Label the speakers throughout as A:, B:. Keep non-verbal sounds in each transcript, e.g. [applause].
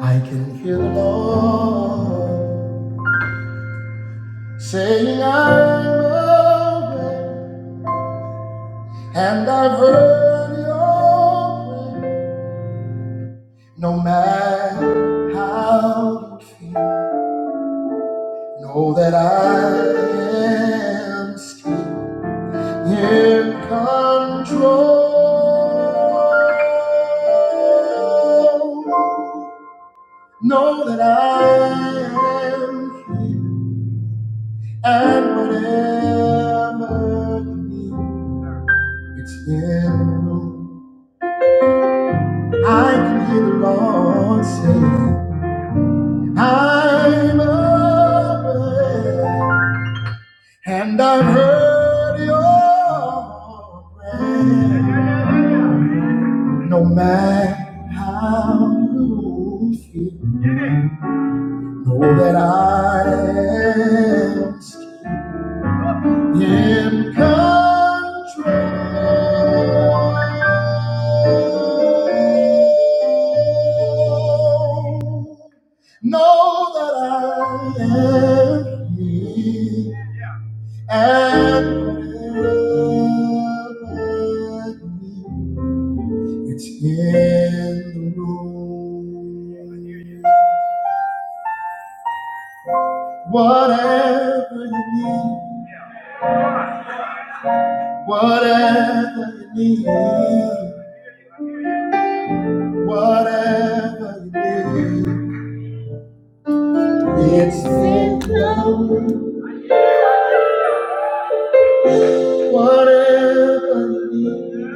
A: I can hear the Lord saying, I'm away, and I've heard your prayer. No matter how you feel, know that I am still in control. Know that I am here. And whatever you need, it's in the room. I can hear the Lord saying, I'm awake, and I've heard your prayer. No matter how you feel, know that I am. still in control. Know that I am He and never me. it's in the room. Whatever you need, whatever you need. Whatever it is, it's simple. Whatever it is,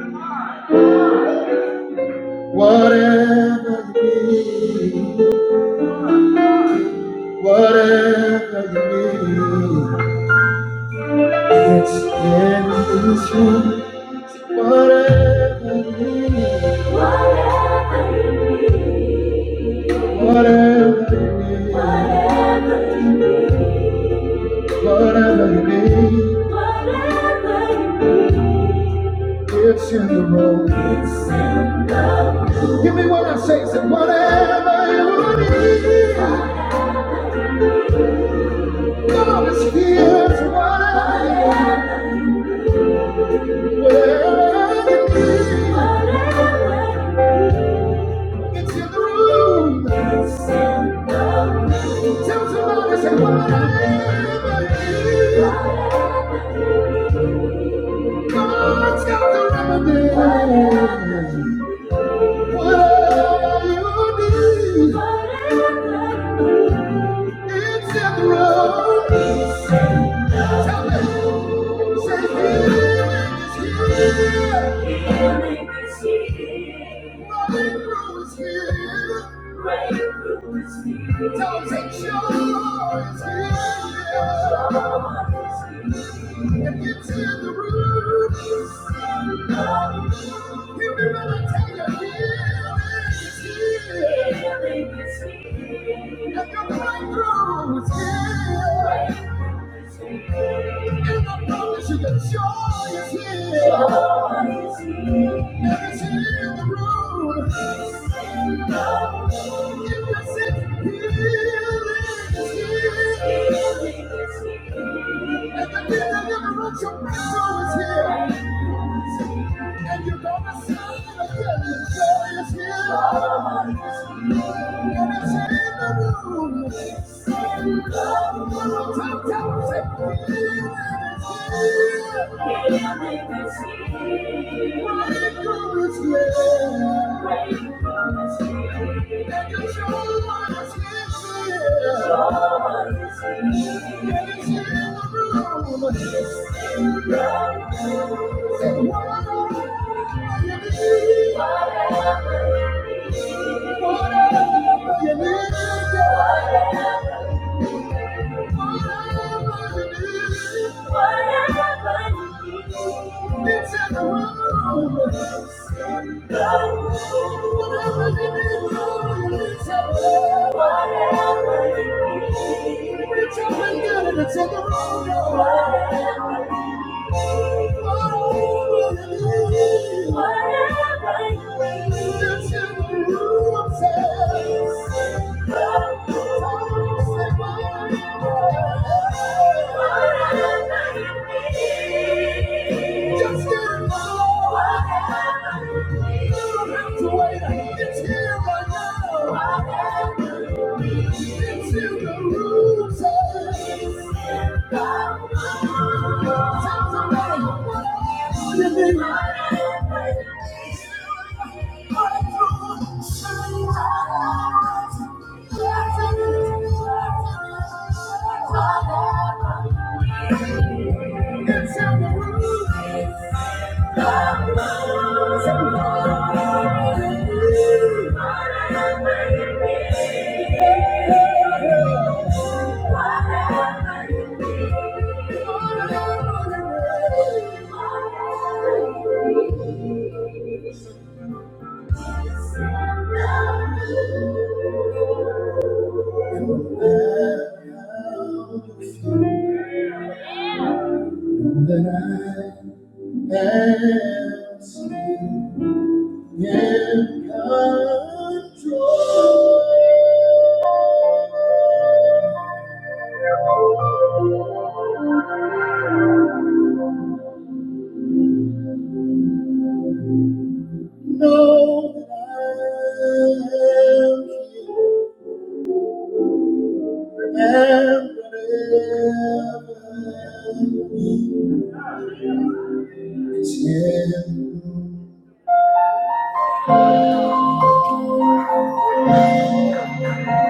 A: whatever it is, whatever it is, it's in this room. Whatever it is, whatever it is, whatever it is. Whatever you need, whatever you need, it's in the room. It's in the room. Give me what I say, say whatever you need. Whatever you need. God is here to whatever, whatever you need. Whatever you need. It's in the room. It's in the room. Tell somebody, say, whatever you need. is, God's got the remedy. Whatever you need, Whatever you need. it's in the room. It's in the room. Tell me. Healing is here. And I'm going through And I promise you that joy is here. Joy is here. And it's in the room. you're sick, healing is here. And the deliverance you're is here. And you're gonna sing it again. Joy is here. Wait for Yeah whatever you. need, need, whatever you need, Whatever you need, it's up and down and it's on the road. Just get it. You don't have to wait. It's here Thank you. That's how the world is. Love moves and Whatever you need, whatever you need.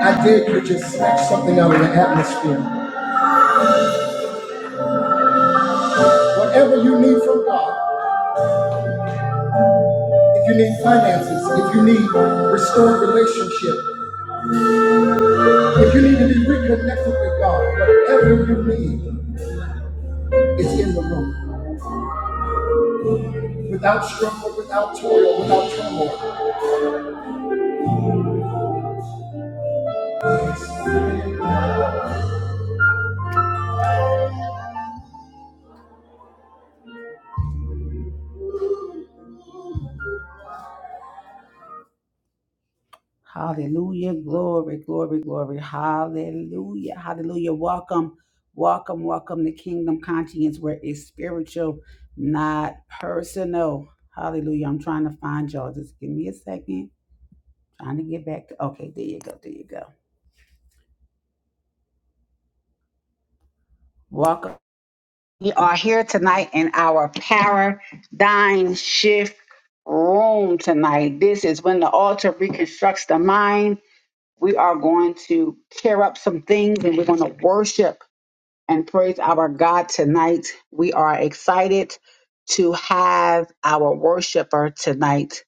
A: I did could just snatch something out of the atmosphere. Whatever you need from God. If you need finances, if you need restored relationship, if you need to be reconnected with God, whatever you need is in the room. Without struggle, without toil, without turmoil. Hallelujah. Glory, glory, glory. Hallelujah. Hallelujah. Welcome, welcome, welcome to Kingdom Conscience, where it's spiritual, not personal. Hallelujah. I'm trying to find y'all. Just give me a second. Trying to get back to okay, there you go. There you go. Welcome. We are here tonight in our paradigm shift room tonight. This is when the altar reconstructs the mind. We are going to tear up some things and we're going to worship and praise our God tonight. We are excited to have our worshiper tonight,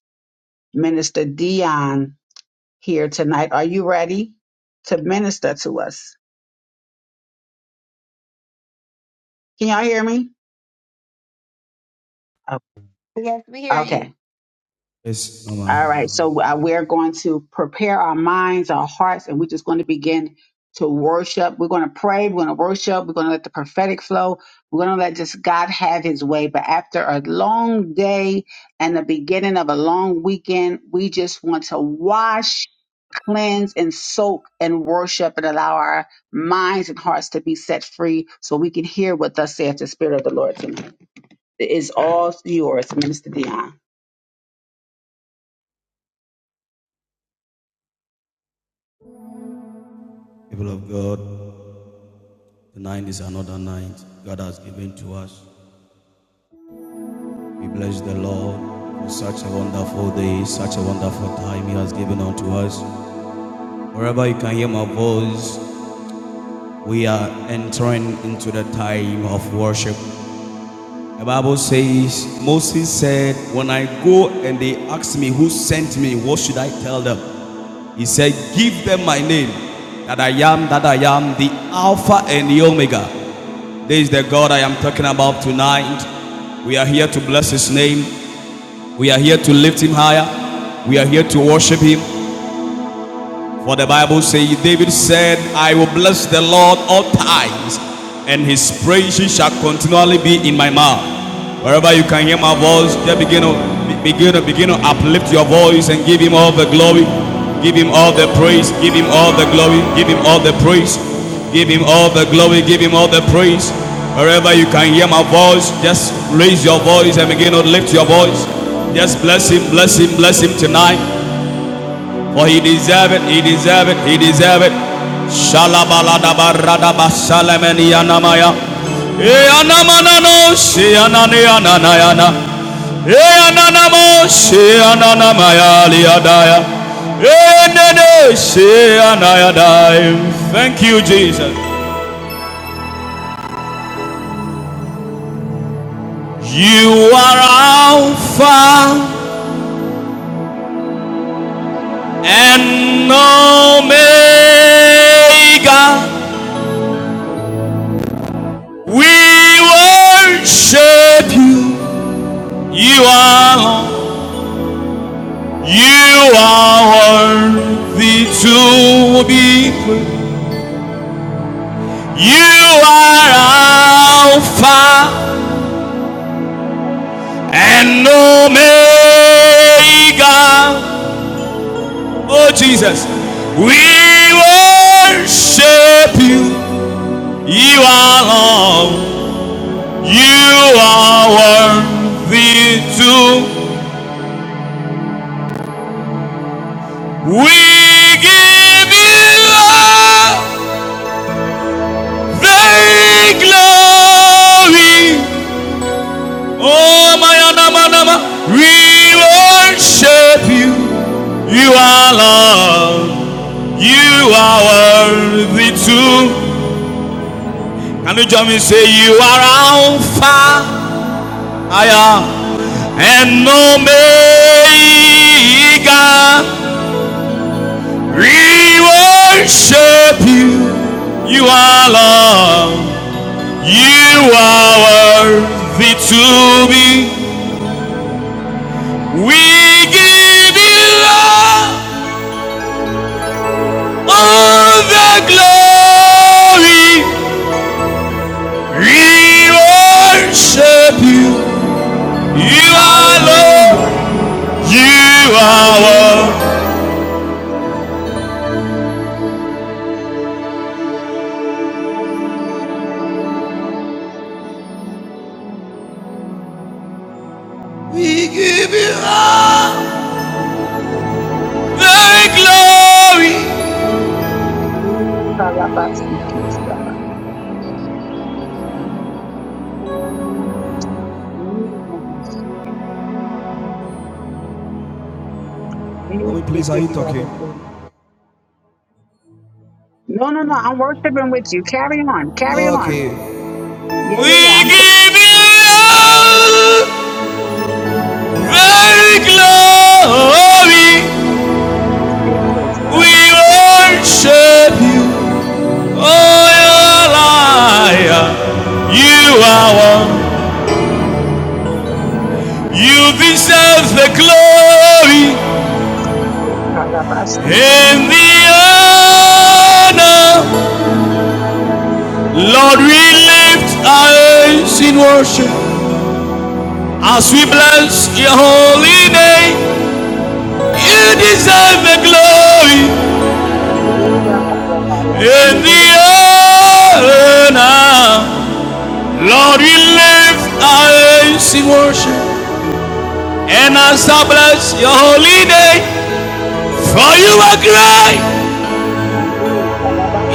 A: Minister Dion, here tonight. Are you ready to minister to us? Can y'all hear me? Oh,
B: Yes, we hear
A: Okay.
B: you.
C: Yes, Mama,
A: All right. So uh, we're going to prepare our minds, our hearts, and we're just going to begin to worship. We're going to pray. We're going to worship. We're going to let the prophetic flow. We're going to let just God have his way. But after a long day and the beginning of a long weekend, we just want to wash, cleanse, and soak and worship and allow our minds and hearts to be set free so we can hear what thus saith the Spirit of the Lord tonight. It is all yours, Minister Dion.
C: people of God, tonight is another night God has given to us. We bless the Lord for such a wonderful day, such a wonderful time He has given unto us. Wherever you can hear my voice, we are entering into the time of worship. The Bible says, Moses said, When I go and they ask me who sent me, what should I tell them? He said, Give them my name, that I am, that I am, the Alpha and the Omega This is the God I am talking about tonight. We are here to bless His name. We are here to lift Him higher. We are here to worship Him. For the Bible says, David said, I will bless the Lord all times, and his praises shall continually be in my mouth. Wherever you can hear my voice, just begin to begin to begin to uplift your voice and give him all the glory. Give him all the praise. Give him all the glory. Give him all the praise. Give him all the glory. Give him all the praise. Wherever you can hear my voice, just raise your voice and begin to lift your voice. Just bless him, bless him, bless him tonight. For he deserve it, he deserve it, he deserve it. Shalabaladabarada basalemeni anamaya. E anamanano she anani ananayana. E ananamo she ananamaya liadaya. E nene she anayadai. Thank you, Jesus. You are Alpha and Omega. We worship you. You are, you are worthy to be praised. You are Alpha and Omega. Oh Jesus, we worship you. You are Lord. You are worthy to. We give you all the glory. Oh, my Anamanama, we worship you. You are Lord. You are worthy too. Can you join me? Say, You are Alpha I am, and Omega. We worship you. You are Lord. You are worthy to be. We give you love. All the glory, we worship you. You are Lord, you are Lord. We give you all the glory.
A: We give you all the glory. No, no, no. I'm worshiping with you. Carry on. Carry on. Yeah, yeah, yeah.
C: We
A: I'm
C: give you all the glory. We worship you. Oh, you are liar. You are one. You deserve the glory and the honor. Lord, we lift our eyes in worship as we bless your holy name. You deserve the glory and the honor. Lord, we lift our eyes in worship and as I bless your holy name. For you are great,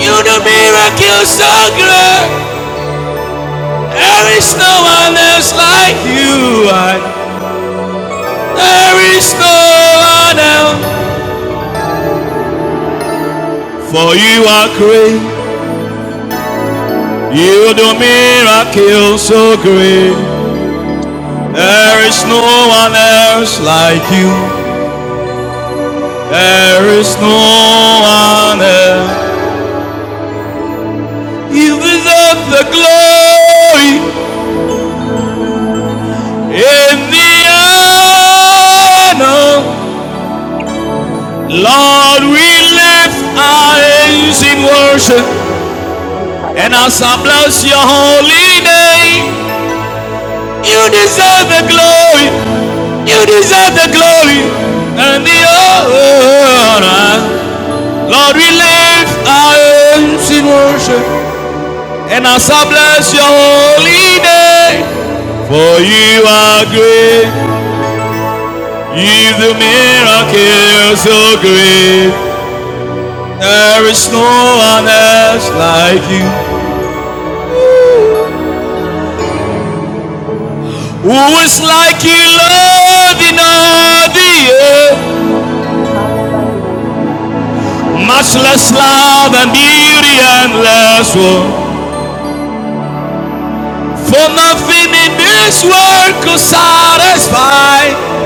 C: you do miracles so great. There is no one else like you. I, there is no one else. For you are great. You do miracles so great. There is no one else like you. There is no one else. You deserve the glory in the honor. Lord, we lift our hands in worship. And as I bless your holy name, you deserve the glory. You deserve the glory and the honor. Lord, we lift our hands in worship. And as I bless your holy name, for you are great. You do miracles so great. There is no one else like you. Who is like you, Lord, in all the earth? Matchless love and beauty endless woe. For nothing in this world could satisfy.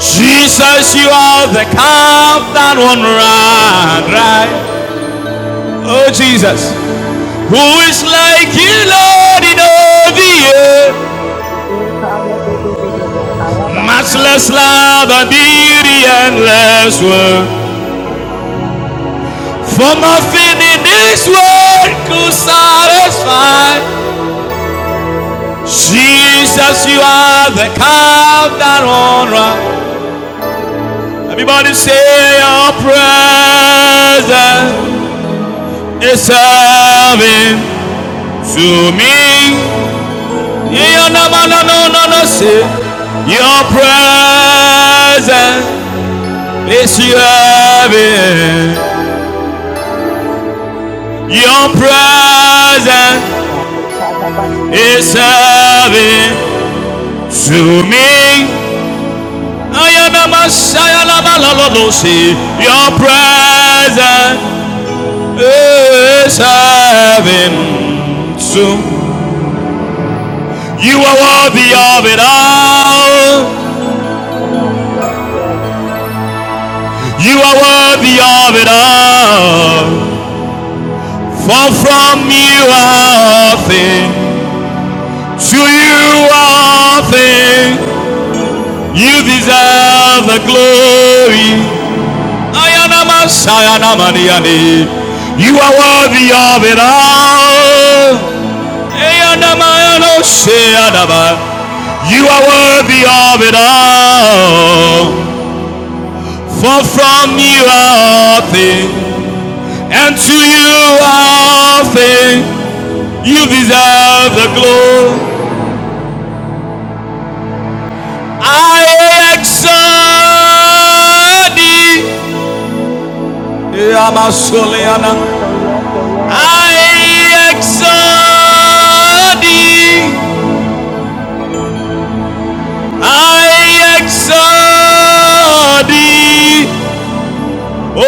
C: Jesus, you are the cup that won't run dry. Oh Jesus, who is like you, Lord, in all the earth? Matchless love and beauty endless world. For nothing in this world could satisfy. Jesus, you are the calm that honor. Everybody say your presence is serving to me. Yeah, no, no, no, no, no, no, say your presence is serving. Your presence is
A: Oh,
C: serving to me. I am a Messiah, Your presence This heaven soon. You are worthy of
A: Hallelujah.
C: it all.
A: Yes, yes, yes.
C: You are worthy of it all. For from you are things. To you are things. You deserve the glory. Ayanama, sayanama, You are worthy of it all. You are worthy of it all. For from you are things, and to you are things. You deserve the glory. I exalt thee.
A: Oh, yes, oh, yes, oh, yes.
C: I exalt thee. I exalt thee. Oh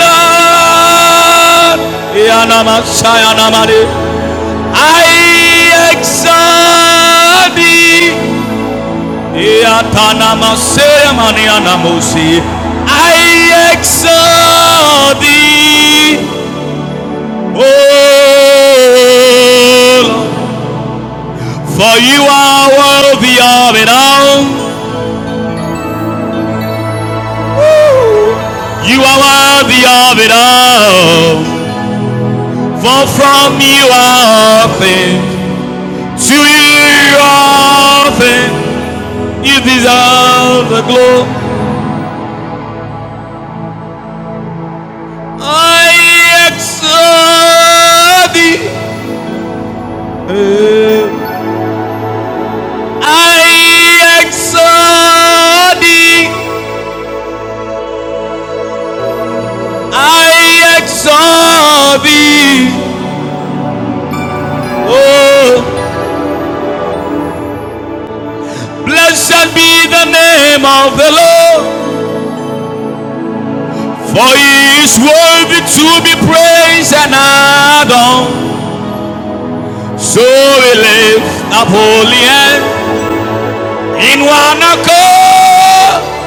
C: Lord, Yanama Sayanamari, I exalt thee, Yatanama Sayamanianamusi, I exalt thee, oh Lord, for you are worthy of it all, you are worthy of it all, for from you are all things. To you all things, you deserve the glory. I exalt thee. I exalt thee. I exalt thee. Oh, blessed be the name of the Lord. For he is worthy to be praised and adored. So we lift up holy hands. In one accord,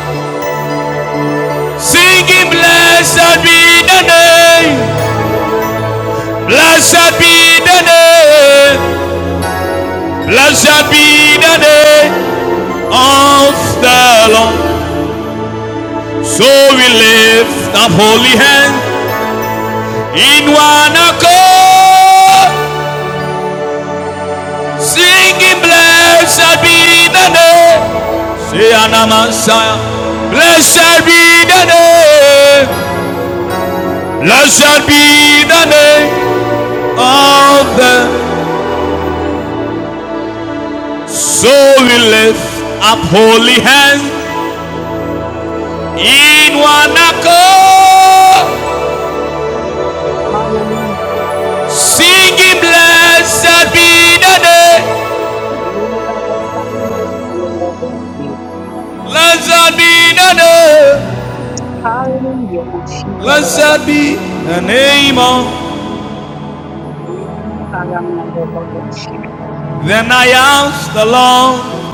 C: singing, Blessed be the name, blessed be the name, blessed be the name of the Lord. So we lift up holy hand in one accord, singing, Blessed be the name. Say, Anamasaya, Blessed be the name, blessed be the name of the So we lift up holy hands in one accord,
A: Hallelujah.
C: singing, Blessed be the day, blessed be the day,
A: Hallelujah.
C: blessed be
A: Mashikarabasi.
C: the name of.
A: Karamandabasi.
C: Then I asked the Lord,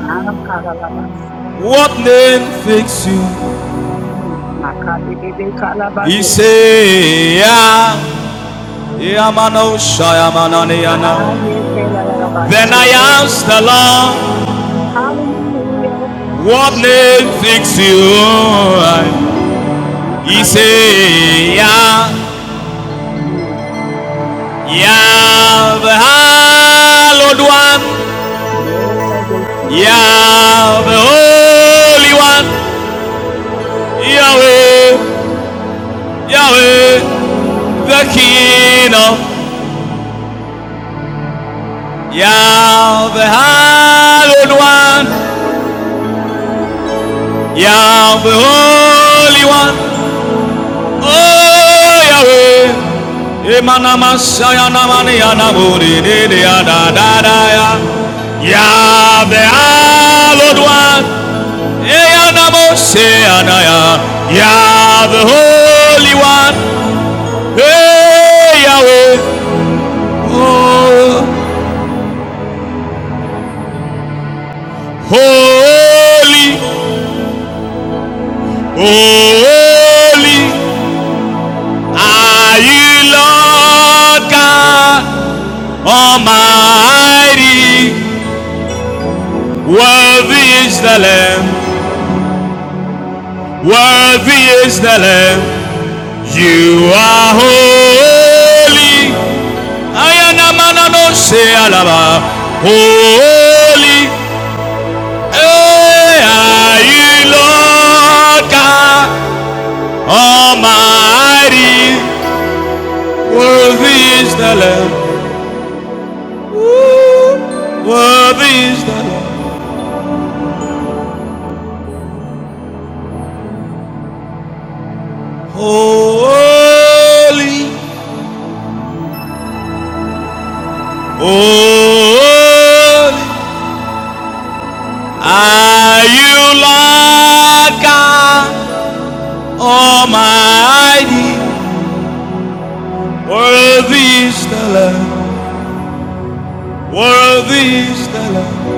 A: Makarabasi.
C: What name fits you?
A: Makarebe
C: He
A: kalabadosi.
C: said, Yeah. Yamano Shayamananiana. Then
A: Ayekarabasi.
C: I asked the Lord,
A: Hallelujah.
C: What name
A: Shikira.
C: fits you?
A: Makarebe
C: Isaiah,
A: kalabadosi.
C: the Lord One,
A: More than
C: ya the Holy One, Yahweh, Yahweh, the King of Ya the Lord One, ya the Holy One, Oh Yahweh, Emanama Sayana Mani Anamuri Dede Ada Dada Ya, Yahweh, Lord One. Eana Moseanaya, Yah the Holy One, hey Yahweh, oh, holy, oh, holy, are you Lord God Almighty? Worthy is the Lamb, worthy is the Lamb, you are holy. Holy eh, are you, Lord God Almighty. Worthy is the Lamb. Worthy is the Lamb. Holy, holy are you, Lord God Almighty. Worthy is the Lamb. Worthy is the Lamb.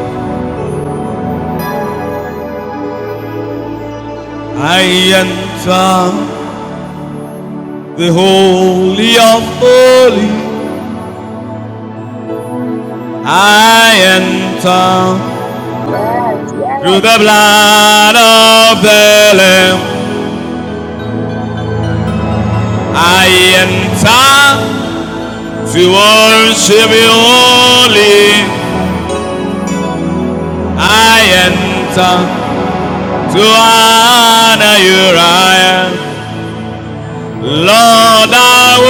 C: I enter the holy of holies. I enter
A: Yes,
C: through
A: yes.
C: the blood of the Lamb. I enter to worship you only. I enter to honor you, I am. Lord, I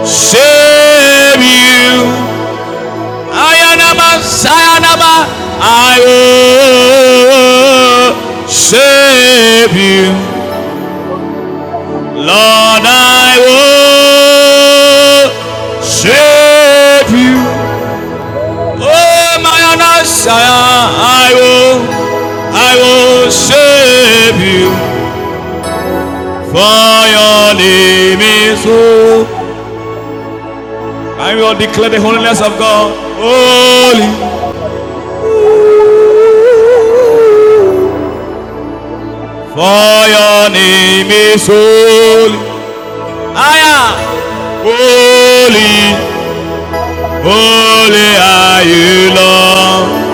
C: worship you. Ayanaba, Sayanaba, I will save you. Lord, I will save you.
A: Hey, that's what I'm
C: Oh, my
A: talking about.
C: Messiah, I will, I will save you.
A: Lord,
C: For
A: I thank
C: your name is holy. I will declare the holiness of God. Holy.
A: Yes, yes, yes,
C: For
A: yes.
C: your name is holy. Higher. Holy, holy are you, Lord.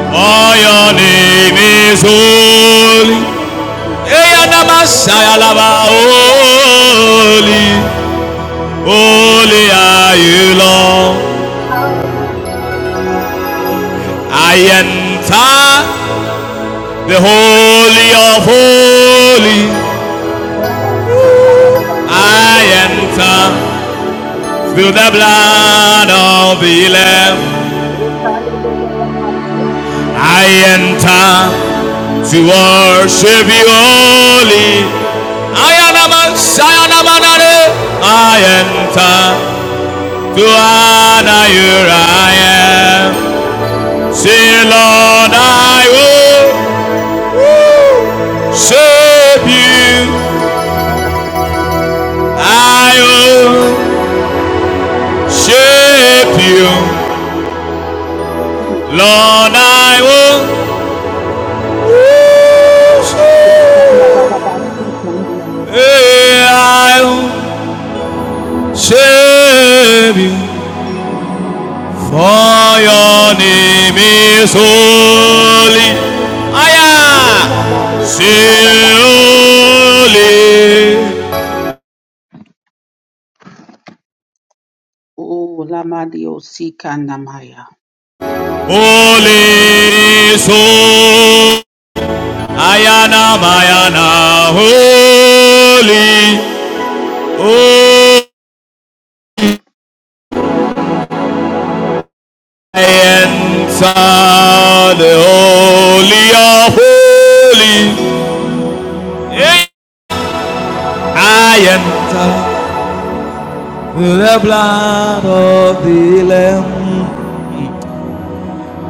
C: For your name is holy.
A: Yes, they call it a
C: Eyanamashayalaba.
A: devotion.
C: Holy,
A: Yes,
C: holy are you, Lord.
A: hallelujah.
C: I enter the holy of holy.
A: Yes, they call it a
C: I
A: devotion.
C: enter through the blood of the Lamb.
A: They call
C: I enter to worship you only. Ayanaman, Sayanamanare. I enter to honor you. I am. Say, Lord, I will shape you. I will shape you.
A: it a devotion.
C: Lord, I will worship
A: Oh,
C: you. Hey, I will shape you. Hail Mary, full of grace, the Lord is with thee.
A: Lamadio Sika Namaya.
C: Blessed art thou among women, and blessed is holy. Ayana Mayana holy. Oh, I enter the fruit of thy womb, Jesus. Holy Mary, pray for us sinners now and at the hour of our death. Amen.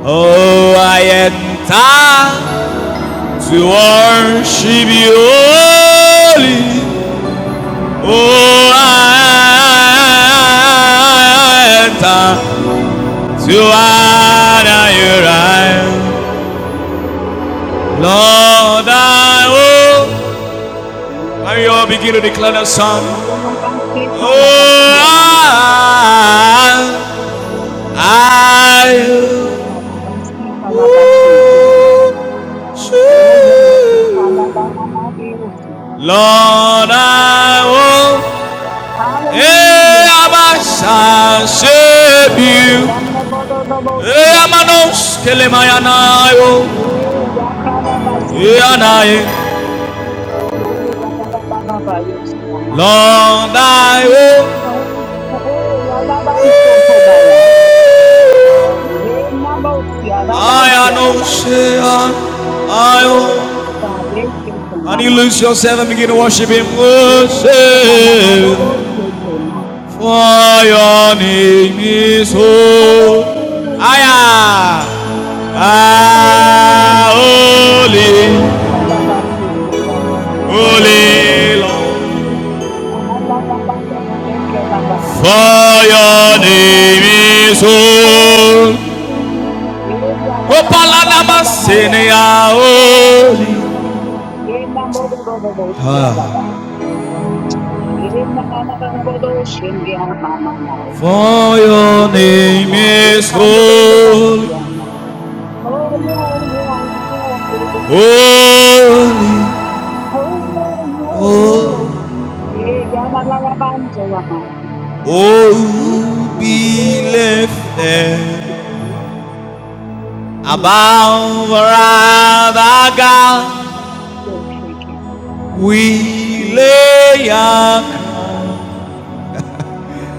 C: Oh, I enter to worship you holy. Oh, I enter to honor you right. Lord, I will. And you all begin to declare the song. Oh, I, I, will worship Lord, I will, eh,
A: Hallelujah.
C: I worship you.
A: Hey, yanda bada da bosti
C: Eh, I'm an
A: yanda ba.
C: Oskelemayan, I will,
A: Hey, yakala
C: eh, and
A: basiti
C: I,
A: Hey, yalabababa, yes, mama.
C: Lord, I will,
A: Hey, yalabanso kobaya. Hey, namosi, arabansi,
C: I am
A: arabaya.
C: Oskean, I
A: Oh,
C: will.
A: babese
C: And you
A: kendamaya.
C: lose yourself and begin to worship Him.
A: Yeah, na na na
C: Worship.
A: bodose kema.
C: For your name is holy, holy,
A: Yeah,
C: holy,
A: baba basi kema.
C: holy. Lord.
A: Holy, ala la la,
C: For your name
A: Oh,
C: is holy, holy, holy,
A: yeah,
C: holy.
A: yeah,
C: Ah, For your name is holy, holy, holy, holy. Be lifted. Above our God we
A: yeah.
C: lay up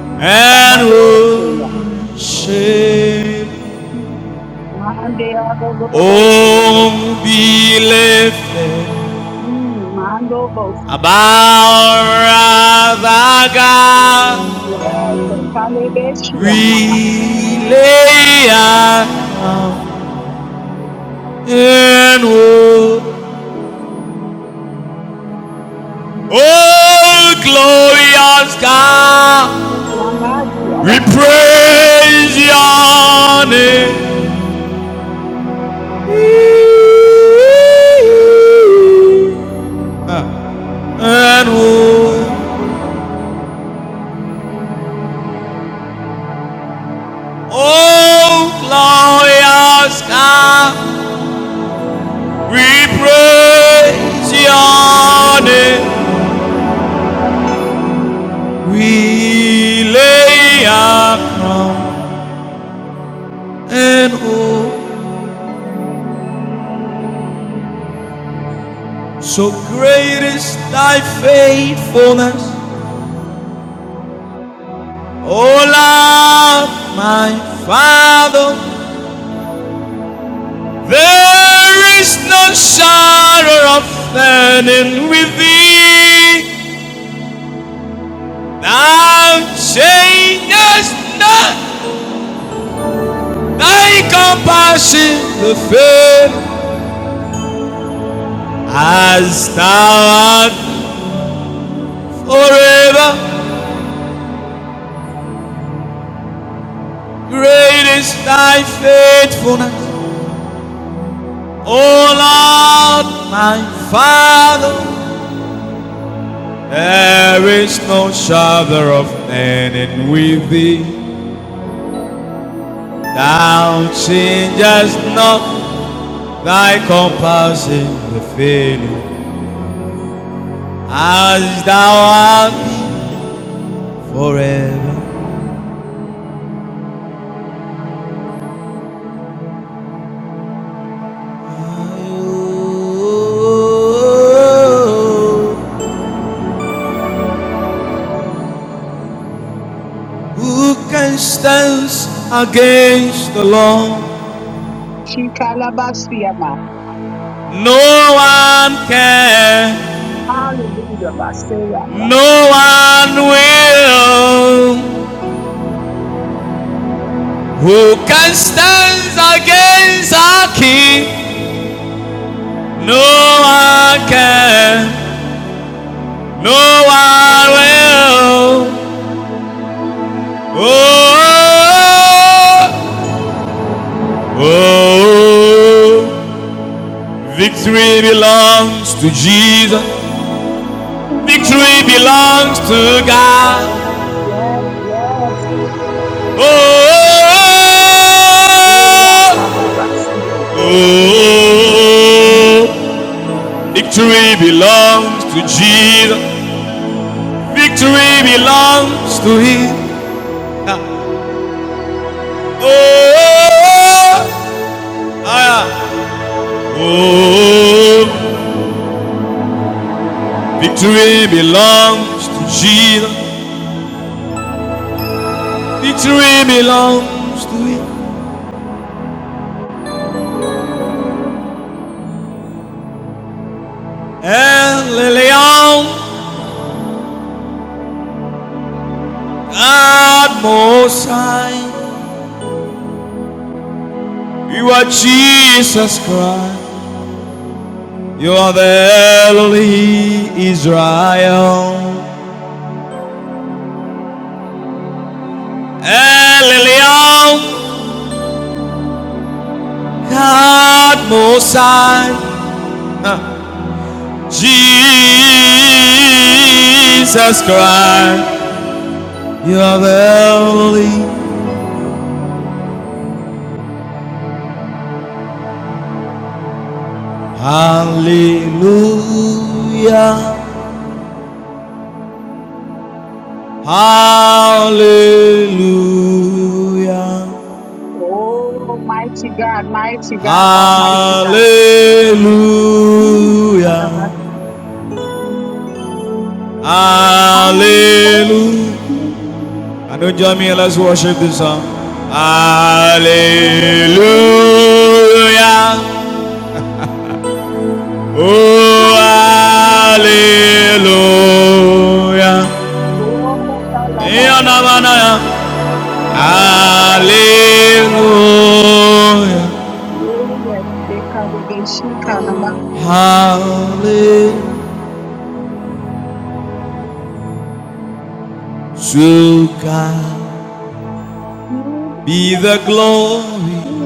C: and
A: Andabadosia.
C: worship.
A: Mande adododobosia.
C: Oh, be lifted.
A: Mm, mando bosi.
C: Above our God
A: Yes, kalebesia nama.
C: we lay up and worship. Oh, glorious God,
A: Yambasia da.
C: we praise your name. And who, oh glorious God, we praise your name. We lay our crown. And oh, so great is thy faithfulness. O Lord, my Father, There is no shadow of turning with thee. Thou changest not. Thy compassion the faith as thou art forever. Great is thy faithfulness. O Lord, my Father, there is no shadow of turning with thee. Thou changest not. Thy compassion will fail me, as thou art forever. Who can stand against the Lord?
A: Shikalabasia ma.
C: No one can,
A: Hallelujah, basia.
C: no one will. Who can stand against our King? No one can, no one will. Oh, oh, oh. victory belongs to Jesus.
A: We
C: Victory
A: belong to
C: belongs
A: you.
C: to God.
A: Yes, yes, yes.
C: Oh, oh,
A: Eya kalabasia.
C: oh, Oh, oh,
A: Mm.
C: oh. victory belongs to Jesus. Victory belongs to Him. Oh, oh, oh, ah, yeah. oh, victory belongs to Jesus. Victory belongs to him. El Elyon, God Most High. You are Jesus Christ. You are the Eloi Israel. El Elyon, God Most High. Huh. Jesus Christ. You are the Eloi. Hallelujah. Hallelujah.
A: Oh, mighty God, mighty God, almighty God.
C: Hallelujah.
A: Mm. Hallelujah.
C: Hallelujah. And don't join me, and let's worship this song. Hallelujah. Oh, hallelujah.
A: Hallelujah.
C: Hallelujah. Hallelujah. To God be the glory,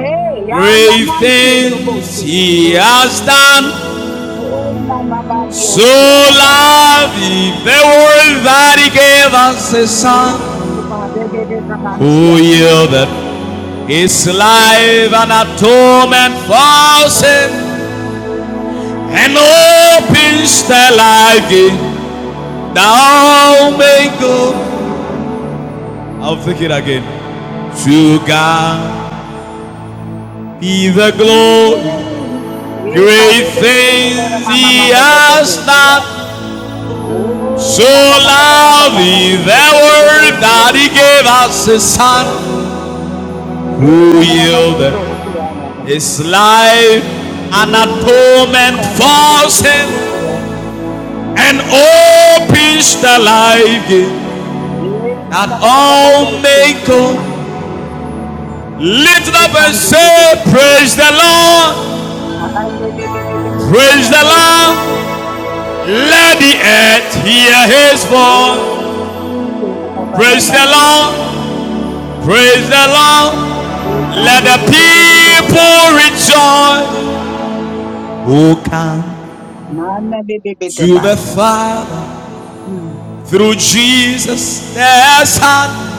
A: Hey, yala
C: great
A: man kudo
C: things
A: bosi.
C: He has done.
A: Oh, mama, mama,
C: So
A: dios, yada, yada.
C: loved He the world that He gave us His
A: Oh,
C: Son,
A: mama, bebe,
C: who
A: bebe,
C: yielded His life an atonement for sin, and opens the life gate. Thou may go. I'll think it again. To God be the
A: Ye
C: glory.
A: Ye can
C: Great
A: do do so so
C: things he has done. So loved is the
A: do
C: world that he gave us his son, who yielded his life an atonement for sin, and opens the life gate that all may come. Lift up and say, Praise the Lord, praise the Lord. Let the earth hear his voice. Praise the Lord. Praise the Lord. Let the
A: do do do
C: people
A: yanda.
C: rejoice who come
A: Mana be be de
C: to
A: de
C: the Father
A: Mm.
C: through Jesus, their Son,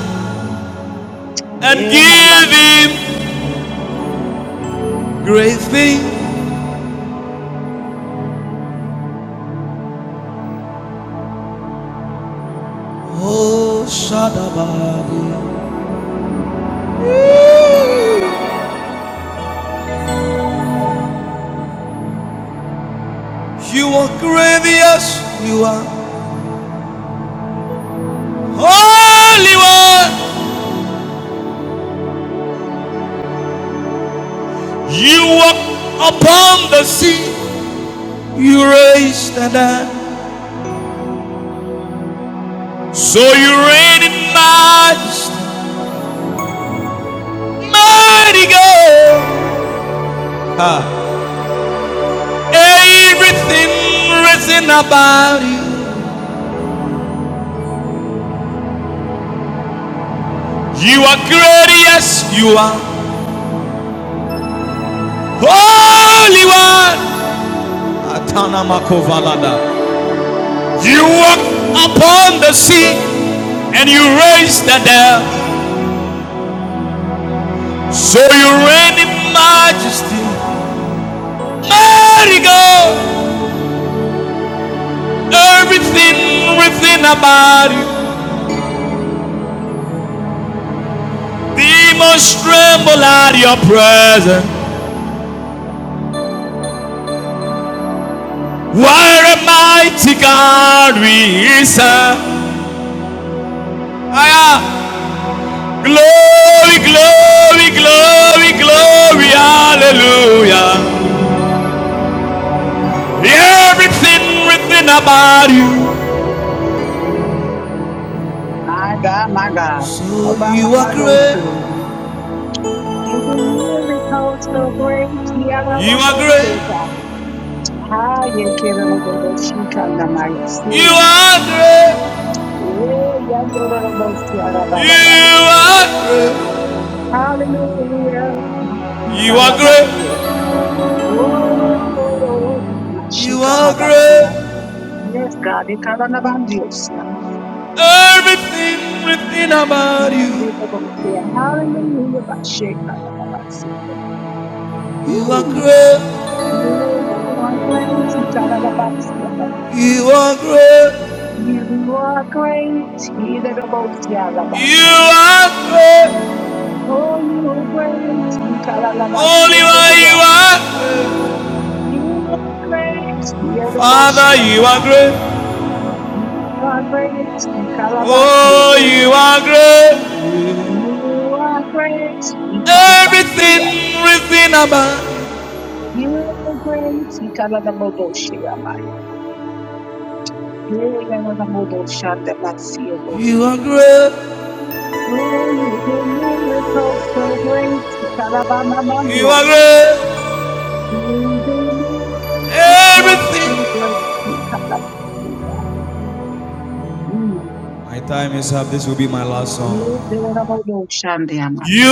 C: and
A: Eh, number.
C: give Him great things. Oh, Shadabadi. You are gracious. You are holy one. You walk upon the sea. You raised the dead. So you reign in majesty. Mighty God, Ha. everything written about you. You are great, yes, you are. Holy One, Atana makovalada. you walked upon the sea and you raised the dead. So you reign in majesty. Mighty God, everything written about you. Demons tremble at your presence. What a mighty God we serve. Higher. Glory, glory, glory, glory, hallelujah. Everything written about you.
A: My God, my God.
C: So you are
A: Obamamadosu.
C: great.
A: You do miracles so great.
C: You are
A: Yarababoseka.
C: great.
A: Haye keraboboshika namaya. See.
C: You are great.
A: Eh, yandorobosi
C: You
A: yarababababasi.
C: are
A: Hallelujah.
C: great.
A: Mashika
C: You are great.
A: labasi. Oh,
C: You
A: mashika
C: are
A: labasia.
C: great.
A: Yes, God. Ekala nabandiosia.
C: Everything written about you.
A: Hallelujah. Basheka labasi.
C: You are
A: Mm.
C: great.
A: You are great. Itarabasiaba.
C: You are great.
A: You are great.
C: You
A: Idarabosialabasi.
C: are great.
A: Oh, you are great.
C: Only one you
A: Ikaralabasielebea.
C: are.
A: You are great.
C: Father, you are
A: Idarabosialabaya.
C: great.
A: You are great.
C: Oh, you
A: Ikarabasielebea.
C: are great.
A: You are great. Ikarabasia.
C: Everything, everything about.
A: You are great. Ikarabodoshiama.
C: You
A: Ikarabodoshandamasielebea.
C: are great.
A: Oh, you do miracles so great.
C: You are
A: Karabamamandios.
C: great.
A: You do miracles so
C: Everything.
A: great. Karabamamandios. Mm.
C: My time is up. This will be my last
A: You do
C: song.
A: miracles Shandiaman.
C: You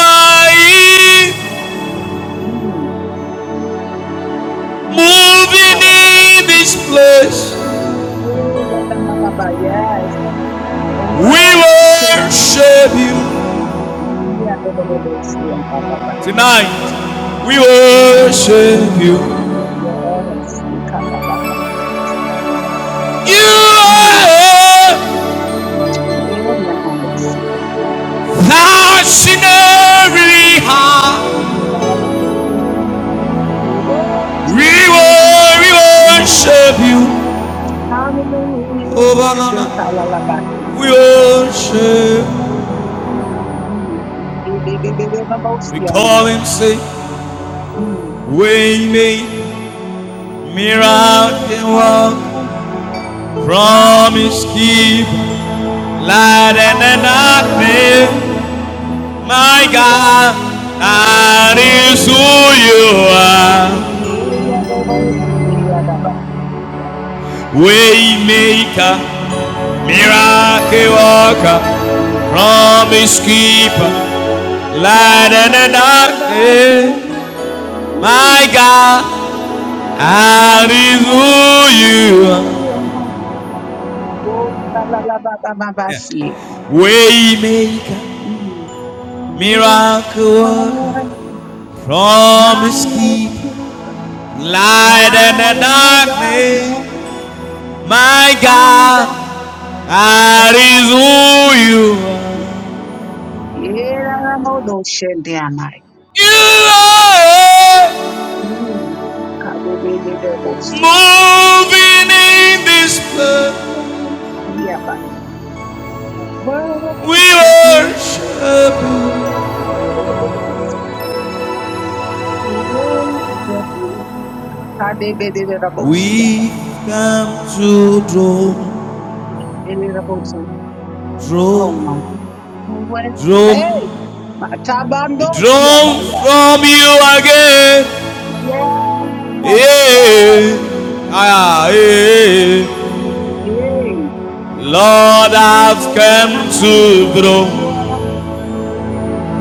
C: are here,
A: Mm. Mm.
C: moving in
A: Akarabamamandios.
C: this place.
A: Yay, Yadanababa, Yes. I
C: We
A: worship you.
C: worship you.
A: Yadabababos, Yadababa.
C: Tonight, we
A: I
C: worship
A: worship
C: you.
A: you. Yes. Karababa.
C: You
A: Mm.
C: are
A: Yeah, Namaste.
C: thou scenery high.
A: We
C: We
A: worship you.
C: will, we
A: Mm.
C: worship you.
A: Hallelujah.
C: Oh,
A: Yes,
C: banana,
A: halalabasi.
C: we worship.
A: Mm. Di- di- di- di- di- nabosi and the most
C: We
A: young
C: call
A: there.
C: him, say,
A: Mm.
C: we made miracle work.
A: Miracle, Lion,
C: Promise
A: King,
C: keep light and the
A: Lion of the
C: darkness. My
A: my God,
C: God, that
A: what a
C: is who
A: King.
C: you are.
A: We are the most King, King of the
C: Waymaker.
A: Miracle,
C: Miracle
A: Lion
C: worker, promise keeper, light in the
A: of
C: darkness. My God,
A: I la
C: I is who you are.
A: la la ba ba ba ba see.
C: Way
A: Mm. Miracles,
C: miracle worker, promise
A: promise
C: keeper,
A: keeper,
C: light in the
A: light in the darkness,
C: darkness. My
A: my God,
C: God, I is
A: promise
C: who
A: keeper.
C: you are.
A: Yeah, la la see.
C: You are moving in this
A: See
C: place.
A: in Yeah, the
C: We
A: Worship you,
C: worship you.
A: worship you. Akadebedelerabosia.
C: We come to draw,
A: Deleraboso. Oh
C: draw,
A: my. What? Say.
C: draw, we
A: Matabandosia
C: draw
A: baya.
C: from you again.
A: Yes, yes,
C: Yeah. Ah, yeah.
A: yay.
C: Lord, I've
A: You
C: come
A: come
C: to
A: to
C: draw,
A: your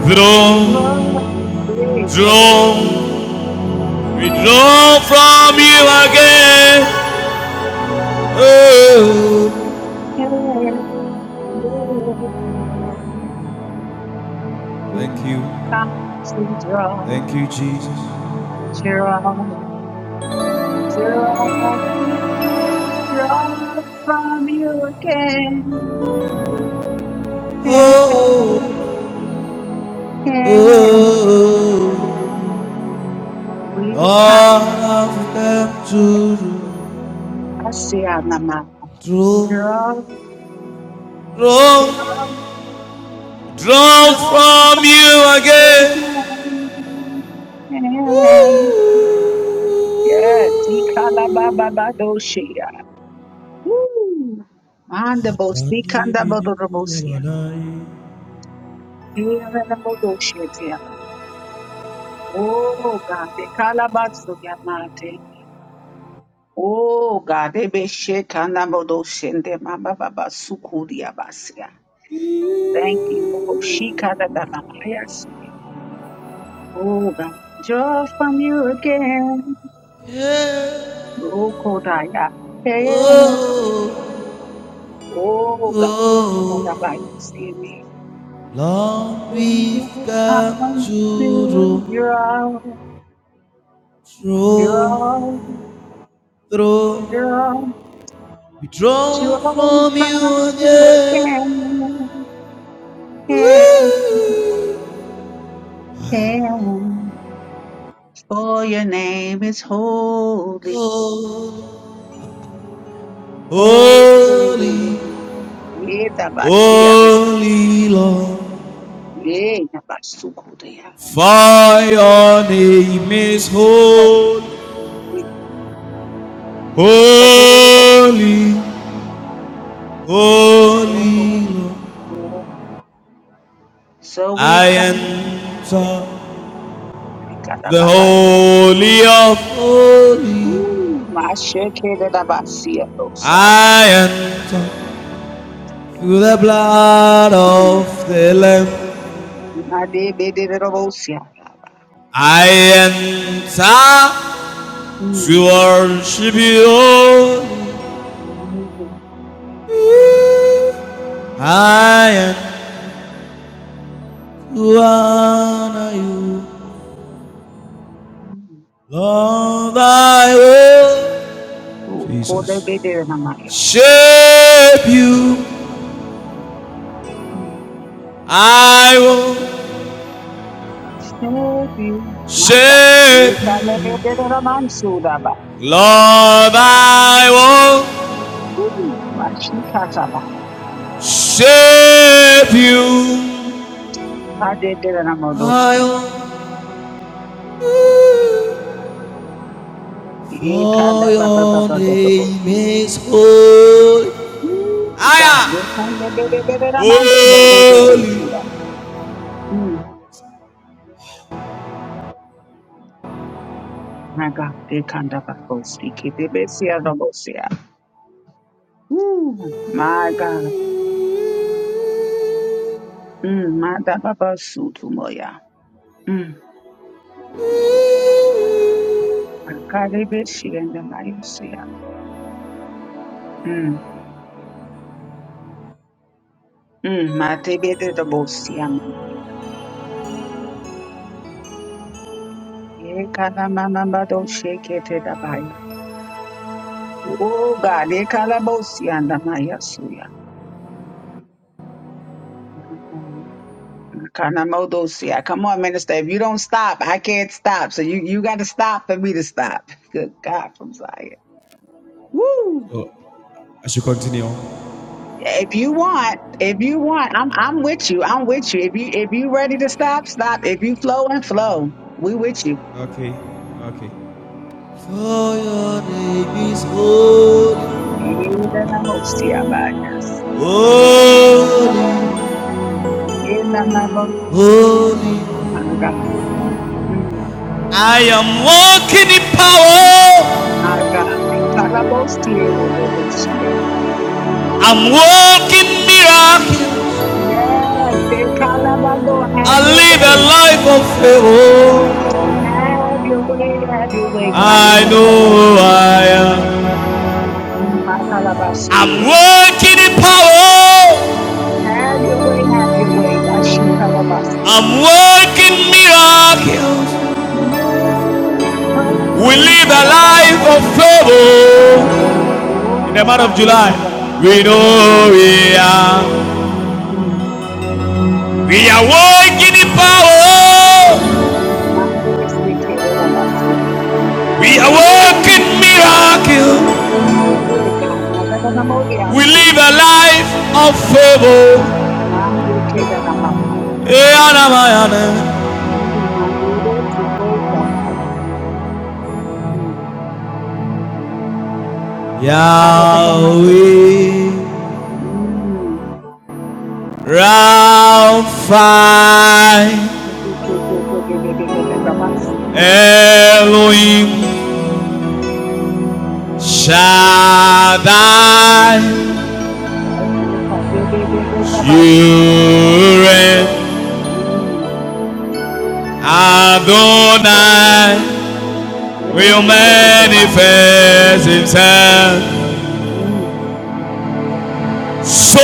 C: draw,
A: throne. Yay. Yes,
C: draw. We draw from you again. Oh,
A: yes, you
C: thank you,
A: Come to draw,
C: thank you, Jesus.
A: draw, draw, draw from you again.
C: Oh, oh. oh.
A: We
C: All
A: come
C: of
A: to
C: them to
A: Asianama.
C: draw,
A: Draw,
C: draw,
A: draw,
C: draw
A: draw
C: from you again.
A: again. Yes, Ikalababadoshia. Woo! Mandabos, Ikandabodobosia. Iyananabodoshia tiyaba. Oh God, Ikalabatsuyamate. Oh God, Ebeshe Kandabodoshende Mababa Sukuriabasi. Thank you. Oh, she cut a da- da- da- yes. Oh, God. Joy from you again.
C: Yeah.
A: Oh, Kodaya. Hey.
C: Oh,
A: Oh,
C: oh,
A: God. Da- da- da- yes. Give me.
C: oh. Long we've
A: You
C: come
A: come
C: to draw,
A: to draw,
C: draw,
A: draw,
C: draw.
A: draw,
C: We draw
A: draw
C: from you
A: from you
C: again.
A: again. Can, can. For your name is holy.
C: Oh,
A: Oh,
C: Holy,
A: Yeda basiaro.
C: holy Lord,
A: Yeda basukudeya.
C: for your name is holy. Holy, holy Lord,
A: So we've
C: I
A: come.
C: enter
A: Ikada
C: the
A: babai.
C: holy of holy.
A: Ooh, my sheke de da basiaro saya.
C: I enter through the blood
A: Mm,
C: of the Lamb.
A: my baby de de robo siara.
C: I enter
A: Mm,
C: to worship you.
A: mm,
C: Holy. I am who honor you,
A: mm.
C: Lord, I will.
A: Oh, kole be
C: Jesus.
A: de na Maria.
C: Shape you,
A: Mm.
C: I will.
A: Steady, my God.
C: Shape you,
A: Ikada be de de romansu
C: Lord, I will.
A: Mm. Mashikataba.
C: Shape you, I
A: Adeteranamodotsi.
C: will. For your name
A: Ekadababababababotsi.
C: is holy.
A: Ooh, God, they
C: I am
A: can they they they they they are man see the road of
C: holy.
A: Bosia. Hmm, my God, they can the Bible speak it. They be see the Bosia. Ooh, my God. Hmm, my da Baba suit moya. Hmm, my God, they be see and the Biosia. Hmm, hmm, my te be the Bosia man. Ye kana mama bado shake it the Baya. Oh God, eh, kalabosi andamaya suya. Kanamodosia. Come on, minister. If you don't stop, I can't stop. So you, you got to stop for me to stop. [laughs] Good God from Zion. Woo!
C: Oh, I should continue.
A: If you want, if you want, I'm I'm with you. I'm with you. If you if you ready to stop, stop. If you flow and flow, we with you.
C: Okay, okay. For your name is holy,
A: Kalabosia, my yes.
C: holy,
A: Kalabosia,
C: holy.
A: my God. Mm,
C: I am walking in power.
A: My God. Kalabosia,
C: I'm walking miracle.
A: Yes, in Calabando,
C: I
A: have your
C: live a
A: way.
C: life of favor.
A: Have your way, have your way, God. In
C: I know
A: Calabashi,
C: I am.
A: my
C: I'm
A: Calabashi.
C: walking in power.
A: Have your way, have your way, Bashi Calabashi.
C: I'm walking miracles.
A: Miracle,
C: We
A: see
C: live a life of
A: Calabababayashi.
C: favor.
A: Oh,
C: In the month of
A: God, in
C: July,
A: Calabashi,
C: We know
A: Kalamaya.
C: we are.
A: Mm.
C: We are walking in power.
A: Mandi is the Kalabashi.
C: We are
A: Mm.
C: walking miracle.
A: Eh, God, Nananamodia,
C: We
A: see.
C: live a life of favor.
A: Maya Kalamaya.
C: Eh, Anamayana.
A: Mandi is the Mm.
C: Yahweh,
A: Arabagamazi. Mm.
C: Rapha,
A: Ke- ke- ke- ke- ke- ke- ke- ke- ke- Rabasi.
C: Elohim, Shaddai,
A: Mm. Ay, Dios, ay, ke- ke- ke- ke- Rabasi.
C: Yureh.
A: Mm.
C: Adonai
A: Ke-
C: will
A: ke- ke- ke- ke- Bala.
C: manifest himself.
A: Mm.
C: So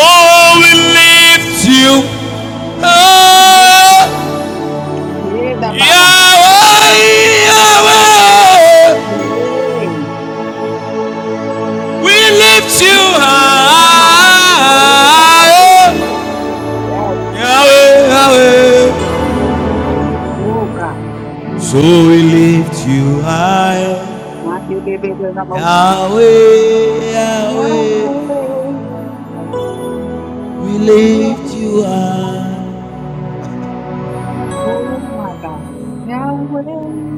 C: we lift you up.
A: Yeah, the Baba Baba.
C: Yahweh, Yahweh,
A: Yeah.
C: we lift you
A: Yes, yeah. Yeah, the
C: high.
A: Baba. Yes,
C: Yahweh, Yahweh,
A: oh God. Mm.
C: so we lift you
A: Mm.
C: high.
A: My baby, baby, the most young.
C: Yahweh, Yahweh,
A: Yeah.
C: we
A: You
C: lift
A: are
C: you
A: the
C: high.
A: Oh my God. Yahweh,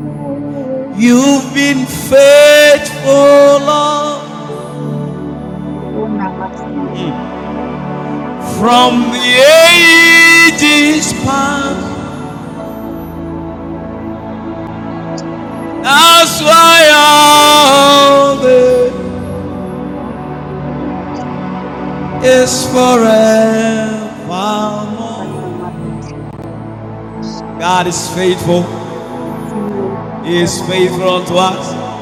A: Yahweh,
C: You've been faithful, Lord,
A: oh Namaste, oh
C: from
A: God.
C: the ages
A: Mm,
C: past.
A: mm, Lord,
C: That's
A: in the name of
C: why
A: the Lord,
C: all this
A: in the name of the Lord,
C: is
A: in the
C: forevermore.
A: name of
C: God is faithful.
A: the Lord, in
C: He
A: the name
C: is faithful
A: of
C: unto
A: the
C: us.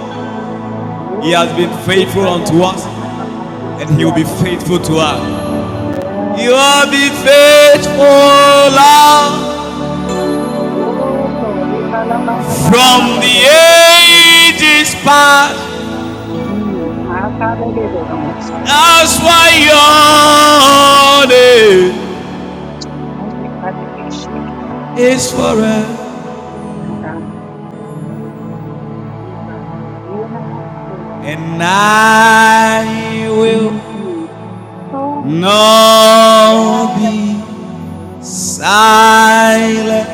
A: Lord.
C: He has
A: Oh
C: been
A: God, in
C: faithful
A: the
C: unto
A: name
C: us,
A: of the Lord, yes,
C: and He will
A: yeah,
C: be
A: Baba.
C: faithful to us. You
A: Yes.
C: will be faithful, Lord,
A: Oh Lord, in the name of the Lord, in the name
C: from
A: of
C: the
A: the Lord.
C: ages past.
A: Mm, my Father, in the name of the Lord, in
C: That's why your name
A: the name of the Lord.
C: is forever,
A: My God, my God. Yeah, yeah, yeah.
C: and I will
A: Mm, Oh,
C: not
A: yes.
C: be silent.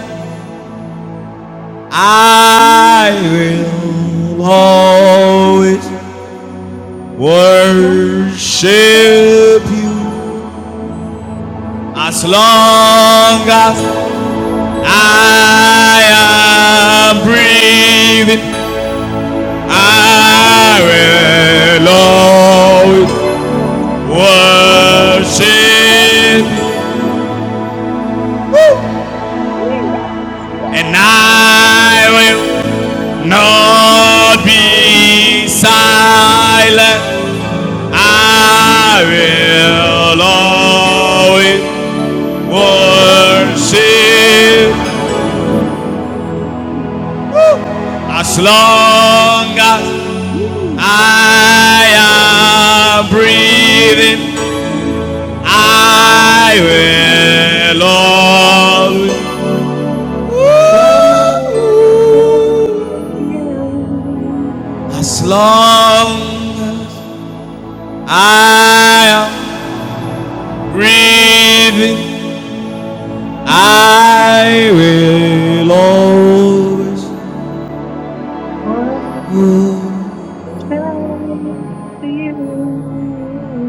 C: I
A: Mm,
C: will
A: Oh,
C: always
A: mm, oh, oh,
C: worship you
A: Thank
C: as
A: you.
C: long as I am breathing. I
A: oh. Thanks
C: will
A: to
C: always.
A: Christ.
C: worship,
A: Praise the Lord. Yeah, yeah, that's- yeah.
C: and I will not be
A: Oh,
C: silent.
A: oh,
C: I
A: oh, oh.
C: will always
A: Worship
C: worship
A: you
C: as long as I am breathing. I will always. As long as I am breathing, I will always.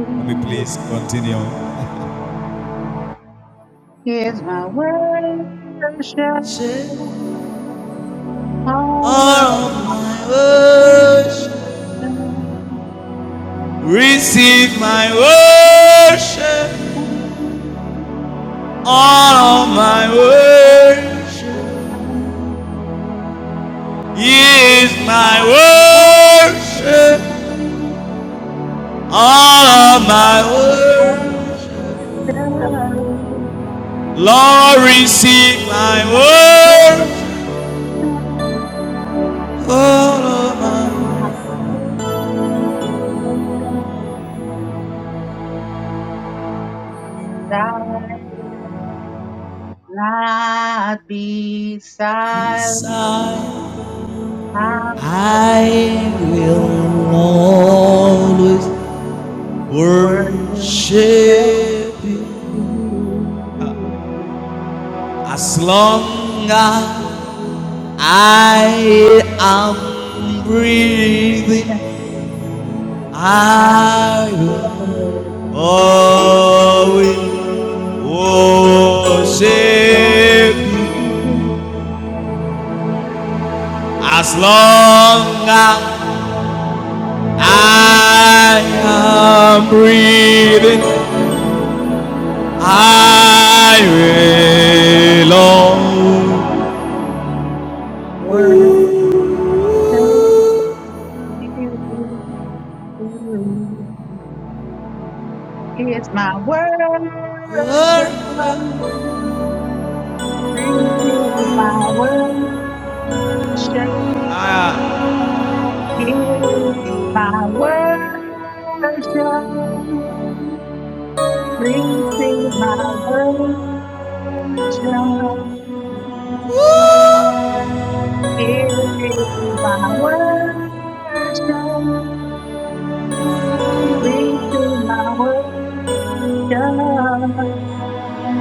C: Let me please continue.
A: is my worship. All of
C: All of
A: my
C: my
A: worship,
C: worship, receive my
A: receive my
C: worship.
A: worship.
C: All of
A: All of
C: my worship
A: my worship,
C: he
A: is
C: is my
A: my worship.
C: worship. All
A: All
C: of
A: of my
C: my
A: worship,
C: worship.
A: receive
C: Lord, receive my
A: my worship.
C: word. All of my
A: Thy not be silent.
C: desire,
A: I will
C: I will always
A: worship you.
C: worship you as long as I am breathing.
A: I
C: I will always worship you as long as I am
A: will
C: breathing. I belong.
A: worship you. Here's my worship. Receive my worship.
C: I
A: Here's my worship. Receive my worship. Here is my worship. Receive my worship.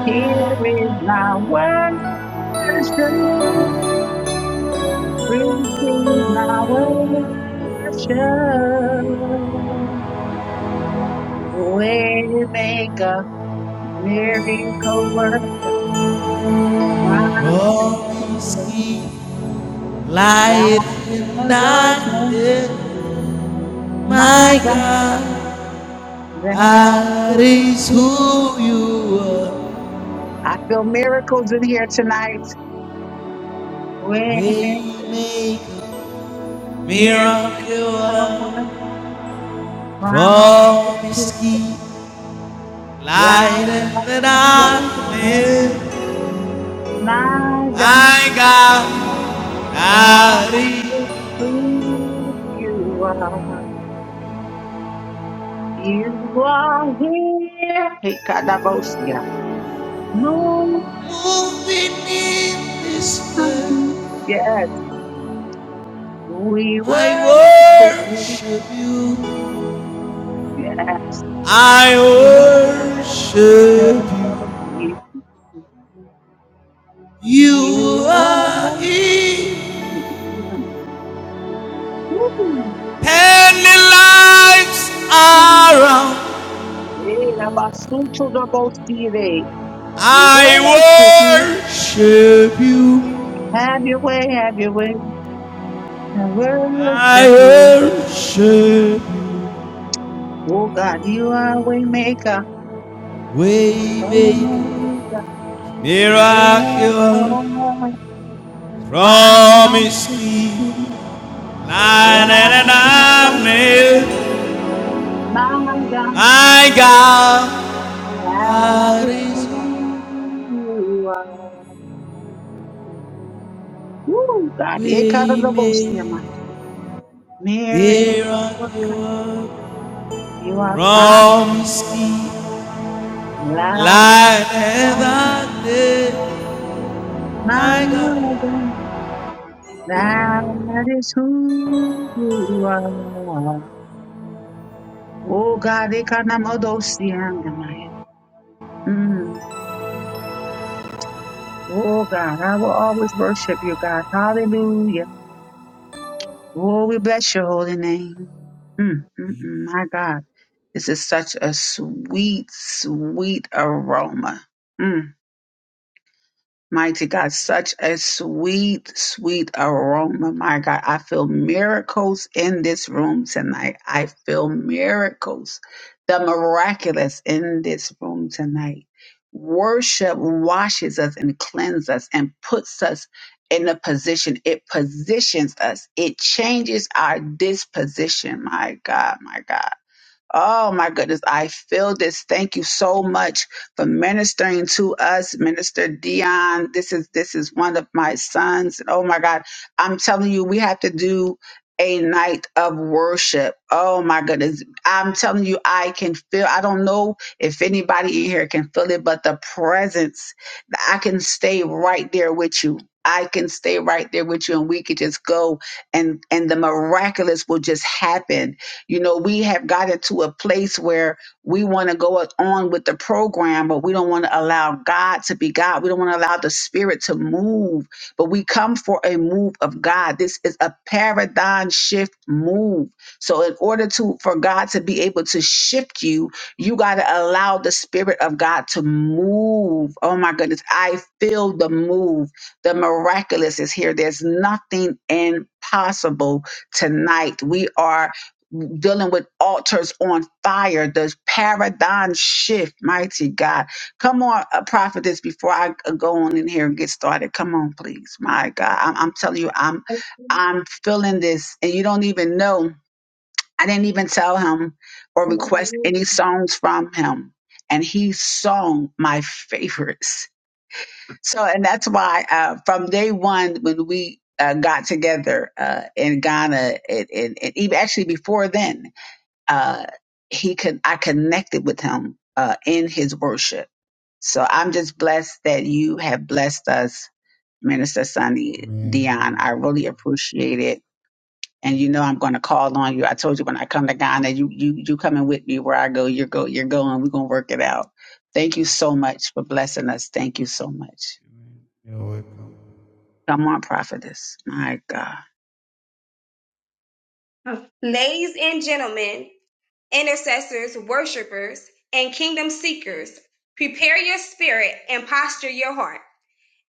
A: Here is my worship. Receive my worship. We make a miracle worker, promise
C: always
A: keeper.
C: ah. keep light in
A: God is our
C: darkness.
A: my
C: My
A: God,
C: God,
A: that
C: that
A: is
C: is
A: who you
C: who you
A: are.
C: are.
A: I feel miracles in here tonight. We make a
C: Waymaker,
A: miracle worker,
C: miracle,
A: promise
C: promise
A: keeper.
C: keep.
A: Thou
C: Light in
A: art
C: the
A: my righteousness,
C: darkness,
A: my God,
C: I got carried.
A: that is who you are. You are here. Hey, Kadabosia. Moving in.
C: Moving in this place,
A: Yes, we
C: I
A: worship you.
C: worship you.
A: Yes,
C: I
A: we
C: worship you.
A: worship you.
C: You
A: You
C: are
A: are here.
C: here.
A: Woo.
C: Many lives
A: Yeah.
C: around.
A: Hey, Dabasucho Dabosire. We
C: I
A: worship you.
C: worship you.
A: Have your way, have your way, and
C: I
A: worship you.
C: worship you.
A: Oh God, you are way maker,
C: Way, baby.
A: Omega, miracle,
C: Miracle,
A: rise,
C: promise
A: my
C: keep, light in the darkness. My God,
A: God, that
C: God
A: is
C: is
A: who you are. Oh God, it cut of
C: way
A: the most of my
C: made.
A: miracle worker,
C: Miracle,
A: you are
C: promise
A: promised,
C: keep,
A: light,
C: light in the darkness.
A: my
C: My God,
A: God. That is who you are. Oh God, they can't Mm. Oh God, I will always worship you, God. Hallelujah. Oh, we bless your holy name. Mm, mm, mm, my God, this is such a sweet, sweet aroma. Mm. Mighty God, such a sweet, sweet aroma. My God, I feel miracles in this room tonight. I feel miracles, the miraculous in this room tonight. Worship washes us and cleanses us and puts us in a position. It positions us. It changes our disposition. My God, my God. Oh my goodness, I feel this. Thank you so much for ministering to us, Minister Dion. This is this is one of my sons. Oh my God, I'm telling you, we have to do a night of worship. Oh my goodness, I'm telling you, I can feel. I don't know if anybody in here can feel it, but the presence. I can stay right there with you. I can stay right there with you, and we could just go, and and the miraculous will just happen you know, we have gotten to a place where we want to go on with the program, but we don't want to allow God to be God. We don't want to allow the Spirit to move, but we come for a move of God. This is a paradigm shift move. So, in order to for God to be able to shift you, you got to allow the Spirit of God to move. Oh my goodness, I feel the move. The miraculous is here. There's nothing impossible tonight. We are dealing with altars on fire, the paradigm shift, mighty God. Come on, uh, prophetess, before I go on in here and get started. Come on, please. My God. I'm, I'm telling you, I'm I'm feeling this and you don't even know. I didn't even tell him or request any songs from him. And he sung my favorites. So, and that's why uh, from day one, when we uh, got together uh, in Ghana, and, and, and even actually before then, uh, he could I connected with him uh, in his worship. So I'm just blessed that you have blessed us, Minister Sunny Dion. I really appreciate it. And you know I'm going to call on you. I told you when I come to Ghana, you you you coming with me where I go. You're go you're going. We're gonna work it out. Thank you so much for blessing us. Thank you so much. Come on, prophetess. My God.
B: Ladies and gentlemen, intercessors, worshipers, and kingdom seekers, prepare your spirit and posture your heart.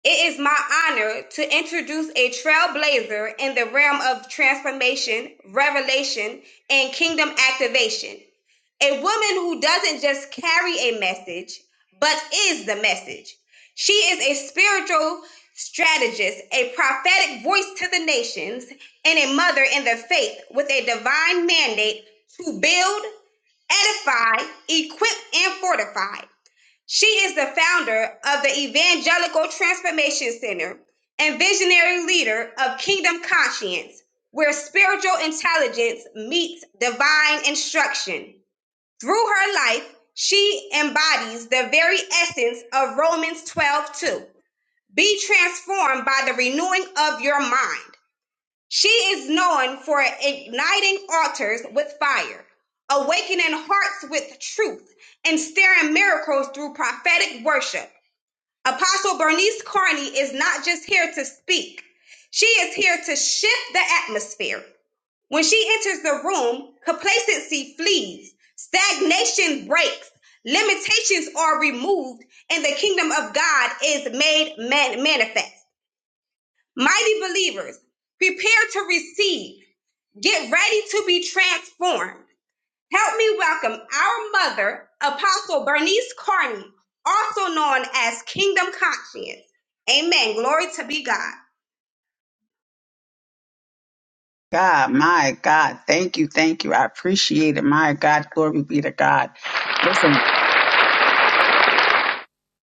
B: It is my honor to introduce a trailblazer in the realm of transformation, revelation, and kingdom activation. A woman who doesn't just carry a message, but is the message. She is a spiritual strategist, a prophetic voice to the nations, and a mother in the faith with a divine mandate to build, edify, equip, and fortify. She is the founder of the Evangelical Transformation Center and visionary leader of Kingdom Conscience, where spiritual intelligence meets divine instruction. Through her life, she embodies the very essence of Romans 12:2. Be transformed by the renewing of your mind. She is known for igniting altars with fire, awakening hearts with truth, and stirring miracles through prophetic worship. Apostle Bernice Carney is not just here to speak, she is here to shift the atmosphere. When she enters the room, complacency flees, stagnation breaks, limitations are removed, and the kingdom of God is made man- manifest. Mighty believers, prepare to receive, get ready to be transformed. Help me welcome our mother, Apostle Bernice Carney, also known as Kingdom Conscience. Amen. Glory to be God.
A: God, my God, thank you, thank you. I appreciate it. My God, glory be to God. Listen,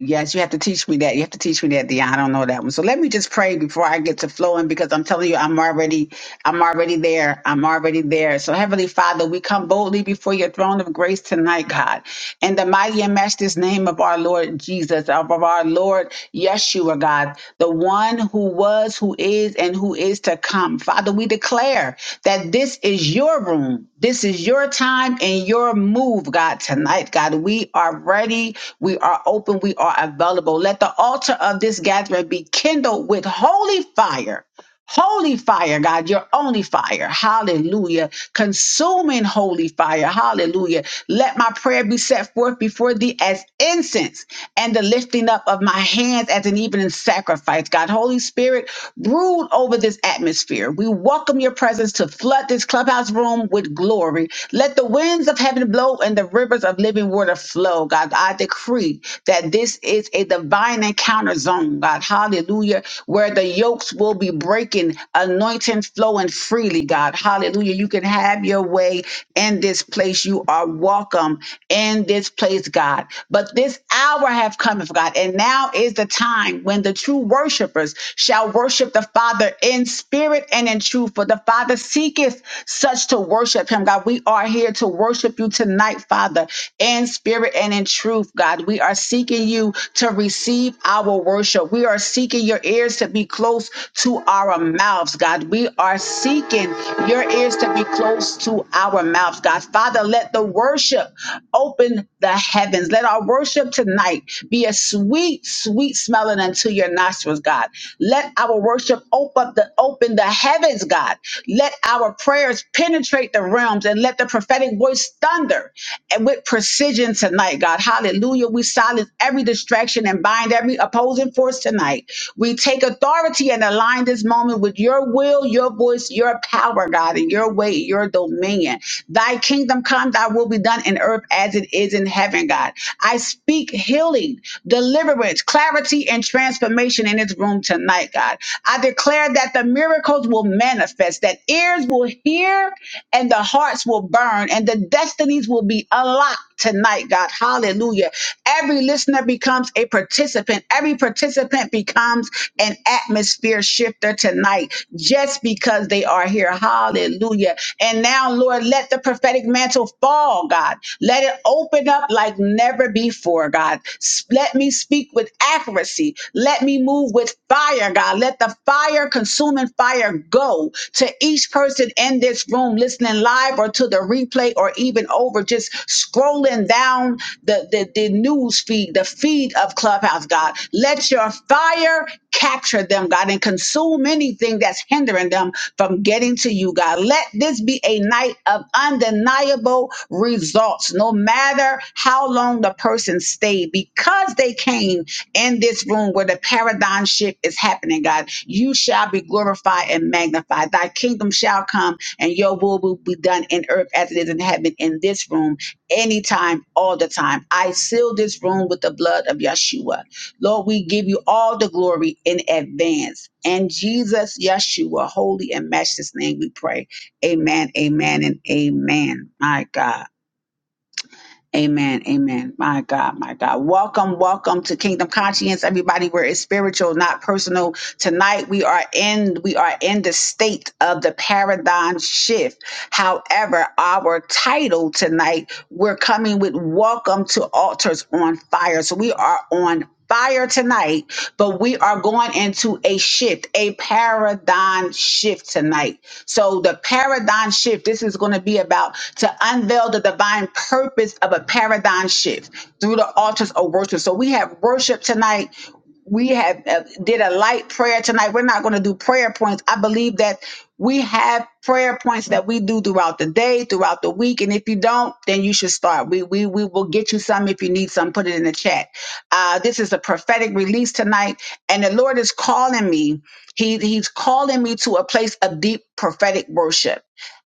A: Yes, you have to teach me that. You have to teach me that, Dion. I don't know that one. So let me just pray before I get to flowing because I'm telling you, I'm already, I'm already there. I'm already there. So Heavenly Father, we come boldly before your throne of grace tonight, God. In the mighty and matchless name of our Lord Jesus, of our Lord Yeshua, God, the one who was, who is, and who is to come. Father, we declare that this is your room. This is your time and your move, God, tonight, God. We are ready we are open. We are available. Let the altar of this gathering be kindled with holy fire. Holy fire, God, your only fire. Hallelujah. Consuming holy fire. Hallelujah. Let my prayer be set forth before thee as incense and the lifting up of my hands as an evening sacrifice. God, Holy Spirit, Brood over this atmosphere. We welcome your presence to flood this clubhouse room with glory. Let the winds of heaven blow and the rivers of living water flow. God, I decree that this is a divine encounter zone, God. Hallelujah. Where the yokes will be breaking, anointing flowing freely, God. Hallelujah. You can have your way in this place. You are welcome in this place, God. But this hour have come, God, and now is the time when the true worshipers shall worship the Father in spirit and in truth. For the Father seeketh such to worship him. God, we are here to worship worship you tonight, Father, in spirit and in truth, God. We are seeking you to receive our worship. We are seeking your ears to be close to our mouths, God. We are seeking your ears to be close to our mouths, God. Father, let the worship open the heavens. Let our worship tonight be a sweet, sweet smelling unto your nostrils, God. Let our worship open up the open the heavens, God. Let our prayers penetrate the realms and let the prophetic voice thunder and with precision tonight, God. Hallelujah. We silence every distraction and bind every opposing force tonight. We take authority and align this moment with your will, your voice, your power, God, and your way, your dominion. Thy kingdom come, thy will be done in earth as it is in heaven, God. I speak healing, deliverance, clarity, and transformation in this room tonight, God. I declare that the miracles will manifest, that ears will hear and the hearts will burn and the destinies will be unlocked tonight, God. Hallelujah. Every listener becomes a participant. Every participant becomes an atmosphere shifter tonight just because they are here. Hallelujah. And now, Lord, let the prophetic mantle fall, God. Let it open up like never before, God. S- Let me speak with accuracy. Let me move with fire, God. Let the fire, consuming fire, go to each person in this room, listening live or to the replay or even over, just scrolling down the, the, the news feed, the feed of Clubhouse, God. Let your fire Capture them, God, and consume anything that's hindering them from getting to you, God. Let this be a night of undeniable results, no matter how long the person stayed, because they came in this room where the paradigm shift is happening, God. You shall be glorified and magnified. Thy kingdom shall come, and your will will be done in earth as it is in heaven in this room, anytime, all the time. I seal this room with the blood of Yeshua. Lord, we give you all the glory in advance. And Jesus, Yeshua, holy and matchless name, we pray. Amen, amen, and amen. My God. Amen. Amen. My God, my God. Welcome, welcome to Kingdom Conscience, everybody, where it's spiritual, not personal. Tonight we are in we are in the state of the paradigm shift. However, our title tonight, we're coming with welcome to altars on fire. So we are on fire tonight, but we are going into a shift, a paradigm shift tonight. So the paradigm shift, this is going to be about to unveil the divine purpose of a paradigm shift through the altars of worship. So we have worship tonight we have uh, did a light prayer tonight. We're not going to do prayer points. I believe that we have prayer points that we do throughout the day, throughout the week, and if you don't, then you should start. We we we will get you some if you need some. Put it in the chat. Uh, this is a prophetic release tonight, and the Lord is calling me. He he's calling me to a place of deep prophetic worship.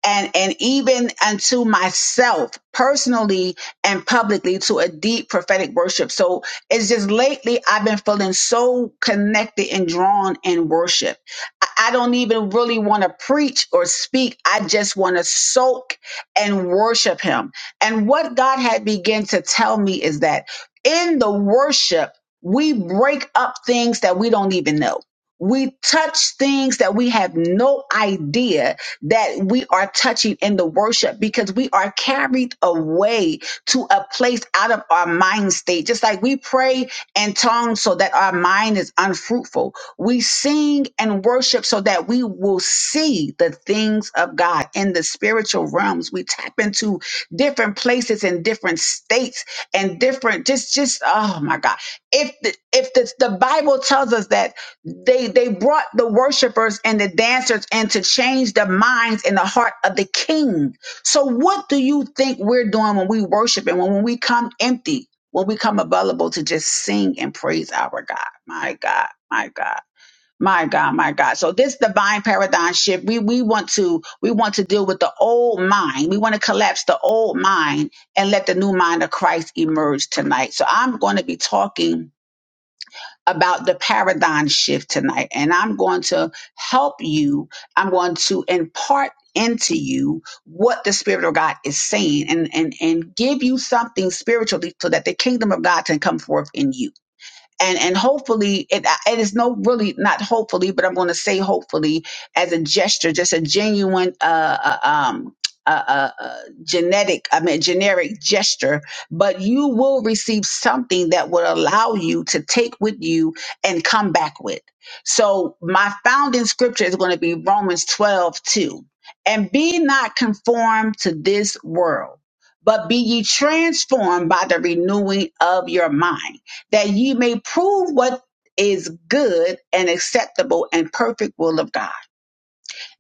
A: And, and even unto myself personally and publicly to a deep prophetic worship. So it's just lately I've been feeling so connected and drawn in worship. I, I don't even really want to preach or speak. I just want to soak and worship him. And what God had begun to tell me is that in the worship, we break up things that we don't even know. We touch things that we have no idea that we are touching in the worship because we are carried away to a place out of our mind state. Just like we pray in tongues so that our mind is unfruitful, we sing and worship so that we will see the things of God in the spiritual realms. We tap into different places and different states and different just just oh my God. If the, if the, the Bible tells us that they they brought the worshipers and the dancers in to change the minds and the heart of the king so, what do you think we're doing when we worship and when, when we come empty, when we come available to just sing and praise our God? My God, my God. My God, my God. So this divine paradigm shift, we, we want to, we want to deal with the old mind. We want to collapse the old mind and let the new mind of Christ emerge tonight. So I'm going to be talking about the paradigm shift tonight. And I'm going to help you, I'm going to impart into you what the Spirit of God is saying and, and, and give you something spiritually so that the kingdom of God can come forth in you and and hopefully it, it is no really not hopefully but i'm going to say hopefully as a gesture just a genuine uh, uh um uh uh, uh, genetic, I mean, generic gesture, but you will receive something that will allow you to take with you and come back with. So, my founding scripture is going to be Romans 12 2 And be not conformed to this world, but be ye transformed by the renewing of your mind that ye may prove what is good and acceptable and perfect will of God.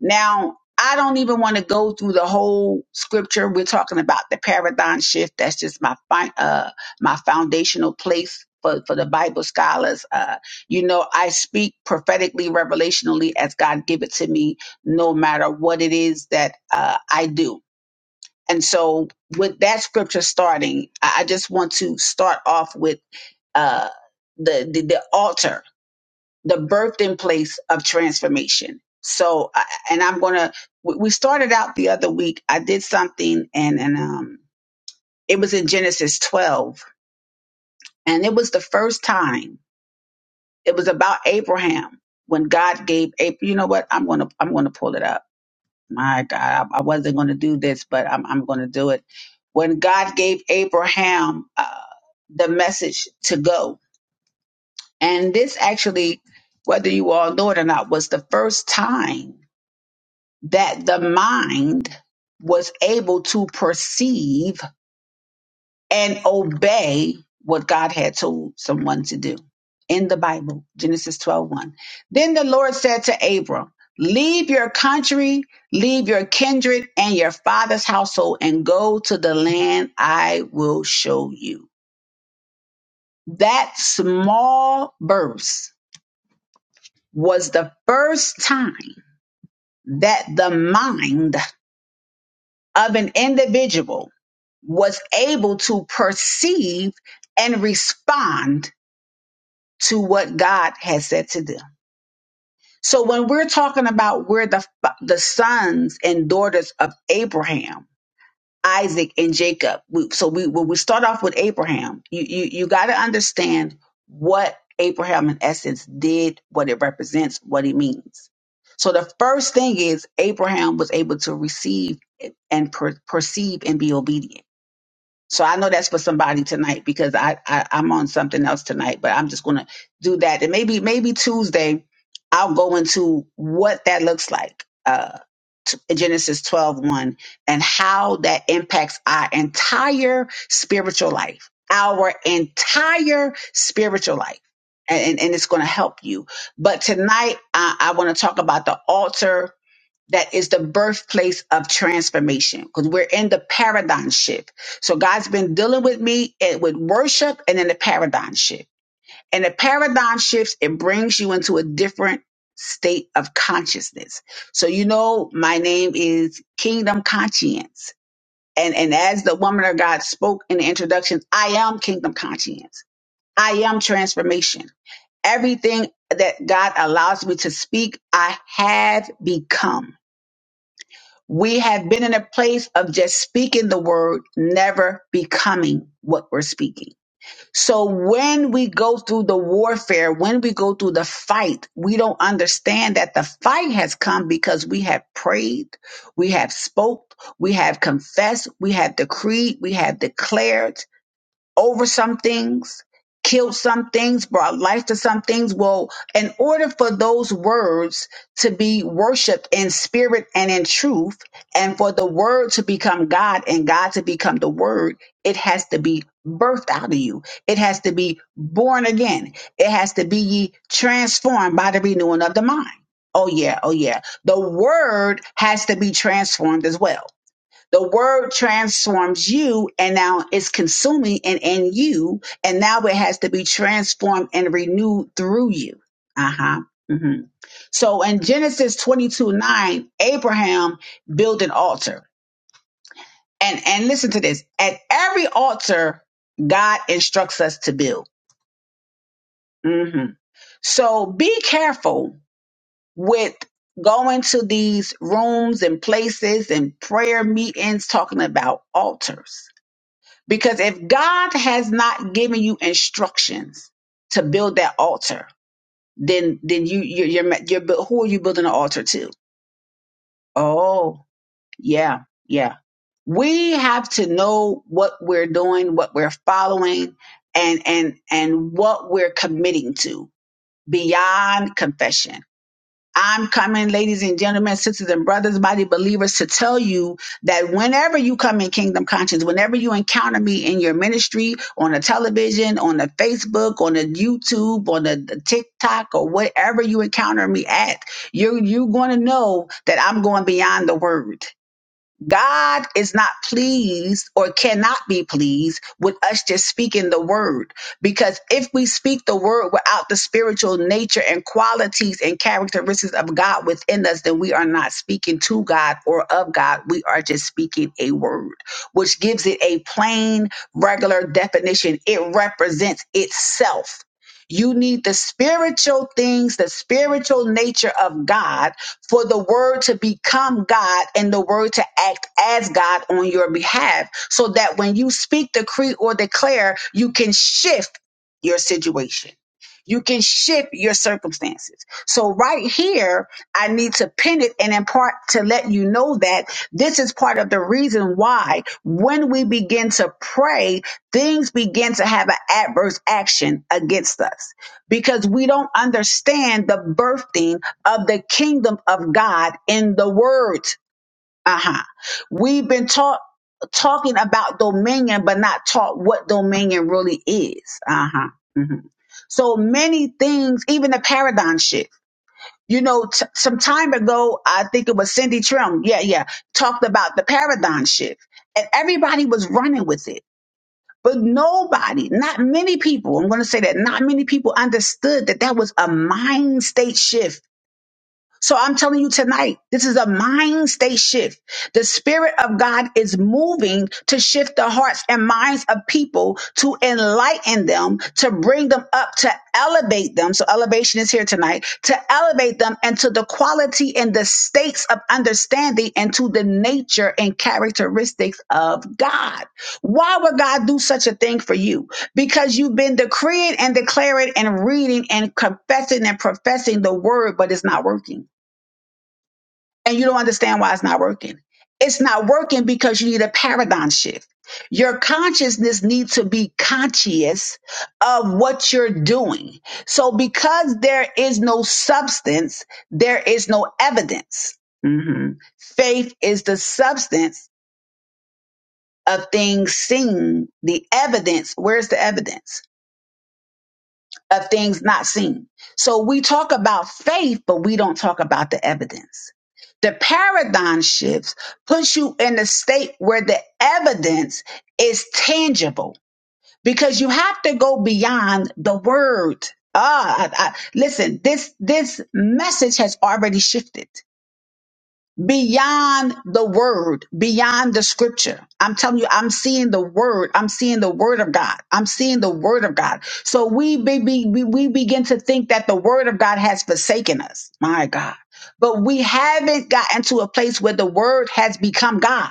A: Now, I don't even want to go through the whole scripture. We're talking about the paradigm shift. That's just my fi- uh my foundational place for, for the Bible scholars. Uh, you know, I speak prophetically, revelationally as God give it to me, no matter what it is that uh, I do and so, with that scripture starting, I I just want to start off with uh, the, the the altar, the birthing place of transformation. So, I- and I'm gonna. We we started out the other week. I did something, and and um, it was in Genesis 12, and it was the first time. It was about Abraham when God gave Abraham. You know what? I'm gonna I'm gonna pull it up my God, I, I wasn't going to do this, but I'm, I'm going to do it. When God gave Abraham uh, the message to go, and this actually, whether you all know it or not, was the first time that the mind was able to perceive and obey what God had told someone to do in the Bible, Genesis twelve one. Then the Lord said to Abram, Leave your country, leave your kindred and your father's household, and go to the land I will show you. That small verse was the first time that the mind of an individual was able to perceive and respond to what God has said to them. So when we're talking about we're the the sons and daughters of Abraham, Isaac, and Jacob. We, so we when we start off with Abraham, you you, you got to understand what Abraham in essence did, what it represents, what it means. So the first thing is Abraham was able to receive and per, perceive and be obedient so I know that's for somebody tonight because I, I I'm on something else tonight, but I'm just gonna do that. And maybe maybe Tuesday I'll go into what that looks like, uh, t- Genesis 12, one, and how that impacts our entire spiritual life, our entire spiritual life. And, and, and it's going to help you. But tonight, I, I want to talk about the altar that is the birthplace of transformation because we're in the paradigm shift. So God's been dealing with me and with worship and then the paradigm shift. And the paradigm shifts, it brings you into a different state of consciousness. So you know, my name is Kingdom Conscience. And and as the woman of God spoke in the introduction, I am Kingdom Conscience. I am transformation. Everything that God allows me to speak, I have become. We have been in a place of just speaking the word, never becoming what we're speaking. So when we go through the warfare, when we go through the fight, we don't understand that the fight has come because we have prayed, we have spoke, we have confessed, we have decreed, we have declared over some things, killed some things, brought life to some things. Well, in order for those words to be worshiped in spirit and in truth, and for the word to become God and God to become the word, it has to be birthed out of you. It has to be born again. It has to be ye transformed by the renewing of the mind. Oh yeah, oh yeah. The word has to be transformed as well the word transforms you and now it's consuming and in you. And now it has to be transformed and renewed through you. Uh huh. hmm So in Genesis 22 9, Abraham built an altar. And, and listen to this at every altar, God instructs us to build. hmm So be careful with going to these rooms and places and prayer meetings talking about altars Because if God has not given you instructions to build that altar, then then you you're, you're, you're bu- who are you building an altar to? Oh, yeah, yeah. We have to know what we're doing, what we're following, and and and what we're committing to beyond confession I'm coming, ladies and gentlemen, sisters and brothers, body believers, to tell you that whenever you come in Kingdom Conscience, whenever you encounter me in your ministry, on the television, on the Facebook, on the YouTube, on the, the TikTok, or whatever you encounter me at, you're, you're going to know that I'm going beyond the word. God is not pleased or cannot be pleased with us just speaking the word. Because if we speak the word without the spiritual nature and qualities and characteristics of God within us, then we are not speaking to God or of God. We are just speaking a word, which gives it a plain, regular definition. It represents itself. You need the spiritual things, the spiritual nature of God for the word to become God and the word to act as God on your behalf so that when you speak, decree, or declare, you can shift your situation. You can shift your circumstances. So right here, I need to pin it and in part to let you know that this is part of the reason why when we begin to pray, things begin to have an adverse action against us because we don't understand the birthing of the kingdom of God in the word. Uh-huh. We've been taught talking about dominion, but not taught what dominion really is. Uh-huh. Mhm. So many things, even the paradigm shift. You know, t- some time ago, I think it was Cindy Trim. Yeah, yeah. Talked about the paradigm shift and everybody was running with it. But nobody, not many people, I'm going to say that not many people understood that that was a mind state shift so I'm telling you tonight, this is a mind state shift. The spirit of God is moving to shift the hearts and minds of people to enlighten them, to bring them up, to elevate them. So elevation is here tonight to elevate them into the quality and the states of understanding and to the nature and characteristics of God. Why would God do such a thing for you? because you've been decreeing and declaring and reading and confessing and professing the word, but it's not working and you don't understand why it's not working. It's not working because you need a paradigm shift. Your consciousness needs to be conscious of what you're doing. So, because there is no substance, there is no evidence. Mhm. Faith is the substance of things seen, the evidence. Where's the evidence? of things not seen. So we talk about faith, but we don't talk about the evidence. The paradigm shifts puts you in a state where the evidence is tangible because you have to go beyond the word. Ah, I- I- listen, this this message has already shifted beyond the word, beyond the scripture. I'm telling you, I'm seeing the word. I'm seeing the word of God. I'm seeing the word of God. So we be, be, we we begin to think that the word of God has forsaken us. My God. But we haven't gotten to a place where the word has become God.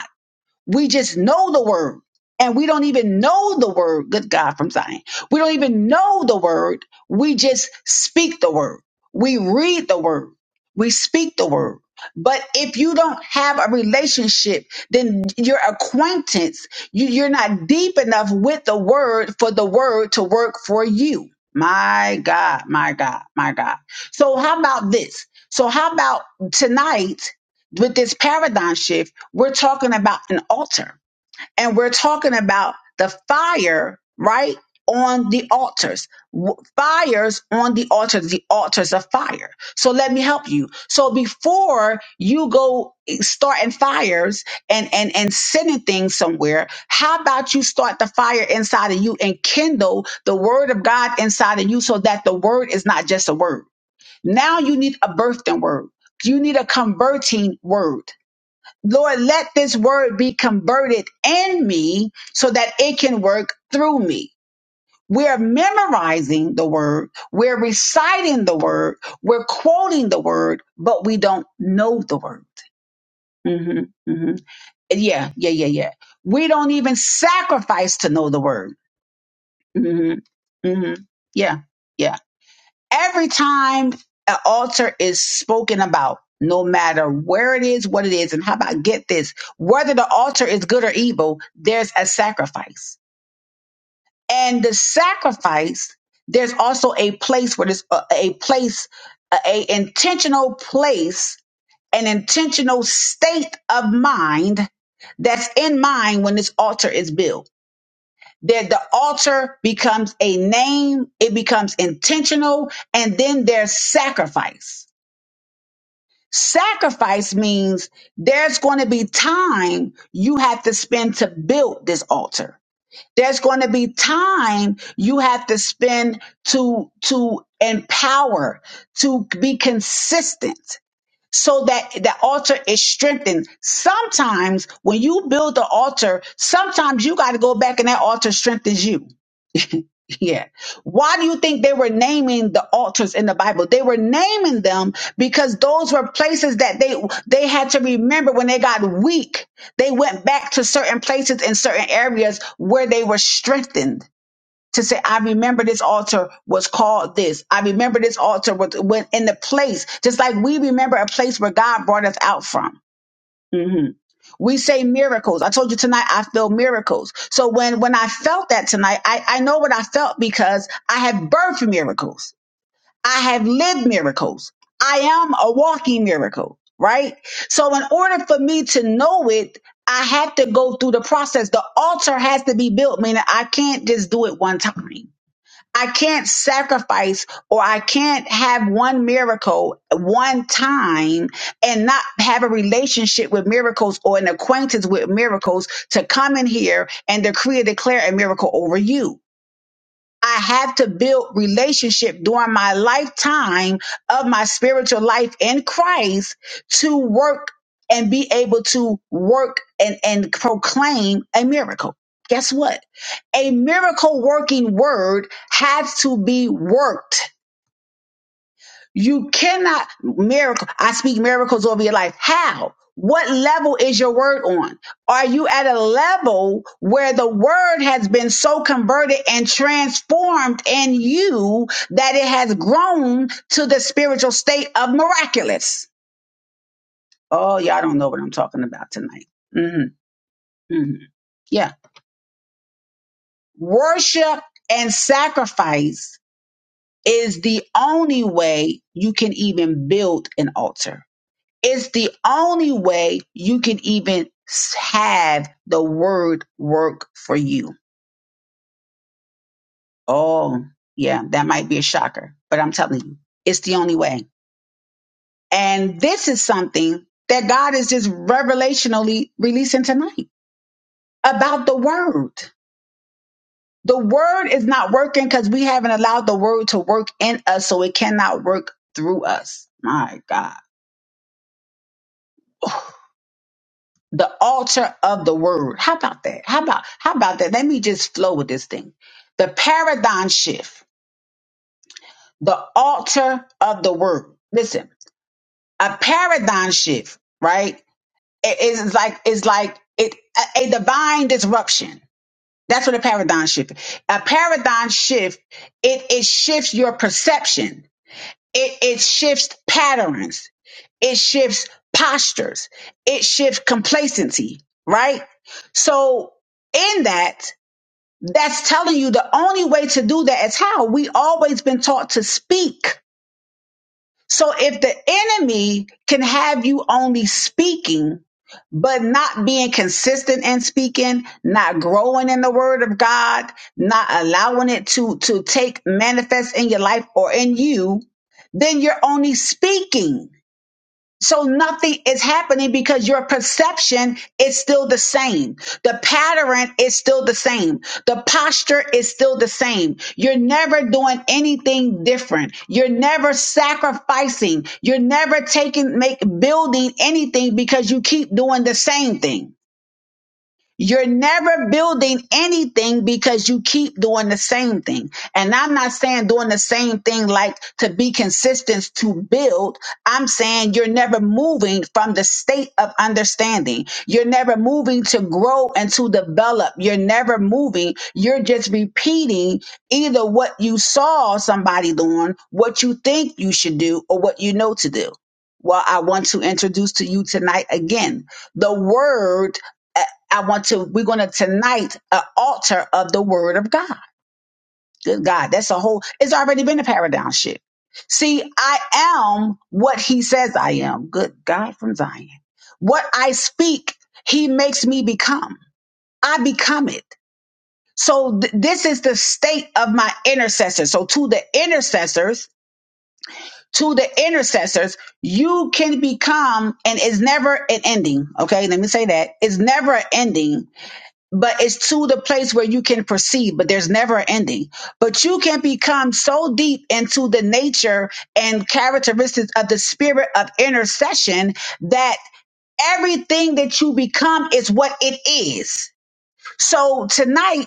A: We just know the word and we don't even know the word, good God from Zion. We don't even know the word. We just speak the word. We read the word. We speak the word. But if you don't have a relationship, then your acquaintance, you, you're not deep enough with the word for the word to work for you. My God, my God, my God. So, how about this? So, how about tonight with this paradigm shift? We're talking about an altar and we're talking about the fire, right? On the altars, W- fires on the altars, the altars of fire. So let me help you. So before you go starting fires and, and, and sending things somewhere, how about you start the fire inside of you and kindle the word of God inside of you so that the word is not just a word. Now you need a birthing word. You need a converting word Lord, let this word be converted in me so that it can work through me. We're memorizing the word, we're reciting the word, we're quoting the word, but we don't know the word. hmm hmm Yeah, yeah, yeah, yeah. We don't even sacrifice to know the word. hmm hmm Yeah, yeah every time an altar is spoken about, no matter where it is, what it is, and how about get this, whether the altar is good or evil, there's a sacrifice. And the sacrifice, there's also a place where there's a, a place, a, a intentional place, an intentional state of mind that's in mind when this altar is built that the altar becomes a name, it becomes intentional, and then there's sacrifice. Sacrifice means there's going to be time you have to spend to build this altar. There's going to be time you have to spend to to empower, to be consistent so that the altar is strengthened. Sometimes when you build the altar, sometimes you got to go back and that altar strengthens you yeah. Why do you think they were naming the altars in the Bible? They were naming them because those were places that they they had to remember when they got weak. They went back to certain places in certain areas where they were strengthened to say, I remember this altar was called this. I remember this altar was went in the place, just like we remember a place where God brought us out from. Mhm. We say miracles. I told you tonight I feel miracles. So when when I felt that tonight, I, I know what I felt because I have birthed miracles. I have lived miracles. I am a walking miracle, right? So in order for me to know it, I have to go through the process. The altar has to be built, meaning I can't just do it one time. I can't sacrifice or I can't have one miracle one time and not have a relationship with miracles or an acquaintance with miracles to come in here and decree and declare a miracle over you. I have to build relationship during my lifetime of my spiritual life in Christ to work and be able to work and, and proclaim a miracle. Guess what? a miracle working word has to be worked. You cannot miracle. I speak miracles over your life. How? What level is your word on? Are you at a level where the word has been so converted and transformed in you that it has grown to the spiritual state of miraculous? Oh, y'all don't know what I'm talking about tonight. hmm hmm Yeah. Worship and sacrifice is the only way you can even build an altar. It's the only way you can even have the word work for you. Oh, yeah, that might be a shocker, but I'm telling you, it's the only way. And this is something that God is just revelationally releasing tonight about the word. The word is not working because we haven't allowed the word to work in us, so it cannot work through us. My God the altar of the word. How about that? How about how about that? Let me just flow with this thing. The paradigm shift, the altar of the word. Listen, a paradigm shift, right? It is like it's like it a, a divine disruption. That's what a paradigm shift. is. A paradigm shift, it it shifts your perception It, it shifts patterns. It shifts postures. It shifts complacency, right? So in that, that's telling you the only way to do that is how we always been taught to speak so if the enemy can have you only speaking, but not being consistent in speaking, not growing in the word of God, not allowing it to, to take manifest in your life or in you, then you're only speaking so nothing is happening because your perception is still the same. The pattern is still the same. The posture is still the same. You're never doing anything different. You're never sacrificing. You're never taking, make, building anything because you keep doing the same thing. You're never building anything because you keep doing the same thing. And I'm not saying doing the same thing like to be consistent to build. I'm saying you're never moving from the state of understanding. You're never moving to grow and to develop. You're never moving. You're just repeating either what you saw somebody doing, what you think you should do, or what you know to do. Well, I want to introduce to you tonight again the word I want to, we're going to tonight, an altar of the word of God. Good God. That's a whole, it's already been a paradigm shift. See, I am what he says I am. Good God from Zion. What I speak, he makes me become. I become it. So th- this is the state of my intercessors. So to the intercessors, to the intercessors, you can become, and it's never an ending. Okay. Let me say that. It's never an ending but it's to the place where you can proceed, but there's never an ending. But you can become so deep into the nature and characteristics of the spirit of intercession that everything that you become is what it is. So tonight,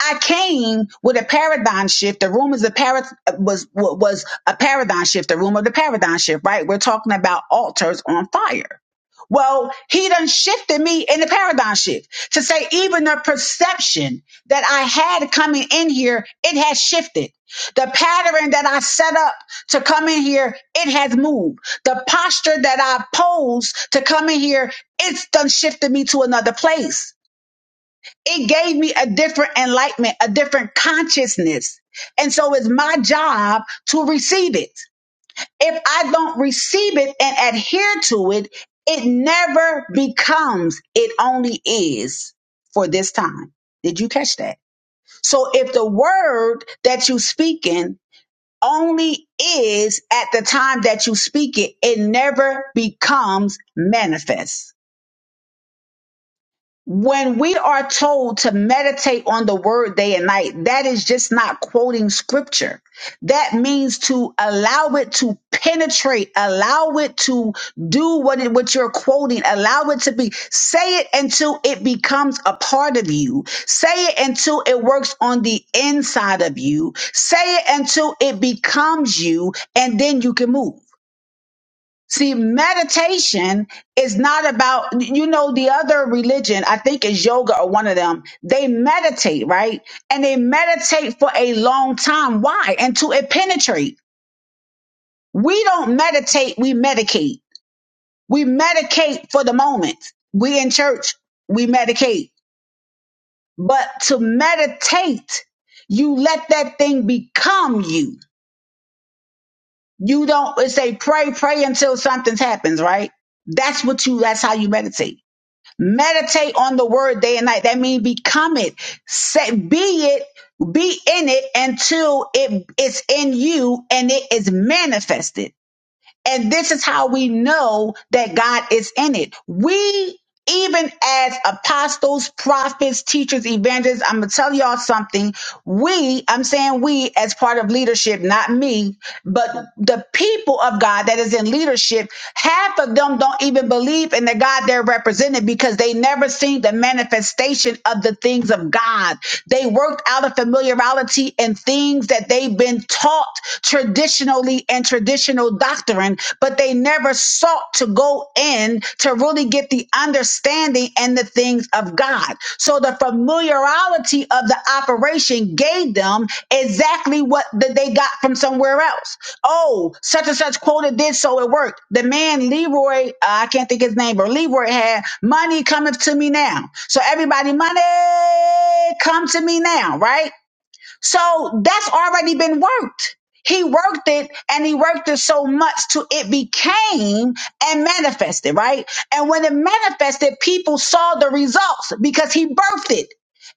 A: I came with a paradigm shift. The room is a parad was was a paradigm shift. The room of the paradigm shift, right? We're talking about altars on fire. Well, he done shifted me in the paradigm shift to say even the perception that I had coming in here, it has shifted. The pattern that I set up to come in here, it has moved. The posture that I posed to come in here, it's done shifted me to another place it gave me a different enlightenment, a different consciousness. And so it's my job to receive it. If I don't receive it and adhere to it, it never becomes, it only is for this time. Did you catch that? So if the word that you speaking only is at the time that you speak it, it never becomes manifest. when we are told to meditate on the word day and night, that is just not quoting scripture. That means to allow it to penetrate, allow it to do what it, what you're quoting, allow it to be, say it until it becomes a part of you. Say it until it works on the inside of you. Say it until it becomes you, and then you can move. See, meditation is not about, you know, the other religion, I think is yoga or one of them. They meditate, right? And they meditate for a long time. Why? Until it penetrate. We don't meditate, we medicate. We medicate for the moment. We in church, we medicate. But to meditate, you let that thing become you. You don't, it's a pray, pray until something happens, right? That's what you, that's how you meditate. Meditate on the word day and night. That means become it. Say, be it, be in it until it's in you and it is manifested. And this is how we know that God is in it. We, even as apostles, prophets, teachers, evangelists, I'm going to tell y'all something. We, I'm saying we as part of leadership, not me, but the people of God that is in leadership, half of them don't even believe in the God they're representing because they never seen the manifestation of the things of God. They worked out of familiarity and things that they've been taught traditionally and traditional doctrine, but they never sought to go in to really get the understanding and the things of God. So the familiarity of the operation gave them exactly what that they got from somewhere else. Oh, such and such quota did so it worked. The man Leroy, uh, I can't think his name, but Leroy had money coming to me now. So everybody, money come to me now, right? So that's already been worked. He worked it and he worked it so much to it became and manifested, right? And when it manifested, people saw the results because he birthed it.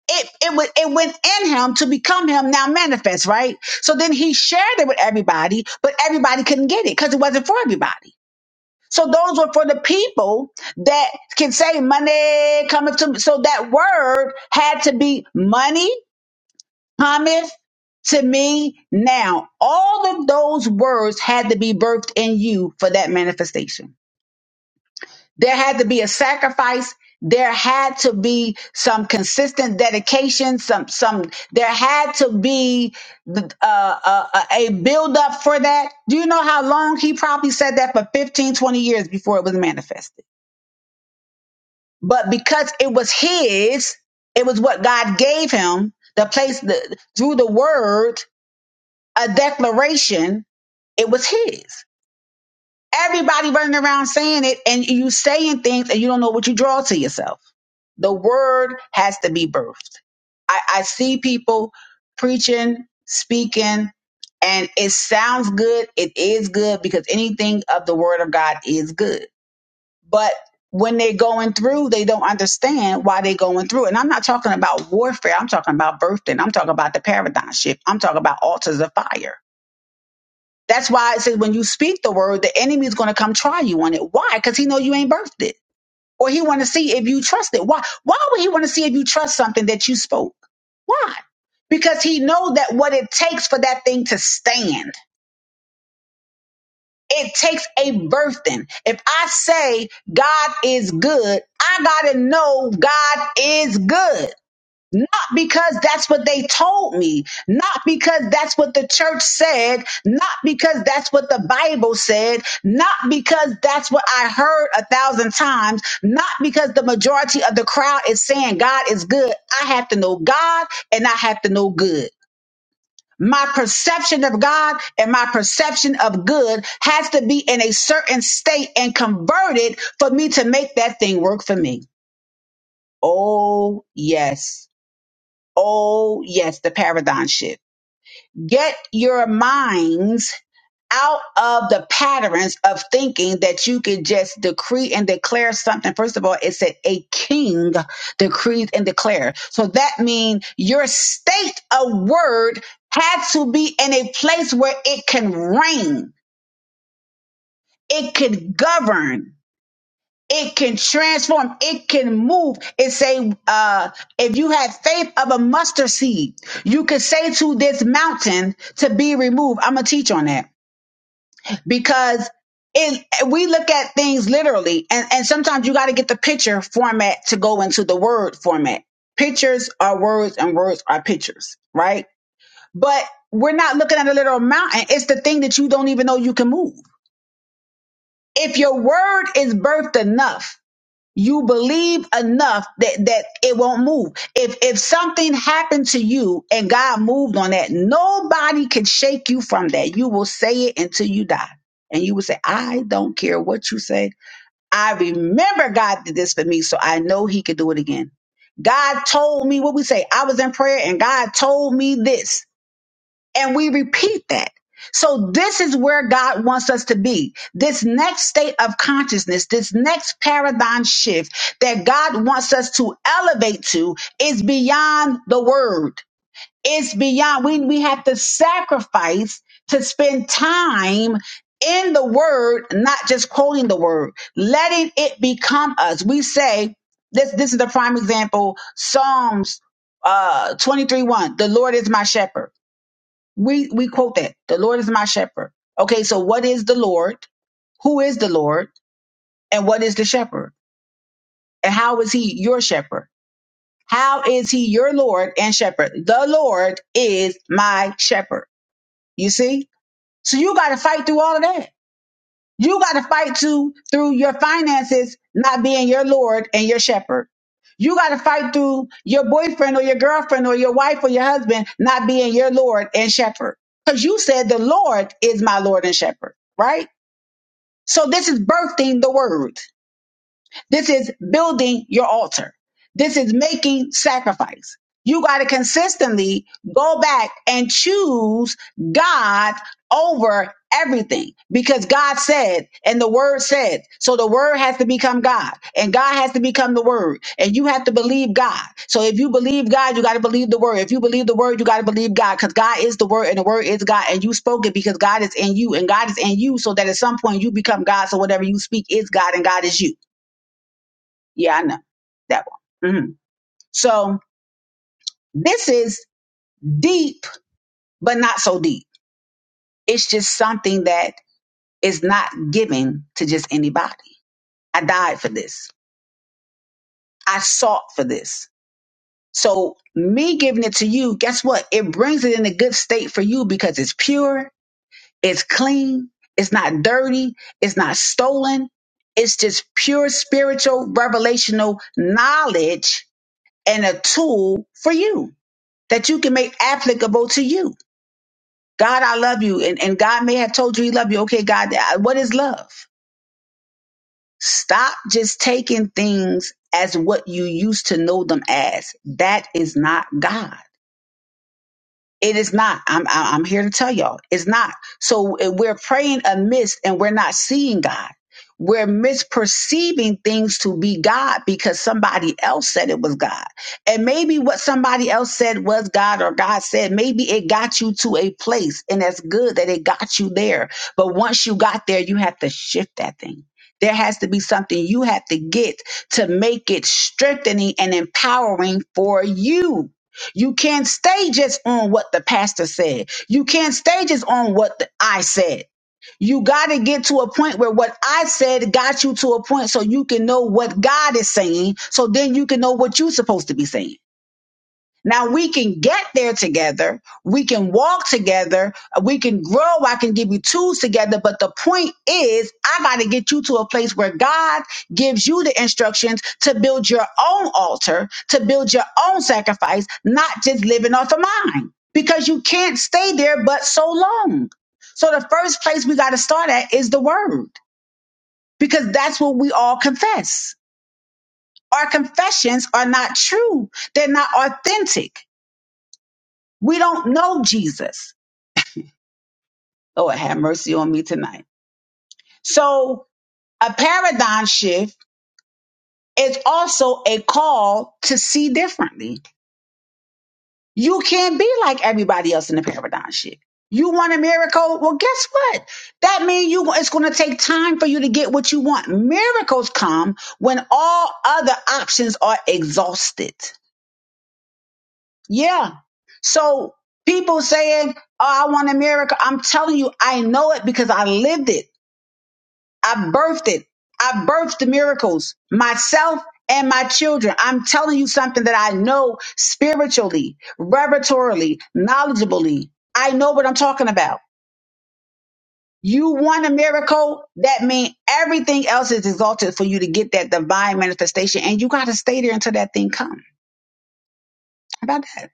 A: It, it, went, it went in him to become him now manifest, right? So then he shared it with everybody, but everybody couldn't get it because it wasn't for everybody. So those were for the people that can say money coming to me. So that word had to be money cometh to me now. All of those words had to be birthed in you for that manifestation. There had to be a sacrifice. There had to be some consistent dedication. Some, some. There had to be uh, uh, a build up for that. Do you know how long he probably said that for 15, 20 years before it was manifested? But because it was his, it was what God gave him. The place the, through the word a declaration, it was his. Everybody running around saying it, and you saying things, and you don't know what you draw to yourself. The word has to be birthed. I, I see people preaching, speaking, and it sounds good. It is good because anything of the word of God is good. But when they're going through, they don't understand why they're going through. And I'm not talking about warfare. I'm talking about birthing. I'm talking about the paradigm shift. I'm talking about altars of fire that's why it says when you speak the word, the enemy is going to come try you on it. Why? Because he know you ain't birthed it, or he want to see if you trust it. Why? Why would he want to see if you trust something that you spoke? Why? Because he know that what it takes for that thing to stand. It takes a birthing. If I say God is good, I gotta know God is good. Not because that's what they told me, not because that's what the church said, not because that's what the Bible said, not because that's what I heard a thousand times, not because the majority of the crowd is saying God is good. I have to know God and I have to know good. My perception of God and my perception of good has to be in a certain state and converted for me to make that thing work for me. Oh, yes. Oh, yes, the paradigm shift. Get your minds out of the patterns of thinking that you can just decree and declare something. First of all, it said a king decreed and declared. So that means your state of word had to be in a place where it can reign, it could govern. it can transform it can move it say uh if you have faith of a mustard seed you could say to this mountain to be removed i'm gonna teach on that because it we look at things literally and and sometimes you got to get the picture format to go into the word format pictures are words and words are pictures right but we're not looking at a literal mountain it's the thing that you don't even know you can move if your word is birthed enough you believe enough that that it won't move if if something happened to you and god moved on that nobody can shake you from that you will say it until you die and you will say i don't care what you say i remember god did this for me so i know he could do it again god told me what we say i was in prayer and god told me this and we repeat that. So this is where God wants us to be. This next state of consciousness, this next paradigm shift that God wants us to elevate to is beyond the word. It's beyond we we have to sacrifice to spend time in the word, not just quoting the word, letting it become us. We say this this is the prime example, Psalms uh 23 1 the lord is my shepherd we we quote that. The Lord is my shepherd. Okay, so what is the Lord? Who is the Lord? And what is the shepherd? And how is he your shepherd? How is he your Lord and shepherd? The Lord is my shepherd. You see? So you got to fight through all of that. You got to fight to through your finances not being your Lord and your shepherd. You got to fight through your boyfriend or your girlfriend or your wife or your husband not being your Lord and shepherd. Because you said the Lord is my Lord and shepherd, right? So this is birthing the word. This is building your altar. This is making sacrifice. You got to consistently go back and choose God over everything because God said and the word said. So the word has to become God and God has to become the word and you have to believe God. So if you believe God, you got to believe the word. If you believe the word, you got to believe God because God is the word and the word is God and you spoke it because God is in you and God is in you so that at some point you become God. So whatever you speak is God and God is you. Yeah, I know that one. Mhm. So this is deep, but not so deep. It's just something that is not given to just anybody. I died for this. I sought for this. So me giving it to you, guess what? It brings it in a good state for you because it's pure, it's clean, it's not dirty, it's not stolen. It's just pure spiritual, revelational knowledge and a tool for you that you can make applicable to you God, I love you. And, and God may have told you he loved you. Okay, God, what is love? Stop just taking things as what you used to know them as. That is not God. It is not. I'm I- I'm here to tell y'all, it's not. So uh, we're praying amidst, and we're not seeing God. We're misperceiving things to be God because somebody else said it was God, and maybe what somebody else said was God or God said. Maybe it got you to a place, and that's good that it got you there. But once you got there, you have to shift that thing. There has to be something you have to get to make it strengthening and empowering for you you can't stay just on what the pastor said. You can't stay just on what the- I said. You got to get to a point where what I said got you to a point so you can know what God is saying. So then you can know what you're supposed to be saying. Now we can get there together. We can walk together. We can grow. I can give you tools together. But the point is, I got to get you to a place where God gives you the instructions to build your own altar, to build your own sacrifice, not just living off of mine because you can't stay there but so long. So the first place we got to start at is the word because that's what we all confess. Our confessions are not true. They're not authentic we don't know Jesus. Lord, have mercy on me tonight. So, a paradigm shift is also a call to see differently. You can't be like everybody else in the paradigm shift. You want a miracle? Well, guess what? That means you it's going to take time for you to get what you want. Miracles come when all other options are exhausted. Yeah. So people saying, "Oh, I want a miracle." I'm telling you, I know it because I lived it. I birthed it. I birthed the miracles myself and my children. I'm telling you something that I know spiritually, revelatorily, knowledgeably. I know what I'm talking about. You want a miracle, that means everything else is exalted for you to get that divine manifestation, and you got to stay there until that thing comes. How about that?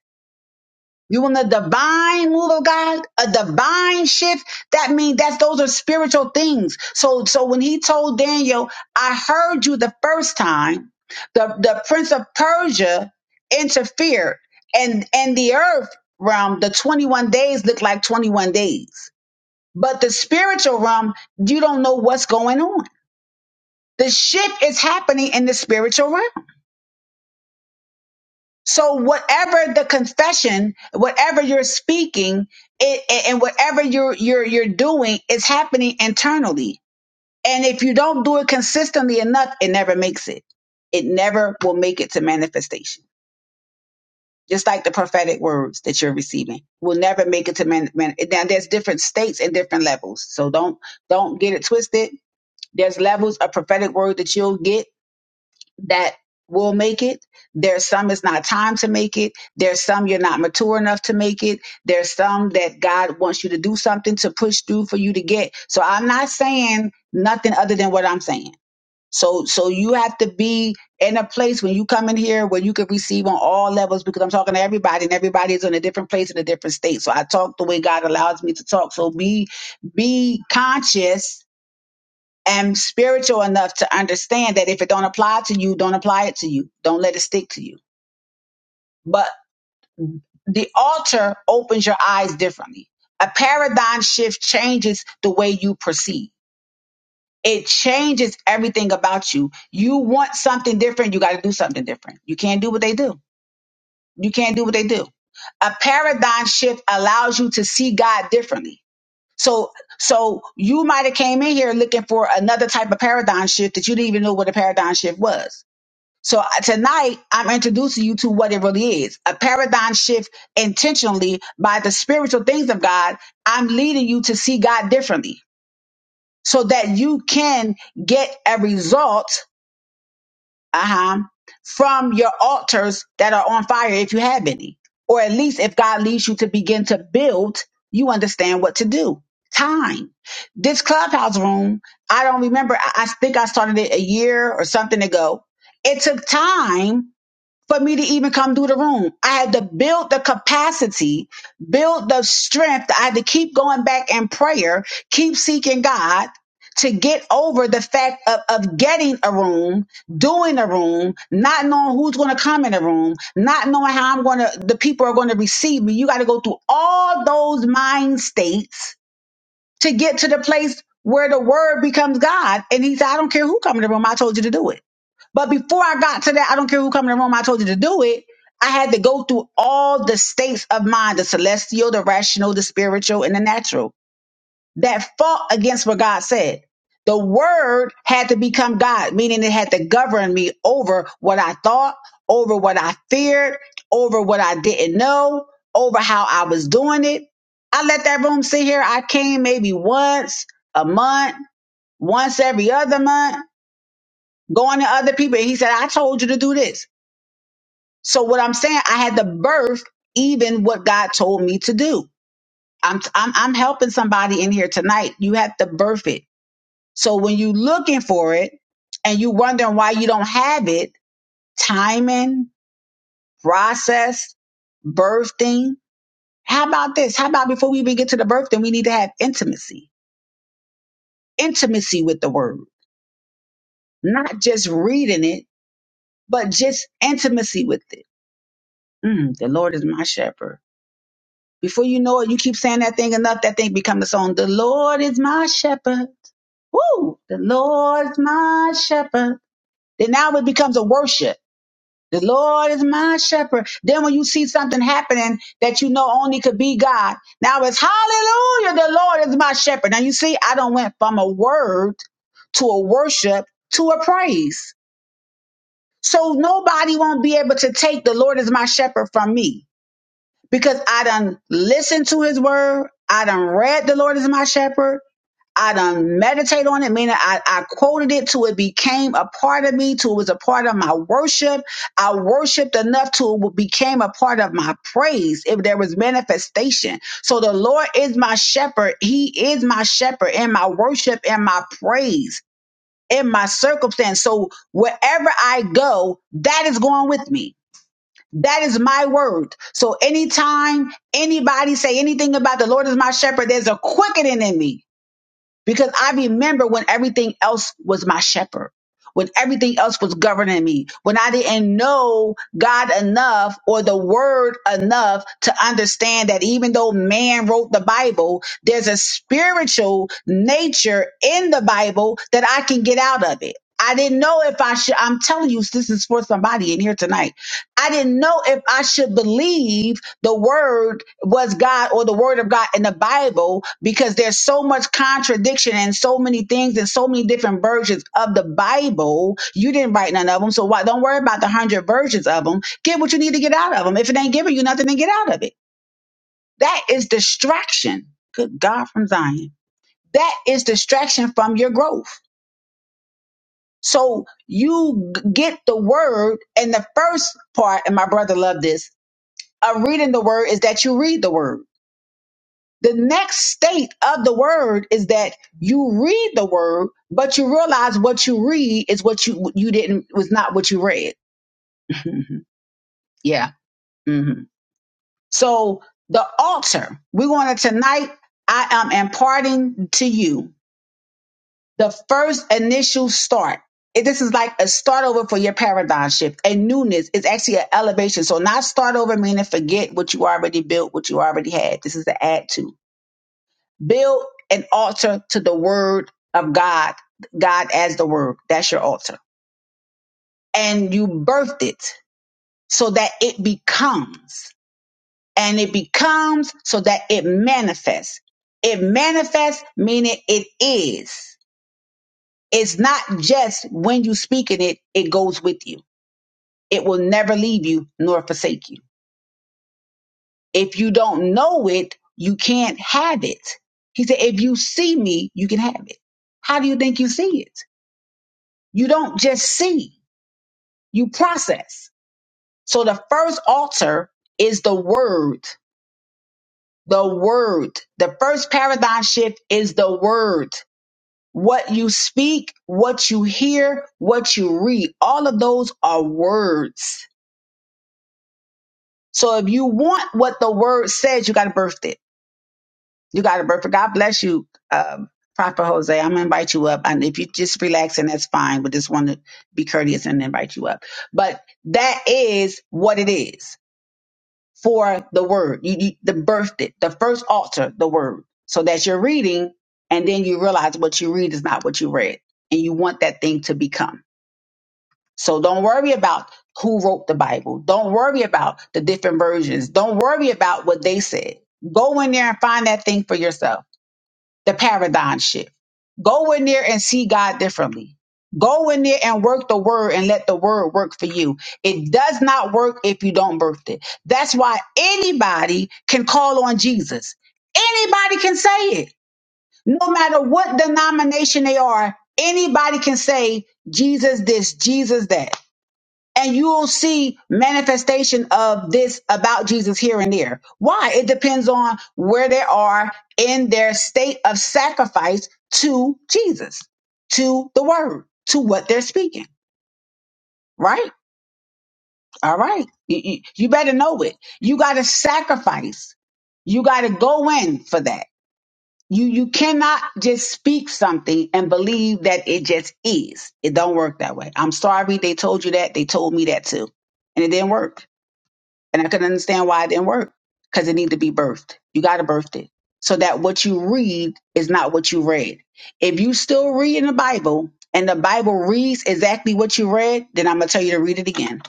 A: You want a divine move of God, a divine shift. That means that those are spiritual things. So, so when he told Daniel, I heard you the first time, the, the prince of Persia interfered and, and the earth realm, the 21 days looked like 21 days. But the spiritual realm, you don't know what's going on. The shift is happening in the spiritual realm. So whatever the confession, whatever you're speaking, it, it- and whatever you're you're you're doing, it's happening internally. And if you don't do it consistently enough, it never makes it. It never will make it to manifestation. Just like the prophetic words that you're receiving will never make it to man. man now there's different states and different levels. So don't don't get it twisted. There's levels of prophetic word that you'll get that will make it. There's some it's not time to make it. There's some you're not mature enough to make it. There's some that God wants you to do something to push through for you to get. So I'm not saying nothing other than what I'm saying. So so you have to be in a place when you come in here where you can receive on all levels because I'm talking to everybody and everybody is in a different place in a different state. So I talk the way God allows me to talk. So be be conscious am spiritual enough to understand that if it don't apply to you, don't apply it to you. Don't let it stick to you. But the altar opens your eyes differently. A paradigm shift changes the way you perceive. It changes everything about you. You want something different, you got to do something different. You can't do what they do. You can't do what they do. A paradigm shift allows you to see God differently. So so you might have came in here looking for another type of paradigm shift that you didn't even know what a paradigm shift was So uh, tonight, I'm introducing you to what it really is a paradigm shift intentionally by the spiritual things of God. I'm leading you to see God differently so that you can get a result uh-huh, from your altars that are on fire if you have any. Or at least if God leads you to begin to build, you understand what to do. Time. This clubhouse room, I don't remember. I I think I started it a year or something ago. It took time for me to even come do the room. I had to build the capacity, build the strength. I had to keep going back in prayer, keep seeking God to get over the fact of, of getting a room, doing a room, not knowing who's going to come in the room, not knowing how I'm going to, the people are going to receive me. You got to go through all those mind states to get to the place where the word becomes God. And he said, I don't care who come in the room. I told you to do it. But before I got to that, I don't care who come in the room, I told you to do it. I had to go through all the states of mind the celestial, the rational, the spiritual, and the natural that fought against what God said. The word had to become God, meaning it had to govern me over what I thought, over what I feared, over what I didn't know, over how I was doing it. I let that room sit here. I came maybe once a month, once every other month, going to other people. And he said, I told you to do this. So what I'm saying, I had to birth even what God told me to do. I'm I'm I'm helping somebody in here tonight. You have to birth it. So when you looking for it and you wondering why you don't have it, timing, process, birthing. How about this? How about before we even get to the birthing, we need to have intimacy. Intimacy with the word. Not just reading it, but just intimacy with it. Mm, the Lord is my shepherd. Before you know it, you keep saying that thing enough, that thing becomes a song. The Lord is my shepherd. Woo! The Lord is my shepherd. Then now it becomes a worship. The Lord is my shepherd. Then when you see something happening that you know only could be God, now it's hallelujah, the Lord is my shepherd. Now you see, I don't went from a word to a worship to a praise. So nobody won't be able to take the Lord is my shepherd from me because I done listened to his word. I done read the Lord is my shepherd. I done meditate on it, meaning I, I quoted it till it became a part of me, till it was a part of my worship. I worshiped enough till it became a part of my praise, if there was manifestation. So the Lord is my shepherd. He is my shepherd in my worship and my praise, in my circumstance. So wherever I go, that is going with me that is my word. So anytime anybody say anything about the Lord is my shepherd, there's a quickening in me. Because I remember when everything else was my shepherd, when everything else was governing me, when I didn't know God enough or the word enough to understand that even though man wrote the Bible, there's a spiritual nature in the Bible that I can get out of it. I didn't know if I should, I'm telling you, this is for somebody in here tonight. I didn't know if I should believe the word was God or the word of God in the Bible because there's so much contradiction and so many things and so many different versions of the Bible. You didn't write none of them, so why don't worry about the hundred versions of them. Get what you need to get out of them. If it ain't giving you nothing, then get out of it. That is distraction. Good God from Zion. That is distraction from your growth. So you g- get the word, and the first part, and my brother loved this, of reading the word is that you read the word The next state of the word is that you read the word, but you realize what you read is what you you didn't was not what you read. [laughs] yeah. hmm So the altar, we want to tonight. I am imparting to you the first initial start. It- This is like a start over for your paradigm shift, a newness. It's actually an elevation. So not start over meaning forget what you already built, what you already had. This is the add to. Build an altar to the word of God, God as the word. That's your altar. And you birthed it so that it becomes. And it becomes so that it manifests. It manifests, meaning it is. It's not just when you speak in it, it goes with you. It will never leave you nor forsake you. If you don't know it, you can't have it. He said, if you see me, you can have it. How do you think you see it? You don't just see, you process. So the first altar is the word, the word. The first paradigm shift is the word. What you speak, what you hear, what you read, all of those are words. So if you want what the word says, you got to birth it. You got to birth it. God bless you, um, Prophet Jose. I'm going to invite you up. And if you just relax, and that's fine. But just want to be courteous and invite you up. But that is what it is. for the word. You, you the birthed it, the first altar, the word. So that you're reading, and then you realize what you read is not what you read, and you want that thing to become. So don't worry about who wrote the Bible. Don't worry about the different versions. Don't worry about what they said. Go in there and find that thing for yourself the paradigm shift. Go in there and see God differently. Go in there and work the word and let the word work for you. It does not work if you don't birth it. That's why anybody can call on Jesus. Anybody can say it. No matter what denomination they are, anybody can say Jesus this, Jesus that and you'll see manifestation of this about Jesus here and there. Why? It depends on where they are in their state of sacrifice to Jesus, to the word, to what they're speaking. Right? All right. You, you- you better know it. You got to sacrifice. You got to go in for that. You you cannot just speak something and believe that it just is. It don't work that way. I'm sorry they told you that. They told me that too, and it didn't work. And I couldn't understand why it didn't work because it needed to be birthed. You got to birth it so that what you read is not what you read. If you still reading the Bible and the Bible reads exactly what you read, then I'm going to tell you to read it again.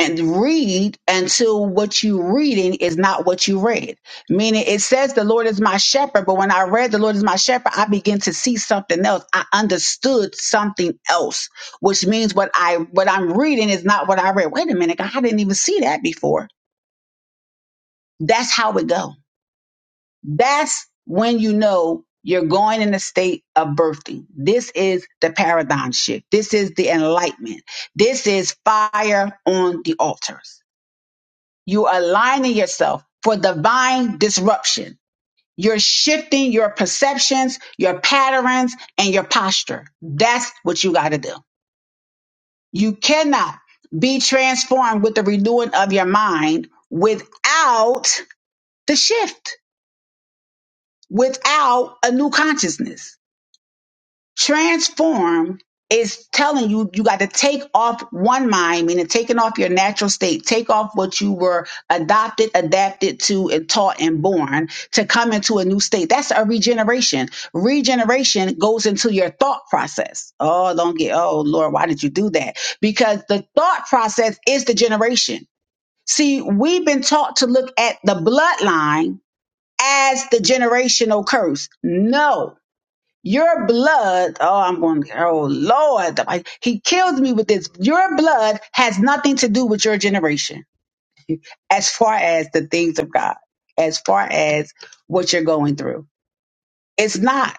A: And read until what you reading is not what you read. Meaning it says the Lord is my shepherd, but when I read the Lord is my shepherd, I begin to see something else. I understood something else, which means what I what I'm reading is not what I read. Wait a minute, God, I didn't even see that before that's how it go. That's when you know you're going in a state of birthing. This is the paradigm shift. This is the enlightenment. This is fire on the altars. You are aligning yourself for divine disruption. You're shifting your perceptions, your patterns, and your posture. That's what you got to do. You cannot be transformed with the renewing of your mind without the shift. without a new consciousness. Transform is telling you you got to take off one mind, meaning taking off your natural state, take off what you were adopted, adapted to, and taught and born to come into a new state. That's a regeneration. Regeneration goes into your thought process. Oh, don't get, oh Lord, why did you do that? Because the thought process is the generation. See, we've been taught to look at the bloodline as the generational curse. No, your blood, oh, I'm going, oh Lord, I- he killed me with this. Your blood has nothing to do with your generation as far as the things of God, as far as what you're going through. It's not.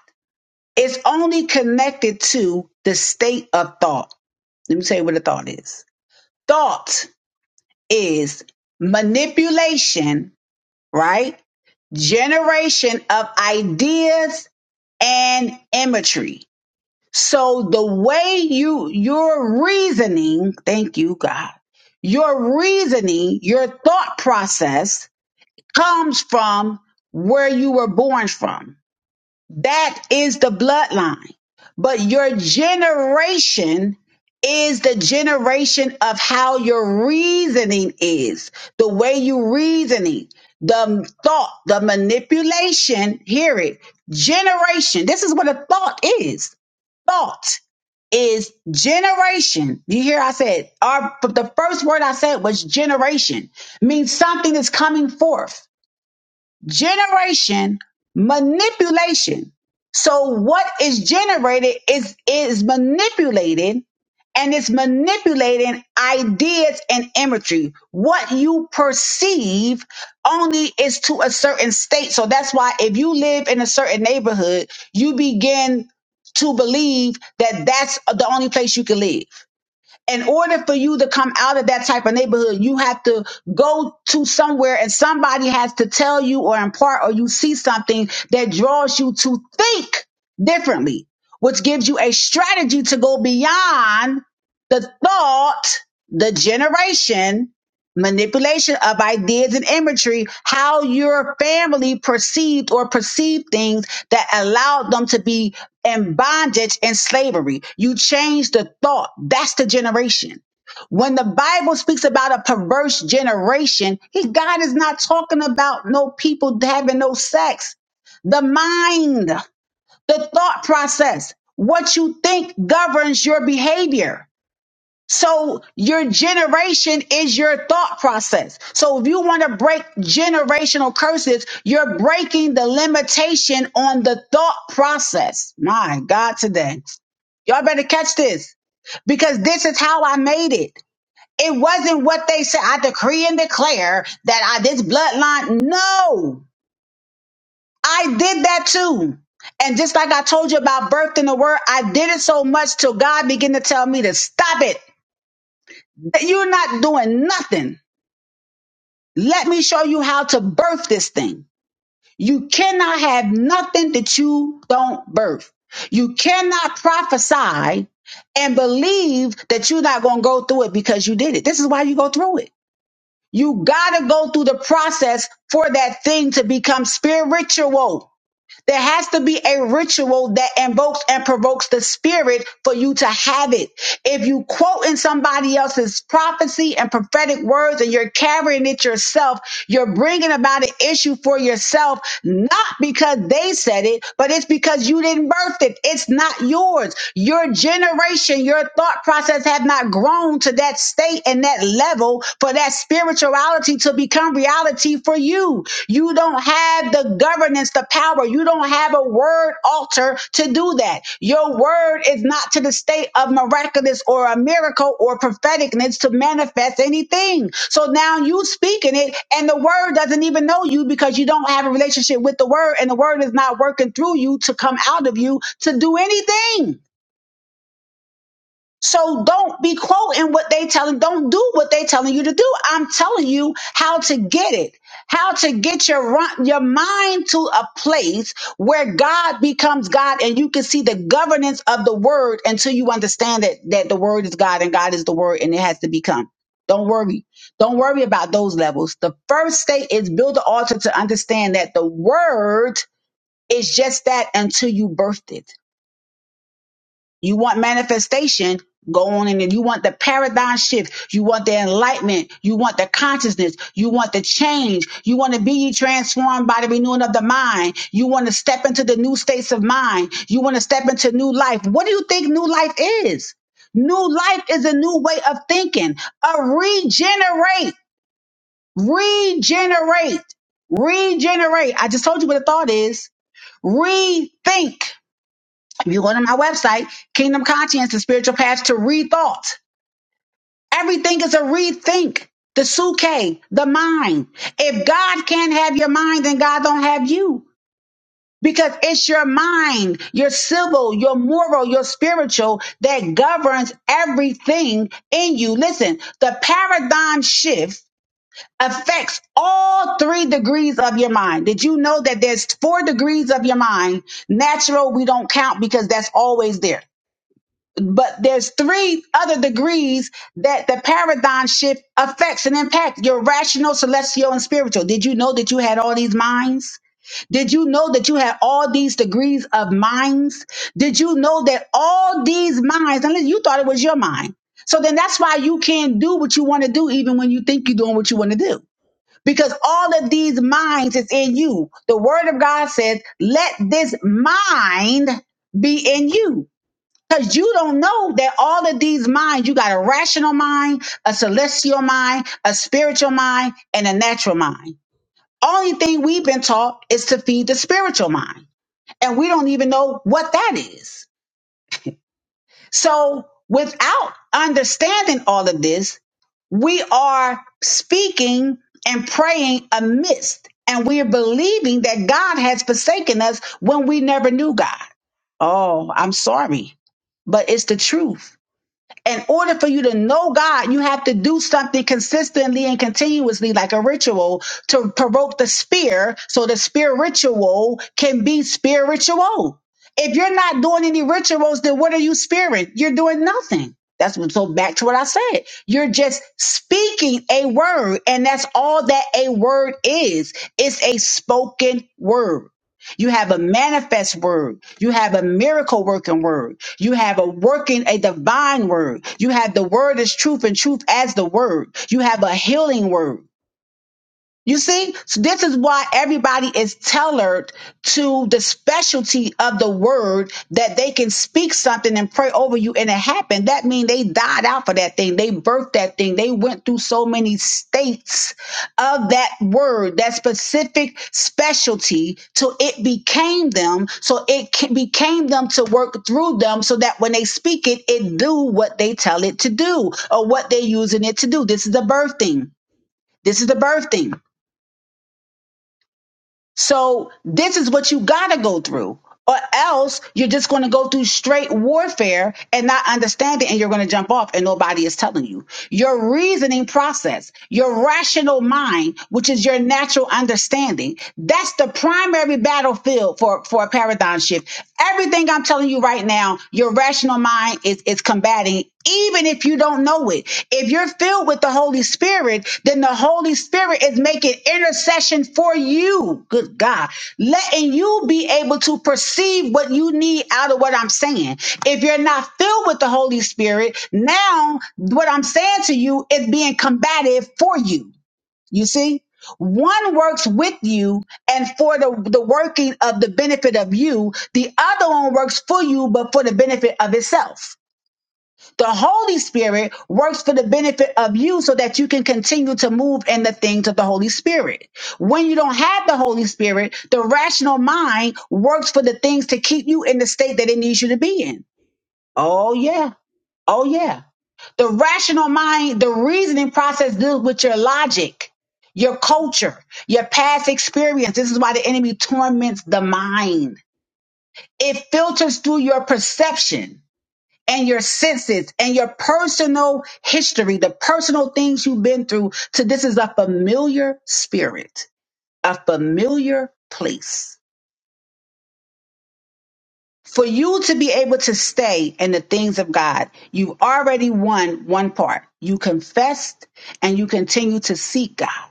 A: It's only connected to the state of thought. Let me tell you what a thought is. Thought is manipulation, right? Generation of ideas and imagery So the way you your reasoning, thank you God. Your reasoning, your thought process comes from where you were born from. That is the bloodline. But your generation is the generation of how your reasoning is, the way you reasoning, the thought, the manipulation, hear it. Generation. This is what a thought is Thought is generation. You hear I said, our, the first word I said was generation, means something is coming forth generation manipulation so what is generated is is manipulated and it's manipulating ideas and imagery what you perceive only is to a certain state so that's why if you live in a certain neighborhood you begin to believe that that's the only place you can live in order for you to come out of that type of neighborhood, you have to go to somewhere and somebody has to tell you or impart or you see something that draws you to think differently, which gives you a strategy to go beyond the thought, the generation, manipulation of ideas and imagery, how your family perceived or perceived things that allowed them to be and bondage and slavery. You change the thought. That's the generation. When the Bible speaks about a perverse generation, he, God is not talking about no people having no sex. The mind, the thought process, what you think governs your behavior. So your generation is your thought process. So if you want to break generational curses, you're breaking the limitation on the thought process. My God, today. Y'all better catch this because this is how I made it. It wasn't what they said. I decree and declare that I this bloodline. No, I did that too. And just like I told you about birth in the word, I did it so much till God began to tell me to stop it. You're not doing nothing. Let me show you how to birth this thing. You cannot have nothing that you don't birth. You cannot prophesy and believe that you're not going to go through it because you did it. This is why you go through it. You got to go through the process for that thing to become spiritual. There has to be a ritual that invokes and provokes the spirit for you to have it. If you quote in somebody else's prophecy and prophetic words and you're carrying it yourself, you're bringing about an issue for yourself, not because they said it, but it's because you didn't birth it. It's not yours. Your generation, your thought process have not grown to that state and that level for that spirituality to become reality for you. You don't have the governance, the power. You don't have a word altar to do that. Your word is not to the state of miraculous or a miracle or propheticness to manifest anything. So now you speaking it and the word doesn't even know you because you don't have a relationship with the word and the word is not working through you to come out of you to do anything. So don't be quoting what they telling. Don't do what they telling you to do. I'm telling you how to get it, how to get your ri- your mind to a place where God becomes God, and you can see the governance of the Word until you understand that that the Word is God and God is the Word, and it has to become. Don't worry. Don't worry about those levels. The first state is build the altar to understand that the Word is just that until you birthed it. You want manifestation, go on in it. You want the paradigm shift. You want the enlightenment. You want the consciousness. You want the change. You want to be ye transformed by the renewing of the mind. You want to step into the new states of mind. You want to step into new life. What do you think new life is? New life is a new way of thinking, a regenerate, regenerate, regenerate. I just told you what a thought is. Rethink if You go to my website, Kingdom Conscience, the spiritual path to rethought. Everything is a rethink. The suke, the mind. If God can't have your mind, then God don't have you. Because it's your mind, your civil, your moral, your spiritual that governs everything in you. Listen, the paradigm shift affects all three degrees of your mind. Did you know that there's four degrees of your mind? Natural, we don't count because that's always there but there's three other degrees that the paradigm shift affects and impacts your rational celestial and spiritual did you know that you had all these minds did you know that you had all these degrees of minds did you know that all these minds unless you thought it was your mind so then that's why you can't do what you want to do even when you think you're doing what you want to do because all of these minds is in you the word of god says let this mind be in you because you don't know that all of these minds, you got a rational mind, a celestial mind, a spiritual mind, and a natural mind. Only thing we've been taught is to feed the spiritual mind. And we don't even know what that is. So without understanding all of this, we are speaking and praying amidst, and we are believing that God has forsaken us when we never knew God. Oh, I'm sorry, but it's the truth in order for you to know God, you have to do something consistently and continuously, like a ritual, to provoke the spear so the spiritual can be spiritual. If you're not doing any rituals, then what are you spirit? You're doing nothing. That's what, so back to what I said. You're just speaking a word, and that's all that a word is. It's a spoken word. You have a manifest word. You have a miracle working word. You have a working, a divine word. You have the word as truth and truth as the word. You have a healing word. You see, so this is why everybody is tailored to the specialty of the word that they can speak something and pray over you and it happened. That means they died out for that thing. They birthed that thing. They went through so many states of that word, that specific specialty till it became them. So it ca- became them to work through them so that when they speak it, it do what they tell it to do or what they're using it to do. This is the birthing. This is the birthing. So this is what you gotta go through. Or else you're just gonna go through straight warfare and not understand it and you're gonna jump off and nobody is telling you. Your reasoning process, your rational mind, which is your natural understanding, that's the primary battlefield for, for a paradigm shift. Everything I'm telling you right now, your rational mind is, is combating even if you don't know it. If you're filled with the Holy Spirit, then the Holy Spirit is making intercession for you. Good God. Letting you be able to perceive what you need out of what I'm saying. If you're not filled with the Holy Spirit, now what I'm saying to you is being combative for you. You see? One works with you and for the, the working of the benefit of you. The other one works for you, but for the benefit of itself. The Holy Spirit works for the benefit of you so that you can continue to move in the things of the Holy Spirit. When you don't have the Holy Spirit, the rational mind works for the things to keep you in the state that it needs you to be in. Oh, yeah. Oh, yeah. The rational mind, the reasoning process deals with your logic, your culture, your past experience. This is why the enemy torments the mind, it filters through your perception and your senses and your personal history, the personal things you've been through, to this is a familiar spirit, a familiar place. For you to be able to stay in the things of God, you have already won one part. You confessed and you continue to seek God.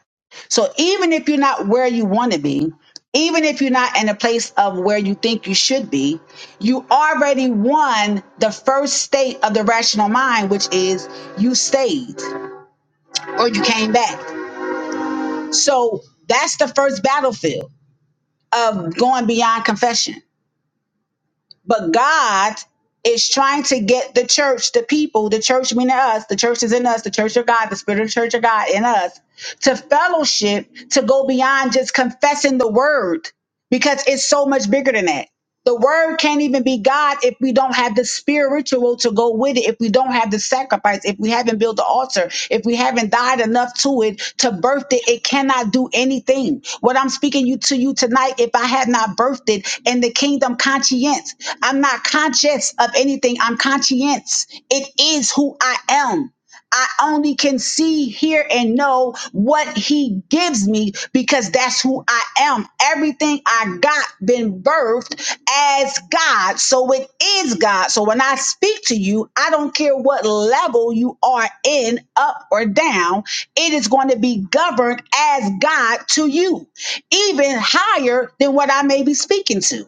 A: So even if you're not where you want to be, even if you're not in a place of where you think you should be, you already won the first state of the rational mind, which is you stayed or you came back. So that's the first battlefield of going beyond confession. But God is trying to get the church, the people, the church meaning us, the church is in us, the church of God, the spirit of the church of God in us, to fellowship, to go beyond just confessing the word, because it's so much bigger than that. The word can't even be God if we don't have the spiritual to go with it, if we don't have the sacrifice, if we haven't built the altar, if we haven't died enough to it to birth it, it cannot do anything. What I'm speaking you to you tonight, if I had not birthed it in the kingdom conscience, I'm not conscious of anything. I'm conscience. It is who I am. I only can see, hear, and know what he gives me because that's who I am. Everything I got been birthed as God. So it is God. So when I speak to you, I don't care what level you are in, up or down, it is going to be governed as God to you, even higher than what I may be speaking to.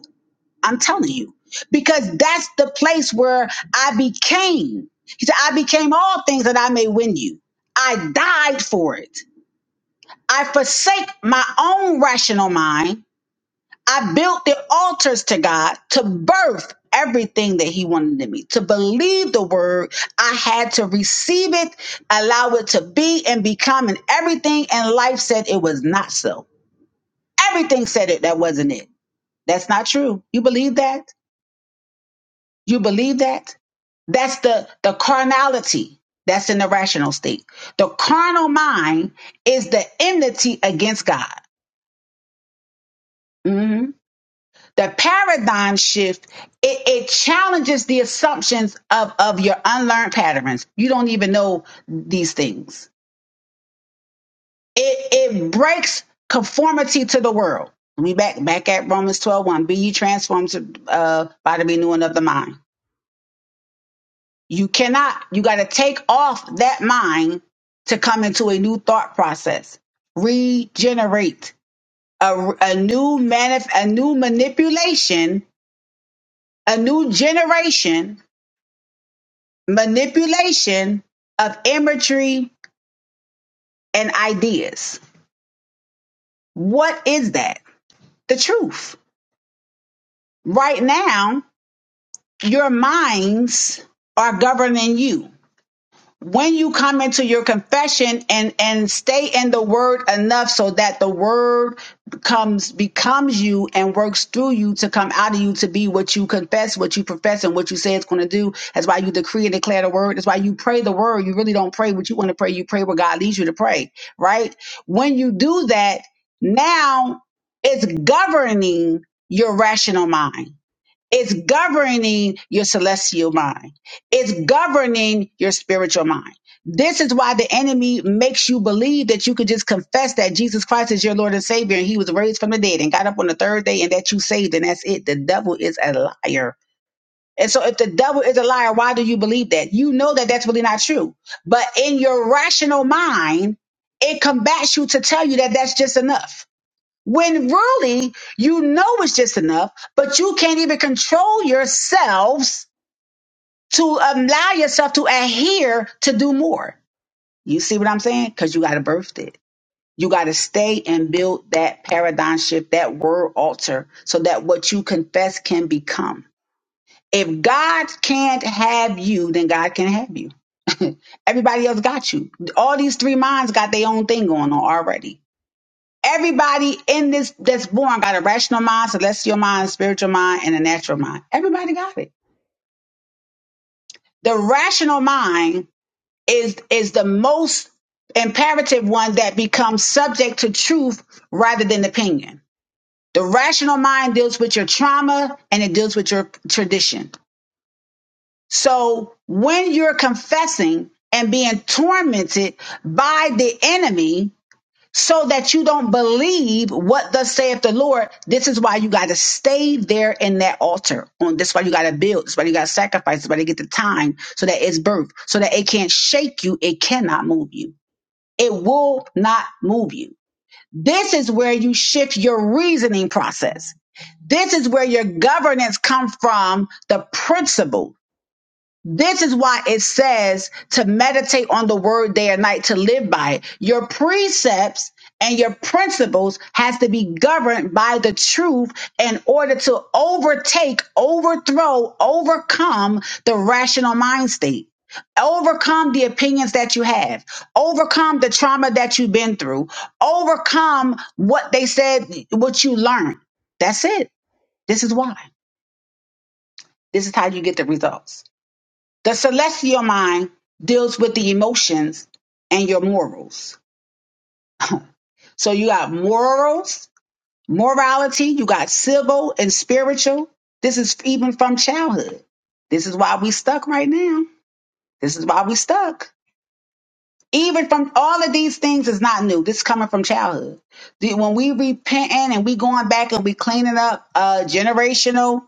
A: I'm telling you, because that's the place where I became. He said, I became all things that I may win you. I died for it. I forsake my own rational mind. I built the altars to God to birth everything that He wanted in me, to believe the word. I had to receive it, allow it to be and become, and everything in life said it was not so. Everything said it that wasn't it. That's not true. You believe that? You believe that? That's the, the carnality that's in the rational state. The carnal mind is the enmity against God. Mhm. The paradigm shift, it, it challenges the assumptions of, of your unlearned patterns. You don't even know these things. It, it breaks conformity to the world. We back back at Romans twelve one. Be ye transformed to, uh, by the renewing of the mind You cannot, you got to take off that mind to come into a new thought process. Regenerate a, a new manif- a new manipulation, a new generation manipulation of imagery and ideas. What is that? The truth. Right now, your minds are governing you when you come into your confession and and stay in the word enough so that the word comes becomes you and works through you to come out of you to be what you confess what you profess and what you say it's going to do that's why you decree and declare the word that's why you pray the word you really don't pray what you want to pray you pray what god leads you to pray right when you do that now it's governing your rational mind it's governing your celestial mind. It's governing your spiritual mind. This is why the enemy makes you believe that you could just confess that Jesus Christ is your Lord and Savior and he was raised from the dead and got up on the third day and that you saved and that's it. The devil is a liar. And so if the devil is a liar, why do you believe that? You know that that's really not true. But in your rational mind, it combats you to tell you that that's just enough when really you know it's just enough, but you can't even control yourselves to allow yourself to adhere to do more. You see what I'm saying? Because you got to birth it. You got to stay and build that paradigm shift, that word altar, so that what you confess can become. If God can't have you, then God can have you. [laughs] Everybody else got you. All these three minds got their own thing going on already. Everybody in this that's born got a rational mind, celestial mind, spiritual mind, and a natural mind. Everybody got it. The rational mind is is the most imperative one that becomes subject to truth rather than opinion. The rational mind deals with your trauma and it deals with your tradition. So when you're confessing and being tormented by the enemy, so that you don't believe what thus saith the Lord. This is why you got to stay there in that altar. On this why you got to build. This why you got to sacrifice. This why you get the time so that it's birth, so that it can't shake you. It cannot move you. It will not move you. This is where you shift your reasoning process. This is where your governance come from the principles this is why it says to meditate on the word day and night to live by it. Your precepts and your principles has to be governed by the truth in order to overtake, overthrow, overcome the rational mind state. Overcome the opinions that you have, overcome the trauma that you've been through, overcome what they said, what you learned. That's it. This is why. This is how you get the results. The celestial mind deals with the emotions and your morals. So you got morals, morality, you got civil and spiritual. This is even from childhood. This is why we stuck right now. This is why we stuck. Even from all of these things is not new. This is coming from childhood. The- When we repenting and we going back and we cleaning up uh, generational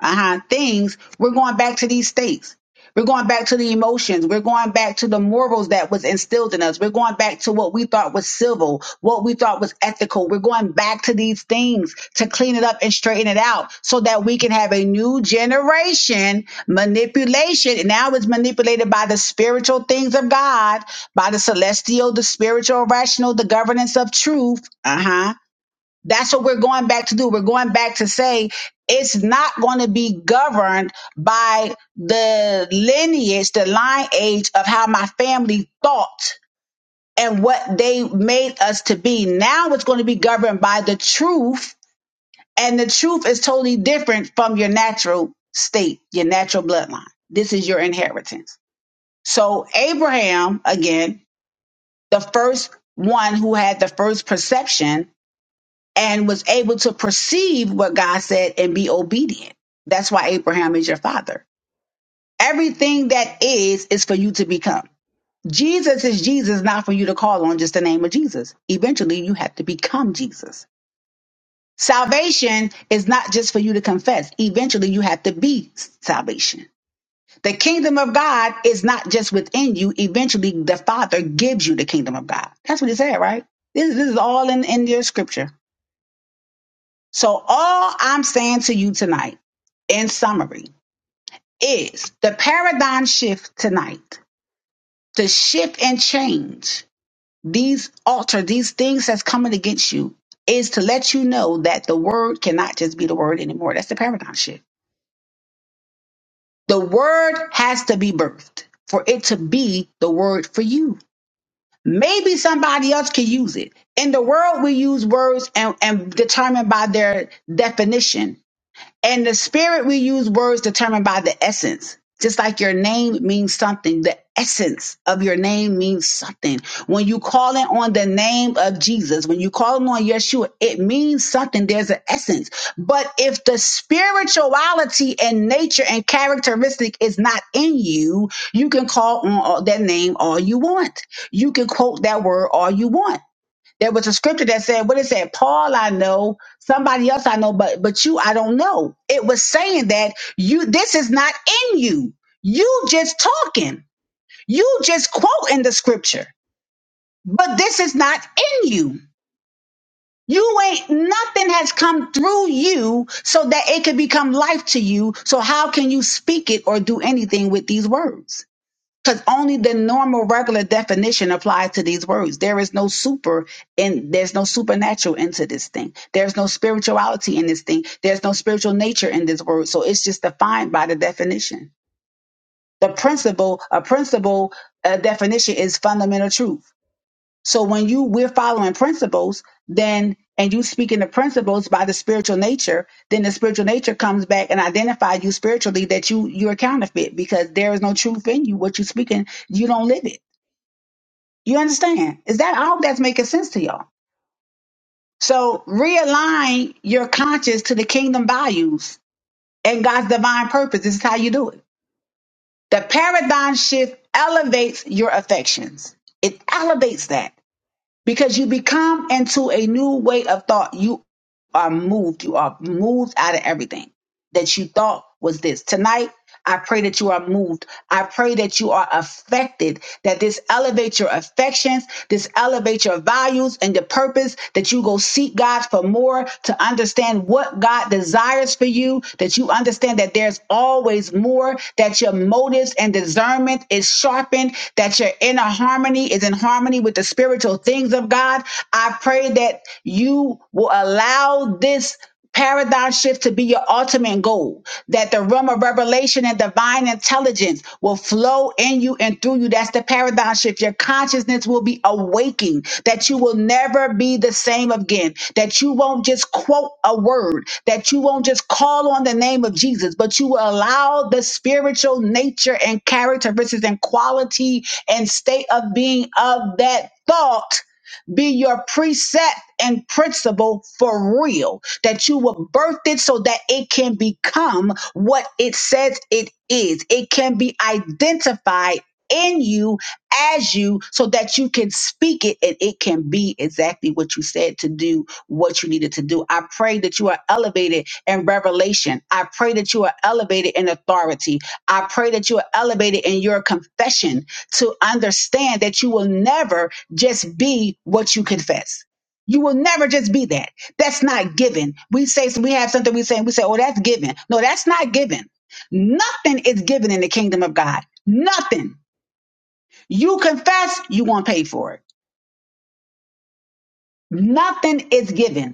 A: uh-huh, things, we're going back to these states. We're going back to the emotions. We're going back to the morals that was instilled in us. We're going back to what we thought was civil, what we thought was ethical. We're going back to these things to clean it up and straighten it out so that we can have a new generation manipulation. And now it's manipulated by the spiritual things of God, by the celestial, the spiritual, rational, the governance of truth. Uh huh that's what we're going back to do. We're going back to say it's not going to be governed by the lineage, the line age of how my family thought and what they made us to be. Now it's going to be governed by the truth, and the truth is totally different from your natural state, your natural bloodline. This is your inheritance. So, Abraham, again, the first one who had the first perception and was able to perceive what God said and be obedient. That's why Abraham is your father. Everything that is is for you to become. Jesus is Jesus, not for you to call on just the name of Jesus. Eventually, you have to become Jesus. Salvation is not just for you to confess. Eventually, you have to be salvation. The kingdom of God is not just within you. Eventually, the Father gives you the kingdom of God. That's what he said, right? This, this is all in, in your scripture. So, all I'm saying to you tonight, in summary, is the paradigm shift tonight, the shift and change, these alter, these things that's coming against you, is to let you know that the word cannot just be the word anymore. That's the paradigm shift. The word has to be birthed for it to be the word for you. Maybe somebody else can use it. In the world, we use words and, and determine by their definition And the spirit, we use words determined by the essence. Just like your name means something, the essence of your name means something. When you call in on the name of Jesus, when you call in on Yeshua, it means something. There's an essence. But if the spirituality and nature and characteristic is not in you, you can call on all- that name all you want. You can quote that word all you want there was a scripture that said, what it said, Paul I know, somebody else I know, but but you I don't know. It was saying that you this is not in you. You just talking. You just quoting the scripture. But this is not in you. You ain't nothing has come through you so that it could become life to you. So how can you speak it or do anything with these words? Because only the normal, regular definition applies to these words. There is no super and there's no supernatural into this thing. There's no spirituality in this thing. There's no spiritual nature in this word. So it's just defined by the definition. The principle, a principle uh, definition is fundamental truth. So when you we're following principles, then and you speak in the principles by the spiritual nature, then the spiritual nature comes back and identify you spiritually that you you're a counterfeit because there is no truth in you. What you're speaking, you don't live it. You understand? Is that all that's making sense to y'all. So realign your conscience to the kingdom values and God's divine purpose. This is how you do it. The paradigm shift elevates your affections. It elevates that because you become into a new way of thought. You are moved. You are moved out of everything that you thought was this. Tonight, I pray that you are moved. I pray that you are affected, that this elevates your affections, this elevates your values and your purpose, that you go seek God for more to understand what God desires for you, that you understand that there's always more, that your motives and discernment is sharpened that your inner harmony is in harmony with the spiritual things of God. I pray that you will allow this paradigm shift to be your ultimate goal, that the realm of revelation and divine intelligence will flow in you and through you. That's the paradigm shift. Your consciousness will be awaking, that you will never be the same again, that you won't just quote a word, that you won't just call on the name of Jesus, but you will allow the spiritual nature and characteristics and quality and state of being of that thought be your precept and principle for real, that you will birth it so that it can become what it says it is. It can be identified in you as you so that you can speak it and it can be exactly what you said to do what you needed to do i pray that you are elevated in revelation i pray that you are elevated in authority i pray that you are elevated in your confession to understand that you will never just be what you confess. You will never just be that. That's not given. We say we have something we say, we say, oh, that's given. No, that's not given. Nothing is given in the kingdom of God. Nothing. You confess, you won't pay for it. Nothing is given.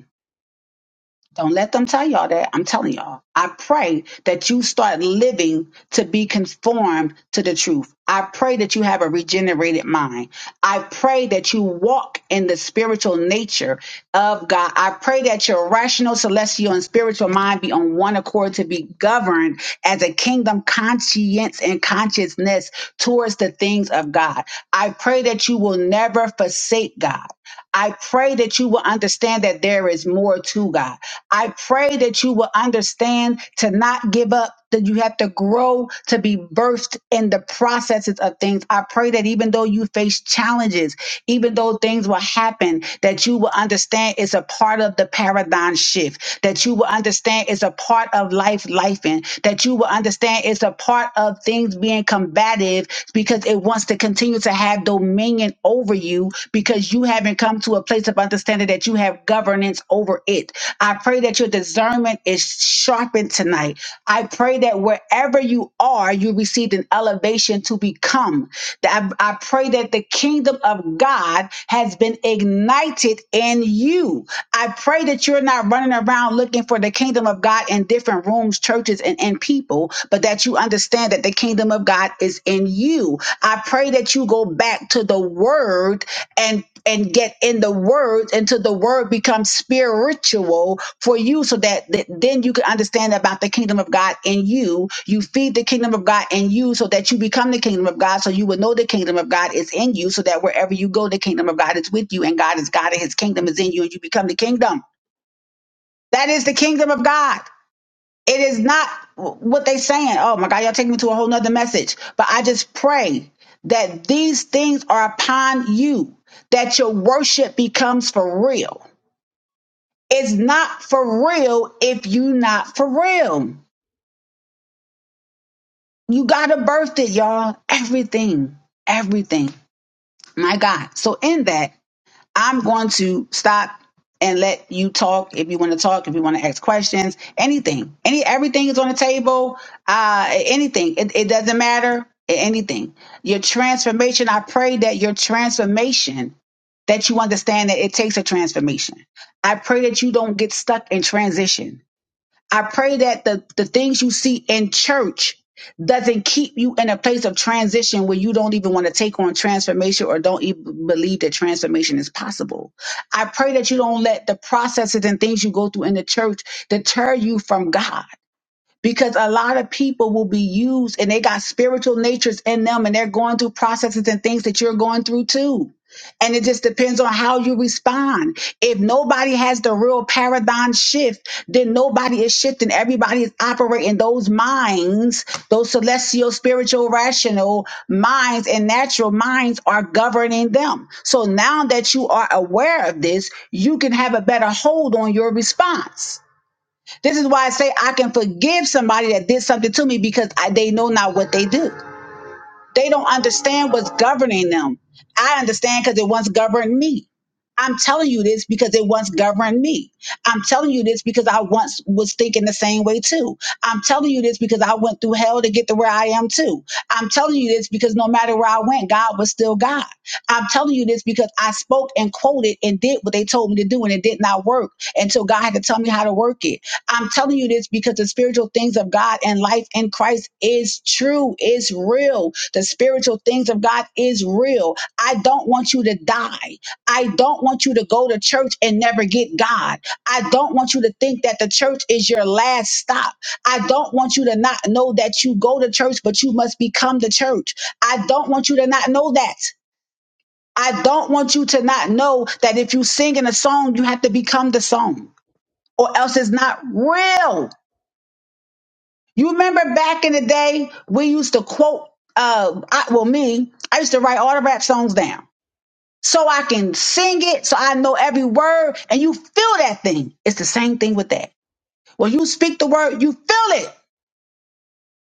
A: Don't let them tell y'all that. I'm telling y'all. I pray that you start living to be conformed to the truth. I pray that you have a regenerated mind. I pray that you walk in the spiritual nature of God. I pray that your rational, celestial, and spiritual mind be on one accord to be governed as a kingdom conscience and consciousness towards the things of God. I pray that you will never forsake God. I pray that you will understand that there is more to God. I pray that you will understand to not give up, that you have to grow to be birthed in the processes of things. I pray that even though you face challenges, even though things will happen, that you will understand it's a part of the paradigm shift, that you will understand it's a part of life, lifing. that you will understand it's a part of things being combative because it wants to continue to have dominion over you because you haven't come to a place of understanding that you have governance over it I pray that your discernment is sharpened tonight. I pray that wherever you are, you received an elevation to become. That I, I pray that the kingdom of God has been ignited in you. I pray that you're not running around looking for the kingdom of God in different rooms, churches, and, and people, but that you understand that the kingdom of God is in you. I pray that you go back to the word and and get in the word until the word becomes spiritual for you so that th- then you can understand about the kingdom of God in you. You feed the kingdom of God in you so that you become the kingdom of God so you will know the kingdom of God is in you so that wherever you go, the kingdom of God is with you and God is God and his kingdom is in you and you become the kingdom. That is the kingdom of God it is not what they saying. Oh my God, y'all taking me to a whole nother message. But I just pray that these things are upon you, that your worship becomes for real. It's not for real if you not for real. You gotta birth it, y'all. Everything. Everything. My God. So in that, I'm going to stop and let you talk if you want to talk, if you want to ask questions, anything. Any everything is on the table. Uh anything. It, it doesn't matter. a- Anything. Your transformation, I pray that your transformation that you understand that it takes a transformation. I pray that you don't get stuck in transition. I pray that the, the things you see in church doesn't keep you in a place of transition where you don't even want to take on transformation or don't even believe that transformation is possible. I pray that you don't let the processes and things you go through in the church deter you from God because a lot of people will be used and they got spiritual natures in them and they're going through processes and things that you're going through too. And it just depends on how you respond. If nobody has the real paradigm shift, then nobody is shifting. Everybody is operating those minds, those celestial, spiritual, rational minds and natural minds are governing them. So now that you are aware of this, you can have a better hold on your response this is why I say I can forgive somebody that did something to me because I, they know not what they do. They don't understand what's governing them. I understand because it once governed me. I'm telling you this because it once governed me. I'm telling you this because I once was thinking the same way too. I'm telling you this because I went through hell to get to where I am too. I'm telling you this because no matter where I went, God was still God. I'm telling you this because I spoke and quoted and did what they told me to do and it did not work until God had to tell me how to work it. I'm telling you this because the spiritual things of God and life in Christ is true, is real. The spiritual things of God is real. I don't want you to die. I don't want you to go to church and never get God. I don't want you to think that the church is your last stop. I don't want you to not know that you go to church, but you must become the church. I don't want you to not know that. I don't want you to not know that if you sing in a song, you have to become the song, or else it's not real. You remember back in the day, we used to quote, uh, I, well, me, I used to write all the rap songs down so I can sing it, so I know every word, and you feel that thing. It's the same thing with that. When you speak the word, you feel it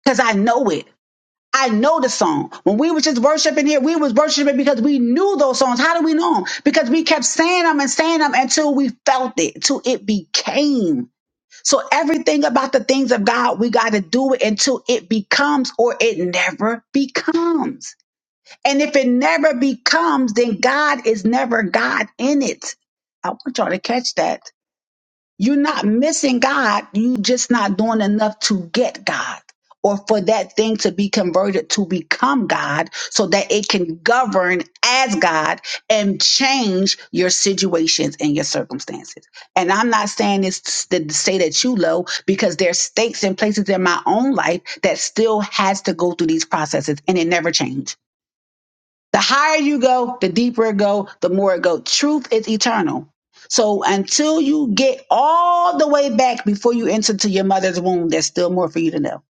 A: because I know it. I know the song. When we was just worshiping here, we was worshiping because we knew those songs. How do we know them? Because we kept saying them and saying them until we felt it, till it became. So everything about the things of God, we got to do it until it becomes or it never becomes. And if it never becomes, then God is never God in it. I want y'all to catch that. You're not missing God. You just not doing enough to get God or for that thing to be converted to become God so that it can govern as God and change your situations and your circumstances. And I'm not saying this to say that you low because there's stakes and places in my own life that still has to go through these processes and it never changed the higher you go, the deeper it go, the more it go. Truth is eternal. So until you get all the way back before you enter to your mother's womb, there's still more for you to know.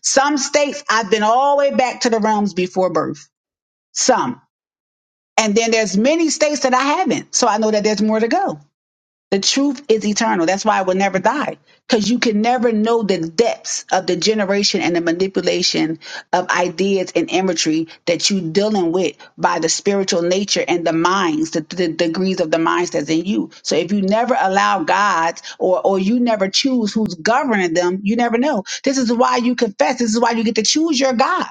A: Some states I've been all the way back to the realms before birth. Some. And then there's many states that I haven't. So I know that there's more to go. The truth is eternal. That's why it will never die. Because you can never know the depths of the generation and the manipulation of ideas and imagery that you're dealing with by the spiritual nature and the minds, the, the degrees of the minds that's in you. So if you never allow God or or you never choose who's governing them, you never know. This is why you confess. This is why you get to choose your God.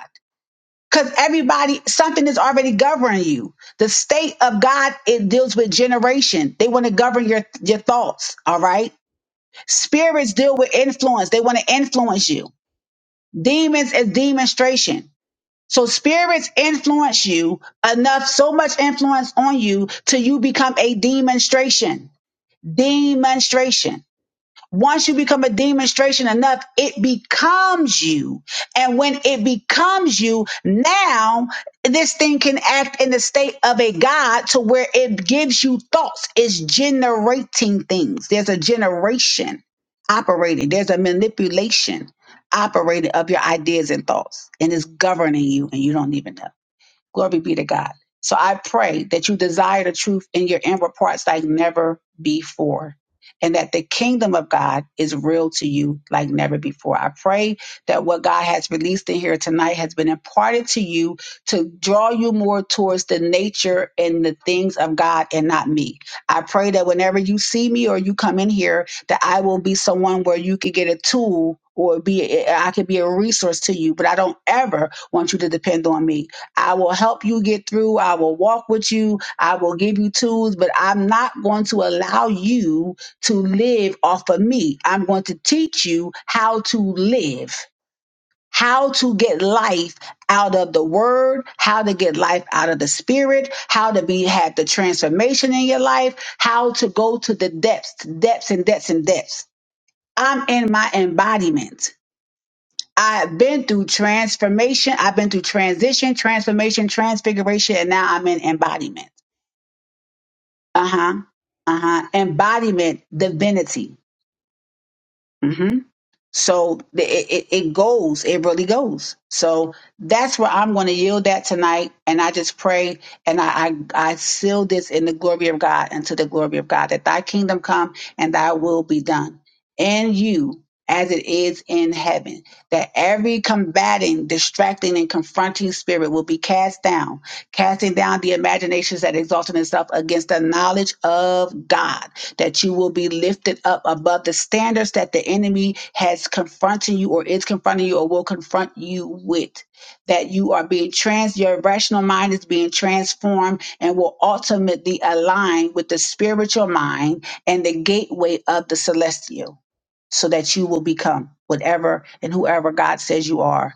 A: Because everybody, something is already governing you. The state of God, it deals with generation. They want to govern your, your thoughts. All right. Spirits deal with influence. They want to influence you. Demons is demonstration. So spirits influence you enough, so much influence on you till you become a demonstration. Demonstration. Once you become a demonstration enough, it becomes you. And when it becomes you, now this thing can act in the state of a God to where it gives you thoughts. It's generating things. There's a generation operating, there's a manipulation operating of your ideas and thoughts, and it's governing you, and you don't even know. Glory be to God. So I pray that you desire the truth in your inward parts like never before, and that the kingdom of God is real to you like never before. I pray that what God has released in here tonight has been imparted to you to draw you more towards the nature and the things of God and not me. I pray that whenever you see me or you come in here, that I will be someone where you could get a tool or be I could be a resource to you, but I don't ever want you to depend on me. I will help you get through. I will walk with you. I will give you tools, but I'm not going to allow you to live off of me. I'm going to teach you how to live, how to get life out of the word, how to get life out of the spirit, how to be have the transformation in your life, how to go to the depths, depths and depths and depths. I'm in my embodiment. I've been through transformation. I've been through transition, transformation, transfiguration, and now I'm in embodiment. Uh huh. Uh huh. Embodiment, divinity. Mm-hmm. So the- it, it, it goes, it really goes. So that's where I'm going to yield that tonight. And I just pray and I, I, I seal this in the glory of God and to the glory of God that thy kingdom come and thy will be done in you as it is in heaven. That every combating, distracting, and confronting spirit will be cast down, casting down the imaginations that exalted itself against the knowledge of God that you will be lifted up above the standards that the enemy has confronting you or is confronting you or will confront you with. That you are being trans, your rational mind is being transformed and will ultimately align with the spiritual mind and the gateway of the celestial so that you will become whatever and whoever God says you are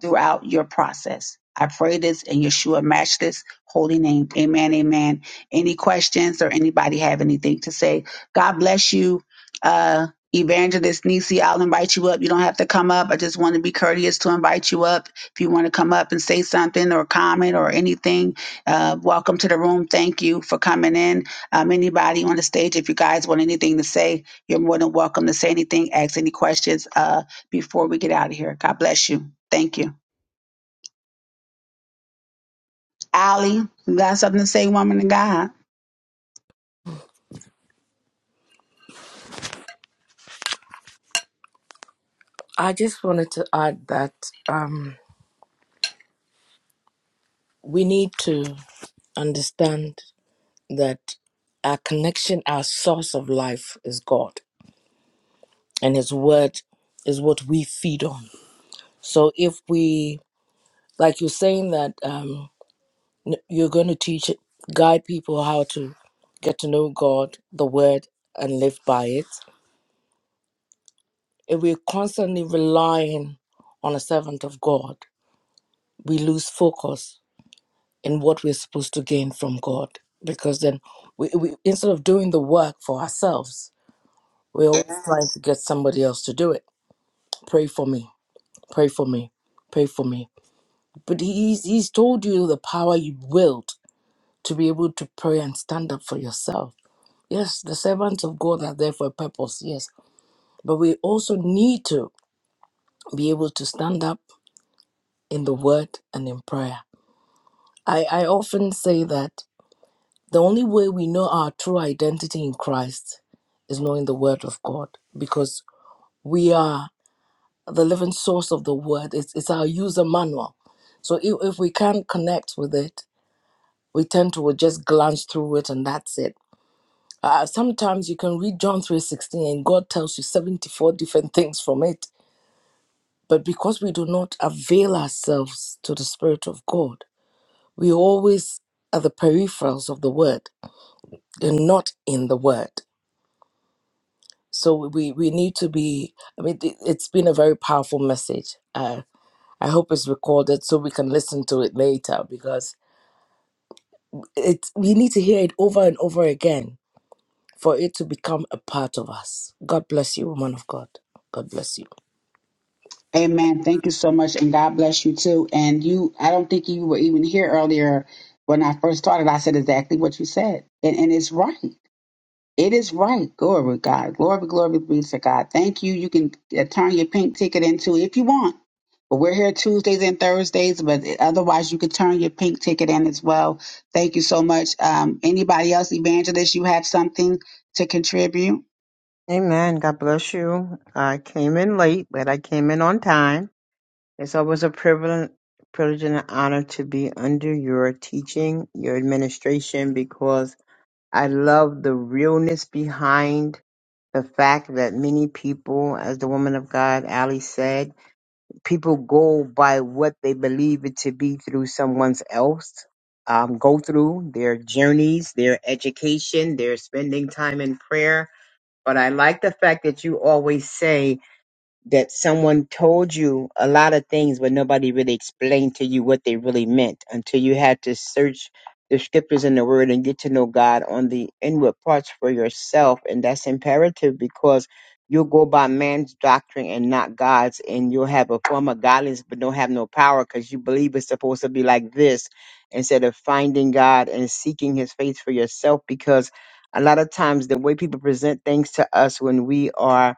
A: throughout your process. I pray this in Yeshua matchless holy name. Amen. Amen. Any questions or anybody have anything to say? God bless you, uh, Evangelist Nisi. I'll invite you up. You don't have to come up. I just want to be courteous to invite you up. If you want to come up and say something or comment or anything, uh, welcome to the room. Thank you for coming in. Um, anybody on the stage, if you guys want anything to say, you're more than welcome to say anything, ask any questions uh, before we get out of here. God bless you. Thank you. Allie, you got something to say, woman of God?
D: I just wanted to add that um, we need to understand that our connection, our source of life is God, and His Word is what we feed on. So if we, like you're saying, that um, n- you're going to teach, guide people how to get to know God, the Word, and live by it, if we're constantly relying on a servant of God, we lose focus in what we're supposed to gain from God. Because then, we, we instead of doing the work for ourselves, we're always Mhm. trying to get somebody else to do it. Pray for me. Pray for me. Pray for me. But he's he's told you the power you willed to be able to pray and stand up for yourself. Yes, the servants of God are there for a purpose. Yes, but we also need to be able to stand up in the word and in prayer. I, I often say that. The only way we know our true identity in Christ is knowing the Word of God because we are the living source of the Word. It's, it's our user manual. So if, if we can't connect with it, we tend to just glance through it and that's it. Uh, sometimes you can read John 3.16 and God tells you 74 different [laughs] things from it. But because we do not avail ourselves to the Spirit of God, we always are the peripherals of the Word. You're not in the Word so we we need to be i mean th- it's been a very powerful message uh, i hope it's recorded so we can listen to it later because it we need to hear it over and over again for it to become a part of us god bless you woman of god god bless you
A: Amen. Thank you so much, and God bless you too. And you, I don't think you were even here earlier when I first started. I said exactly what you said, and and it's right. It is right. Glory to God. Glory, glory be to God. Thank you. You can uh, turn your pink ticket into if you want. But we're here Tuesdays and Thursdays, but otherwise you can turn your pink ticket in as well. Thank you so much. Um, anybody else, Evangelist, you have something to contribute?
E: Amen. God bless you. I came in late, but I came in on time. It's always a privilege, privilege and an honor to be under your teaching, your administration, because I love the realness behind the fact that many people, as the woman of God, Ali said, people go by what they believe it to be through someone's else. Um, go through their journeys, their education, their spending time in prayer, but I like the fact that you always say that someone told you a lot of things, but nobody really explained to you what they really meant until you had to search the scriptures and the word and get to know God on the inward parts for yourself. And that's imperative because you'll go by man's doctrine and not God's, and you'll have a form of godliness but don't have no power because you believe it's supposed to be like this instead of finding God and seeking his face for yourself because. A lot of times, the way people present things to us when we are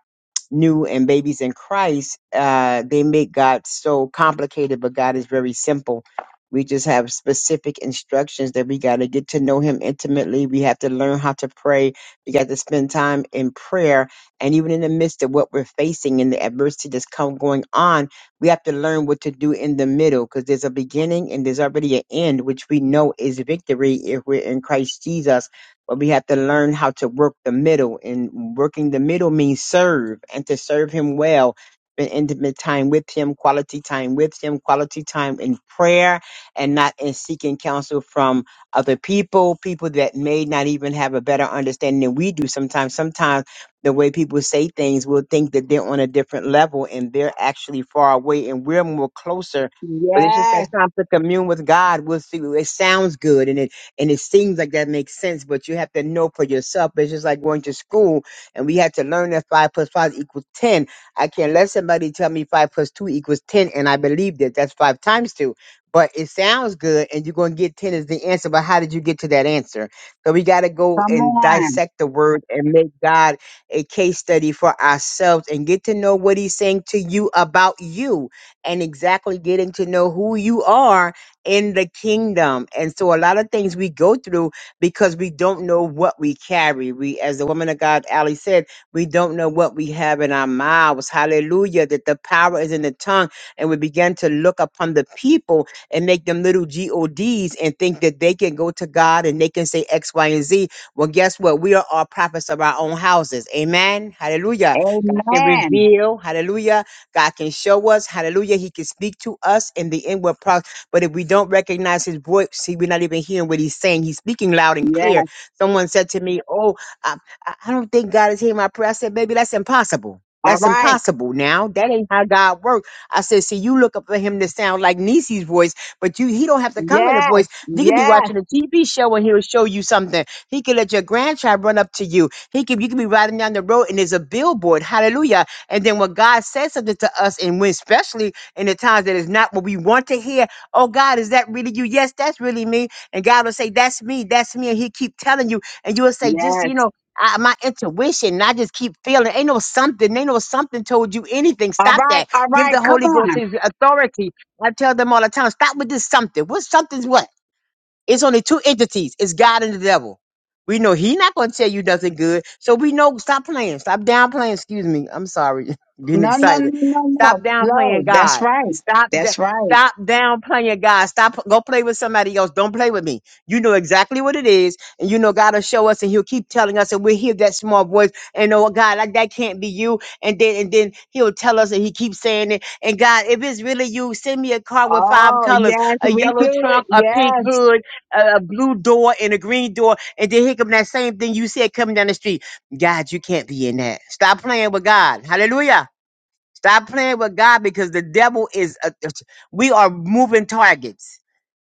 E: new and babies in Christ, uh, they make God so complicated, but God is very simple. We just have specific instructions that we got to get to know Him intimately. We have to learn how to pray. We got to spend time in prayer. And even in the midst of what we're facing and the adversity that's come going on, we have to learn what to do in the middle because there's a beginning and there's already an end, which we know is victory if we're in Christ Jesus but we have to learn how to work the middle. And working the middle means serve and to serve Him well. Spend intimate time with Him, quality time with Him, quality time in prayer, and not in seeking counsel from other people, people that may not even have a better understanding than we do sometimes. Sometimes the way people say things, we'll think that they're on a different level and they're actually far away and we're more closer. But it's just that
A: Yes,
E: time to commune with God. We'll see. It sounds good and it and it seems like that makes sense, but you have to know for yourself. It's just like going to school and we had to learn that five plus five equals 10. I can't let somebody tell me five plus two equals 10 and I believe that that's five times two. But it sounds good and you're going to get 10 as the answer. But how did you get to that answer? So we got to go
A: come
E: and
A: on.
E: dissect the word and make God a case study for ourselves and get to know what he's saying to you about you and exactly getting to know who you are in the kingdom. And so a lot of things we go through because we don't know what we carry. We, as the woman of God, Ali said, we don't know what we have in our mouths. Hallelujah. That the power is in the tongue. And we begin to look upon the people and make them little GODs and think that they can go to God and they can say X, Y, and Z. Well, guess what? We are all prophets of our own houses. Amen. Hallelujah. God can
A: Amen.
E: reveal. Hallelujah. God can show us. Hallelujah. He can speak to us in the inward parts but if we don't recognize his voice, see, we're not even hearing what he's saying. He's speaking loud and
A: Yes.
E: clear. Someone said to me, Oh, I, I I don't think God is hearing my prayer. I said, Baby, that's impossible.
A: All
E: That's
A: right.
E: impossible now. That ain't how God works. I said, see, you look up for him to sound like Nisi's voice, but you he don't have to come in a
A: Yes.
E: voice. You could be
A: Yes.
E: watching a TV show and he'll show you something. He could let your grandchild run up to you. He could you could be riding down the road and there's a billboard. Hallelujah. And then when God says something to us, and when especially in the times that is not what we want to hear, Oh God, is that really you? Yes, that's really me. And God will say, That's me, that's me. And He keep telling you, and you will say, just you
A: Yes.
E: know, I, my intuition. I just keep feeling. Ain't no something. Ain't no something told you anything.
A: All
E: Stop
A: right.
E: that.
A: All
E: Give the
A: right. Come
E: Holy Ghost
A: on.
E: His authority. I tell them all the time. Stop with this something. What something's what? It's only two entities. It's God and the devil. We know he not going to tell you nothing good. So we know stop playing. Stop downplaying. Excuse me. I'm sorry. [laughs] Getting
A: No, no, no,
E: excited.
A: no,
E: Stop
A: no. Low.
E: downplaying
A: That's
E: God.
A: right.
E: Stop da-
A: That's right.
E: stop downplaying God. Stop go play with somebody else. Don't play with me. You know exactly what it is. And you know God will show us and he'll keep telling us and we'll hear that small voice and oh God, like that can't be you. And then and then he'll tell us and he keeps saying it. And God, if it's really you, send me a car with five
A: Oh,
E: colors,
A: yes.
E: a
A: We
E: yellow
A: do it.
E: trunk, a pink
A: Yes.
E: hood, a, a blue door and a green door, and then here come that same thing you said coming down the street. God, you can't be in that. Stop playing with God. Hallelujah. Stop playing with God because the devil is. A, we are moving targets,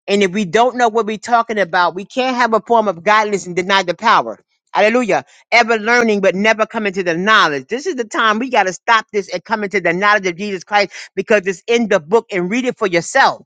E: and if we don't know what we're talking about, we can't have a form of godliness and deny the power. Hallelujah. Ever learning, but never coming to the knowledge. This is the time we got to stop this and come into the knowledge of Jesus Christ because it's in the book and read it for yourself.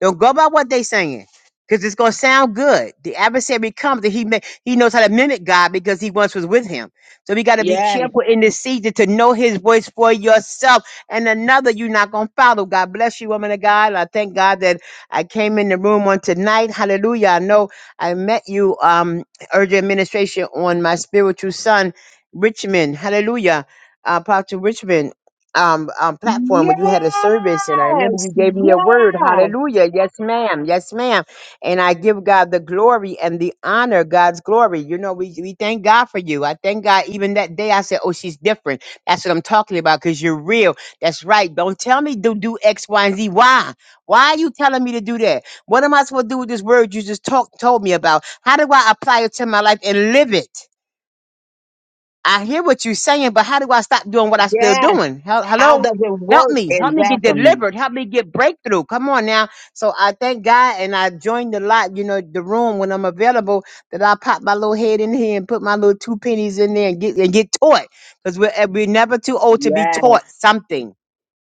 E: Don't go by what they saying because it's going to sound good. The adversary comes and he, ma- he knows how to mimic God because he once was with him. So we got to be
A: Yes.
E: careful in this season to know his voice for yourself and another you're not going to follow. God bless you, woman of God. I thank God that I came in the room on tonight. Hallelujah. I know I met you, um, urgent administration on my spiritual son, Richmond. Hallelujah. Uh, Pastor Richmond. Um, um, platform where you
A: Yes.
E: had a service, and I remember you gave me a word.
A: Yes.
E: Hallelujah. Yes, ma'am. Yes, ma'am. And I give God the glory and the honor, God's glory. You know, we, we thank God for you. I thank God even that day I said, Oh, she's different. That's what I'm talking about because you're real that's right. Don't tell me to do X, Y, and Z. Why? Why are you telling me to do that? What am I supposed to do with this word you just talk, told me about? How do I apply it to my life and live it? I hear what you're saying, but how do I stop doing what I'm still
A: Yes.
E: doing? Hel-
A: How
E: Hello?
A: does it
E: Help
A: work
E: me. Help me get
A: exactly?
E: delivered. Help me get breakthrough. Come on now. So I thank God and I joined the lot, you know, the room when I'm available that I pop my little head in here and put my little two pennies in there and get and get taught. Because we're, eh, we're never too old to be
A: Yes.
E: taught something.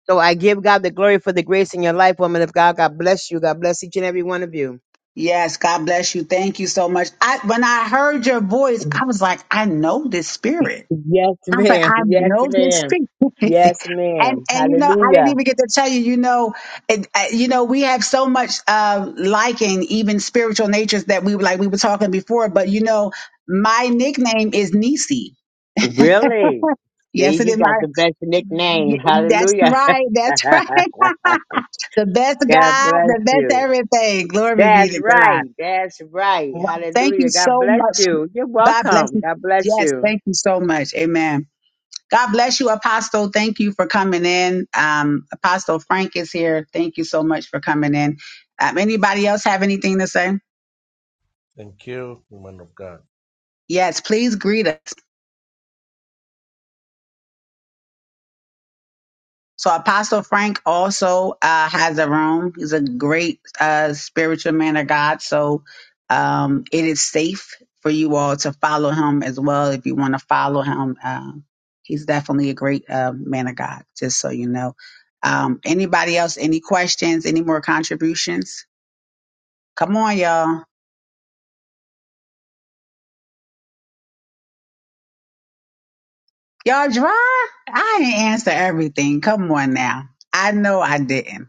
E: So I give God the glory for the grace in your life, woman of God. God bless you. God bless each and every one of you.
A: Yes. God bless you. Thank you so much. I, when I heard your voice, I was like, I know this spirit.
E: Yes,
A: I'm like,
E: ma'am.
A: I
E: [laughs] Yes,
A: know this
E: ma'am.
A: street. [laughs] and
E: Yes, ma'am.
A: and you know, I didn't
E: Hallelujah.
A: even get to tell you, you know, it, uh, you know, we have so much uh liking, even spiritual natures that we were like we were talking before, but you know, my nickname is Nisi.
E: Really? See,
A: Yes, it
E: you
A: is
E: got
A: my
E: the best nickname.
A: y- that's
E: Hallelujah.
A: right, that's [laughs]
E: [laughs]
A: right. The best
E: God
A: God,
E: bless
A: the best
E: you.
A: everything. Glory be
E: That's
A: to God.
E: right. That's right.
A: Thank you
E: Hallelujah. God
A: so
E: bless
A: much.
E: you. You're
A: God bless
E: welcome.
A: you.
E: God bless
A: Yes,
E: you.
A: thank you so much. Amen. God bless you, Apostle. Thank you for coming in. Um, Apostle Frank is here. Thank you so much for coming in. Um, anybody else have anything to say?
F: Thank you, woman of God.
A: Yes, please greet us. So, Apostle Frank also uh, has a room. He's a great uh, spiritual man of God. So, um, it is safe for you all to follow him as well if you want to follow him. Um, he's definitely a great uh, man of God, just so you know. Um, anybody else, any questions, any more contributions? Come on, y'all. Y'all dry? I didn't answer everything. Come on now. I know I didn't.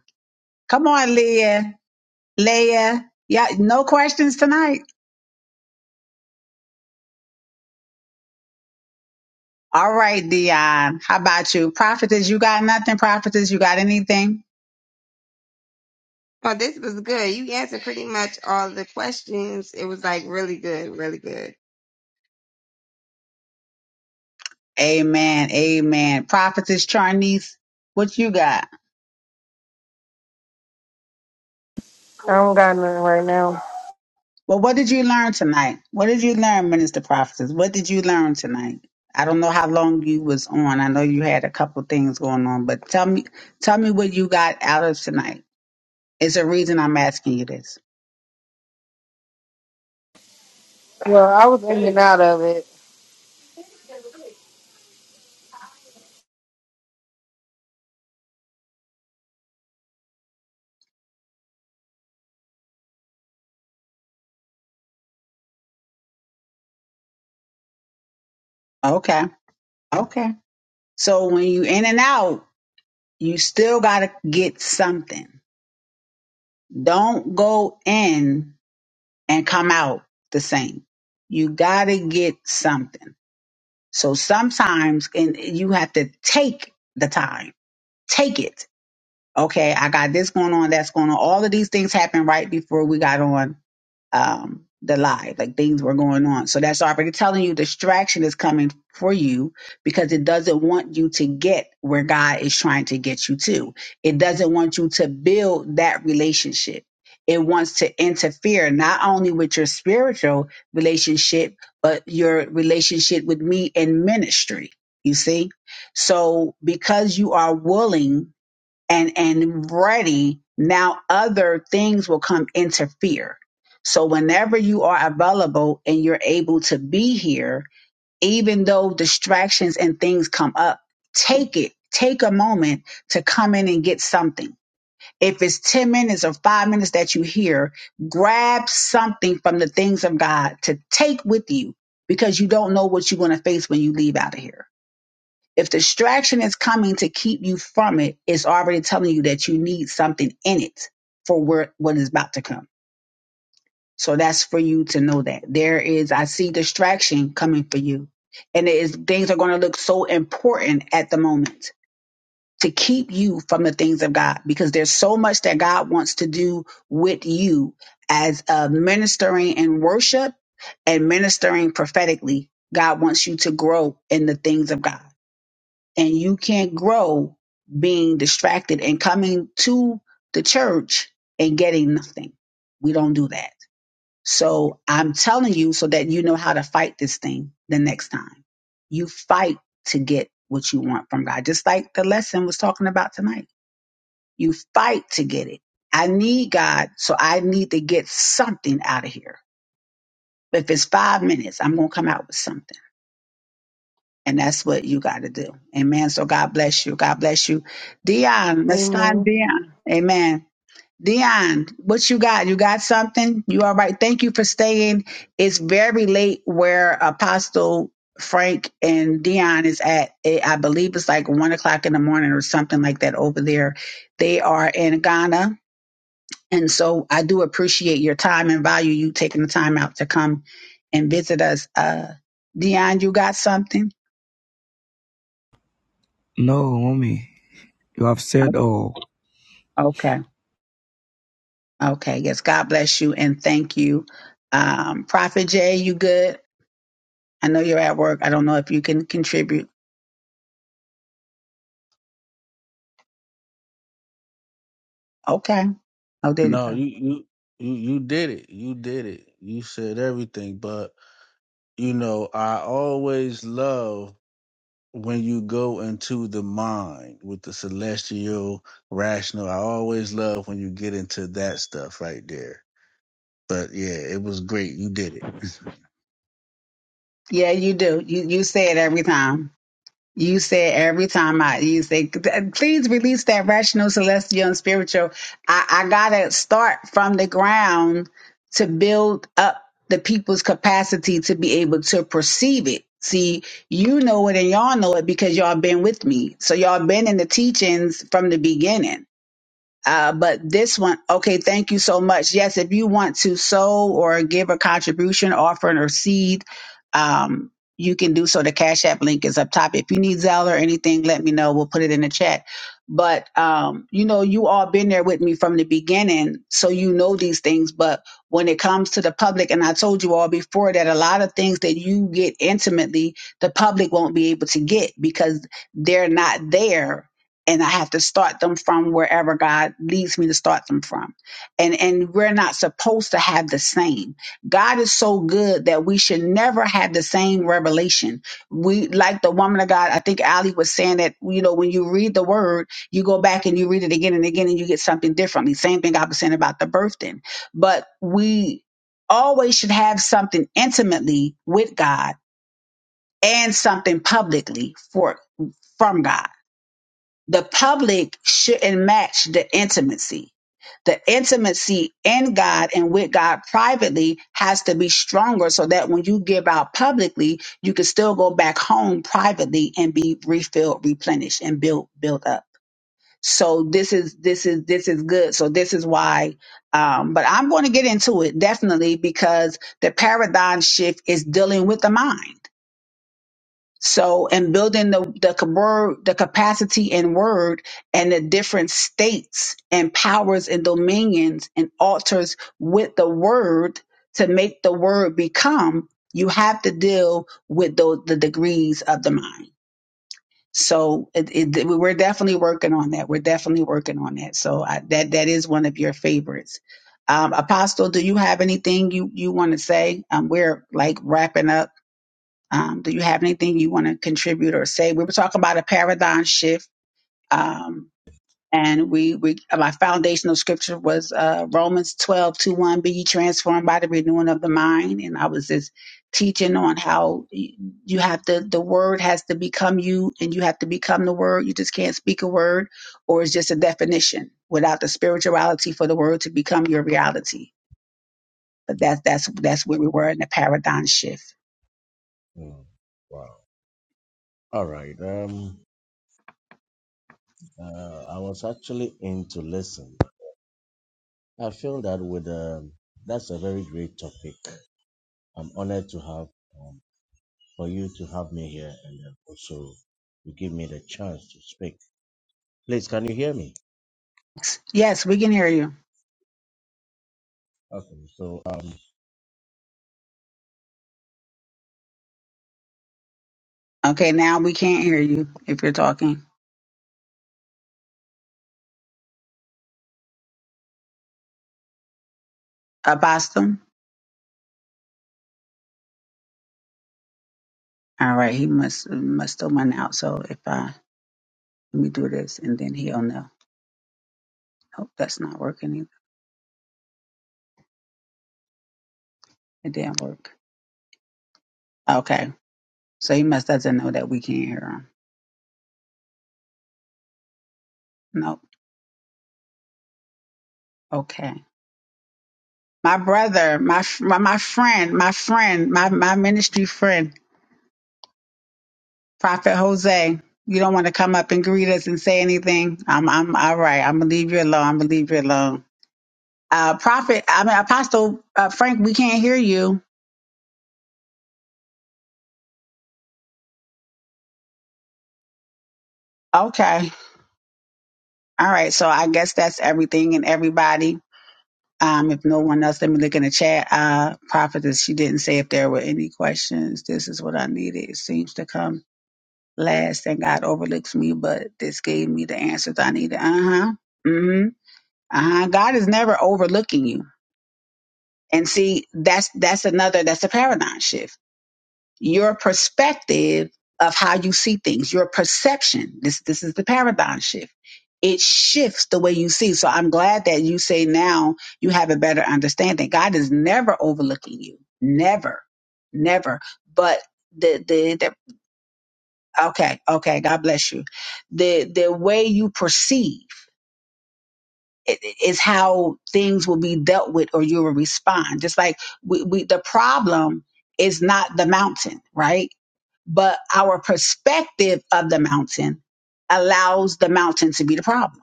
A: Come on, Leah. Leah. Yeah, no questions tonight. All right, Dion. How about you? Prophetess, you got nothing? Prophetess, you got anything?
B: Oh, this was good. You answered pretty much all the questions. It was like really good, really good.
A: Amen. Amen. Prophetess Charnice, what you got?
G: I don't got nothing right now.
A: Well, what did you learn tonight? What did you learn, Minister Prophetess? What did you learn tonight? I don't know how long you was on. I know you had a couple things going on, but tell me, tell me what you got out of tonight. It's a reason I'm asking you this.
G: Well, I was in and out of it.
A: Okay, okay. So when you in and out, you still gotta get something. Don't go in and come out the same. You gotta get something. So sometimes, and you have to take the time, take it okay, I got this going on, that's going on. All of these things happened right before we got on um, the live, like things were going on. So that's already telling you distraction is coming for you because it doesn't want you to get where God is trying to get you to. It doesn't want you to build that relationship. It wants to interfere not only with your spiritual relationship, but your relationship with me in ministry. You see? So because you are willing and and ready now other things will come interfere so whenever you are available and you're able to be here even though distractions and things come up take it take a moment to come in and get something if it's 10 minutes or 5 minutes that you hear grab something from the things of god to take with you because you don't know what you're going to face when you leave out of here if distraction is coming to keep you from it, it's already telling you that you need something in it for where, what is about to come. So that's for you to know that there is, I see distraction coming for you. And it is, things are going to look so important at the moment to keep you from the things of God because there's so much that God wants to do with you as uh, ministering in worship and ministering prophetically. God wants you to grow in the things of God and you can't grow being distracted and coming to the church and getting nothing. We don't do that. So I'm telling you so that you know how to fight this thing the next time. You fight to get what you want from God, just like the lesson was talking about tonight. You fight to get it. I need God, so I need to get something out of here. If it's five minutes, I'm going to come out with something And that's what you got to do. Amen. So God bless you. God bless you. Dion, let's time
G: Amen.
A: Dion. Amen. Dion, what you got? You got something? You all right? Thank you for staying. It's very late where Apostle Frank and Dion is at. Eh, I believe it's like one o'clock in the morning or something like that over there. They are in Ghana. And so I do appreciate your time and value you taking the time out to come and visit us. Uh, Dion, you got something? Okay. Okay, yes. God bless you and thank you. Um, Prophet Jay, you good? I know you're at work. I don't know if you can contribute. Okay. Oh, there you
H: No,
A: go.
H: you you you you did it. You did it. You said everything. But you know, I always love when you go into the mind with the celestial rational. I always love when you get into that stuff right there. But yeah, it was great. You did it. [laughs]
A: Yeah, you do. You you say it every time. You said every time I, you say, please release that rational, celestial, and spiritual. I, I gotta start from the ground to build up the people's capacity to be able to perceive it. See, you know it and y'all know it because y'all been with me. So y'all been in the teachings from the beginning. Uh, but this one, okay, thank you so much. Yes, if you want to sow or give a contribution, offering, or seed, um, you can do so. The Cash App link is up top. If you need Zelle or anything, let me know. We'll put it in the chat. But um, you know, you all been there with me from the beginning, so you know these things. But when it comes to the public, and I told you all before that a lot of things that you get intimately, the public won't be able to get because they're not there and I have to start them from wherever God leads me to start them from. And and we're not supposed to have the same. God is so good that we should never have the same revelation. We like the woman of God, I think Ali was saying that, you know, when you read the word, you go back and you read it again and again and you get something differently. Same thing I was saying about the birthing. But we always should have something intimately with God and something publicly for from God the public shouldn't match the intimacy. The intimacy in God and with God privately has to be stronger so that when you give out publicly, you can still go back home privately and be refilled, replenished, and built built up. So this is this is this is good. So this is why um but I'm going to get into it definitely because the paradigm shift is dealing with the mind so, and building the the ca- word, the capacity in word, and the different states and powers and dominions and altars with the word to make the word become, you have to deal with those the degrees of the mind. So, it, it, we're definitely working on that. We're definitely working on that. So, I, that that is one of your favorites. Um, Apostle, do you have anything you you want to say? Um, we're like wrapping up. Um, do you have anything you want to contribute or say? We were talking about a paradigm shift. Um, and we, we, my foundational scripture was, uh, Romans 12 2 1, be ye transformed by the renewing of the mind. And I was just teaching on how y- you have to, the word has to become you and you have to become the word. You just can't speak a word or it's just a definition without the spirituality for the word to become your reality. But that's, that's, that's where we were in the paradigm shift.
F: Mm, Wow. All right. Um, uh, I was actually in to listen. I feel that with um, that's a very great topic. I'm honored to have um, for you to have me here, and then also you give me the chance to speak. Please, can you hear me?
A: Yes, we can hear you.
F: Okay. So. um,
A: Okay, now we can't hear you if you're talking. Apostle? All right, he must must still went out. So if I let me do this and then he'll know. Nope, that's not working either. It didn't work. Okay, so he must doesn't know that we can't hear him. Nope. Okay, my brother, my f- my, my friend, my friend, my my ministry friend, Prophet Jose. You don't want to come up and greet us and say anything. I'm I'm all right. I'm gonna leave you alone. I'm gonna leave you alone. Uh, Prophet, I mean Apostle uh, Frank, we can't hear you. Okay. All right. So I guess that's everything and everybody. Um, if no one else, let me look in the chat. Uh, prophetess, she didn't say if there were any questions. This is what I needed. It seems to come last, and God overlooks me, but this gave me the answers I needed. Uh huh. Mm hmm. Uh huh. God is never overlooking you. And see, that's that's another that's a paradigm shift your perspective of how you see things, your perception. This this is the paradigm shift. It shifts the way you see. So I'm glad that you say now you have a better understanding. God is never overlooking you. Never. Never. But the the, the okay, okay, God bless you. The the way you perceive i- i- is how things will be dealt with or you will respond. Just like we, we the problem is not the mountain, right? but our perspective of the mountain allows the mountain to be the problem.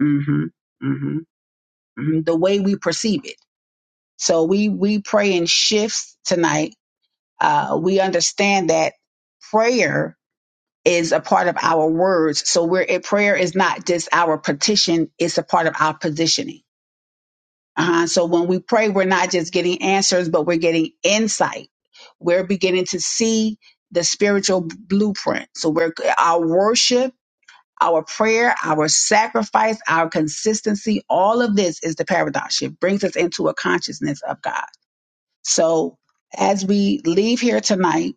A: hmm hmm hmm The way we perceive it. So we we pray in shifts tonight. Uh, we understand that prayer is a part of our words. So we're it, prayer is not just our petition; it's a part of our positioning. Uh-huh. So when we pray, we're not just getting answers, but we're getting insight. We're beginning to see the spiritual blueprint. So we're our worship our prayer, our sacrifice, our consistency, all of this is the paradox. It brings us into a consciousness of God. So as we leave here tonight,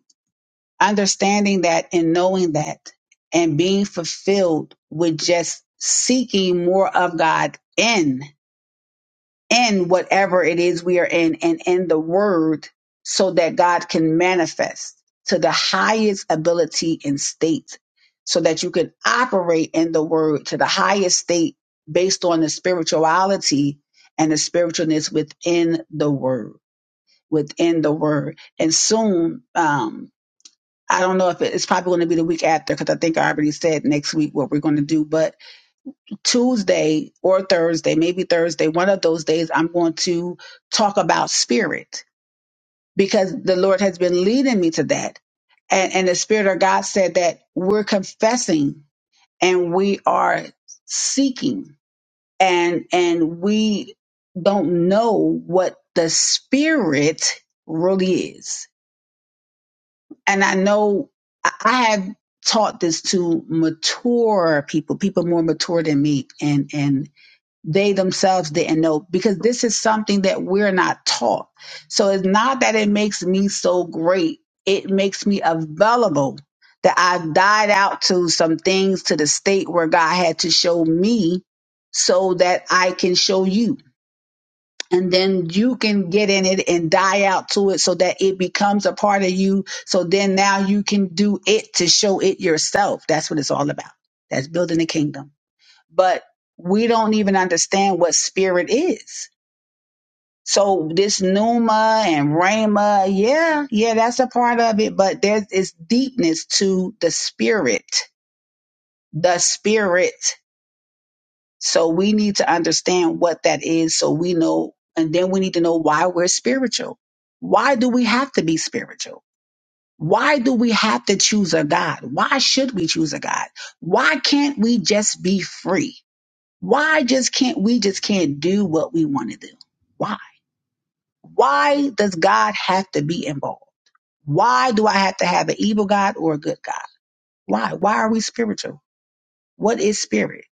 A: understanding that and knowing that and being fulfilled with just seeking more of God in in whatever it is we are in and in the word so that God can manifest to the highest ability and state so that you can operate in the word to the highest state based on the spirituality and the spiritualness within the word within the word and soon um I don't know if it, it's probably going to be the week after because I think I already said next week what we're going to do, but Tuesday or Thursday, maybe Thursday, one of those days, I'm going to talk about spirit because the Lord has been leading me to that. And, and the Spirit of God said that we're confessing and we are seeking and, and we don't know what the spirit really is. And I know I I have taught this to mature people, people more mature than me. and and. they themselves didn't know because this is something that we're not taught. So it's not that it makes me so great, it makes me available that I've died out to some things to the state where God had to show me so that I can show you. And then you can get in it and die out to it so that it becomes a part of you. So then now you can do it to show it yourself. That's what it's all about. That's building the kingdom but we don't even understand what spirit is. So this Numa and Rhema, yeah, yeah, that's a part of it, but there's it's deepness to the spirit, the spirit. So we need to understand what that is so we know, and then we need to know why we're spiritual. Why do we have to be spiritual? Why do we have to choose a God? Why should we choose a God? Why can't we just be free? Why just can't we just can't do what we want to do? Why? Why does God have to be involved? Why do I have to have an evil God or a good God? Why? Why are we spiritual? What is spirit?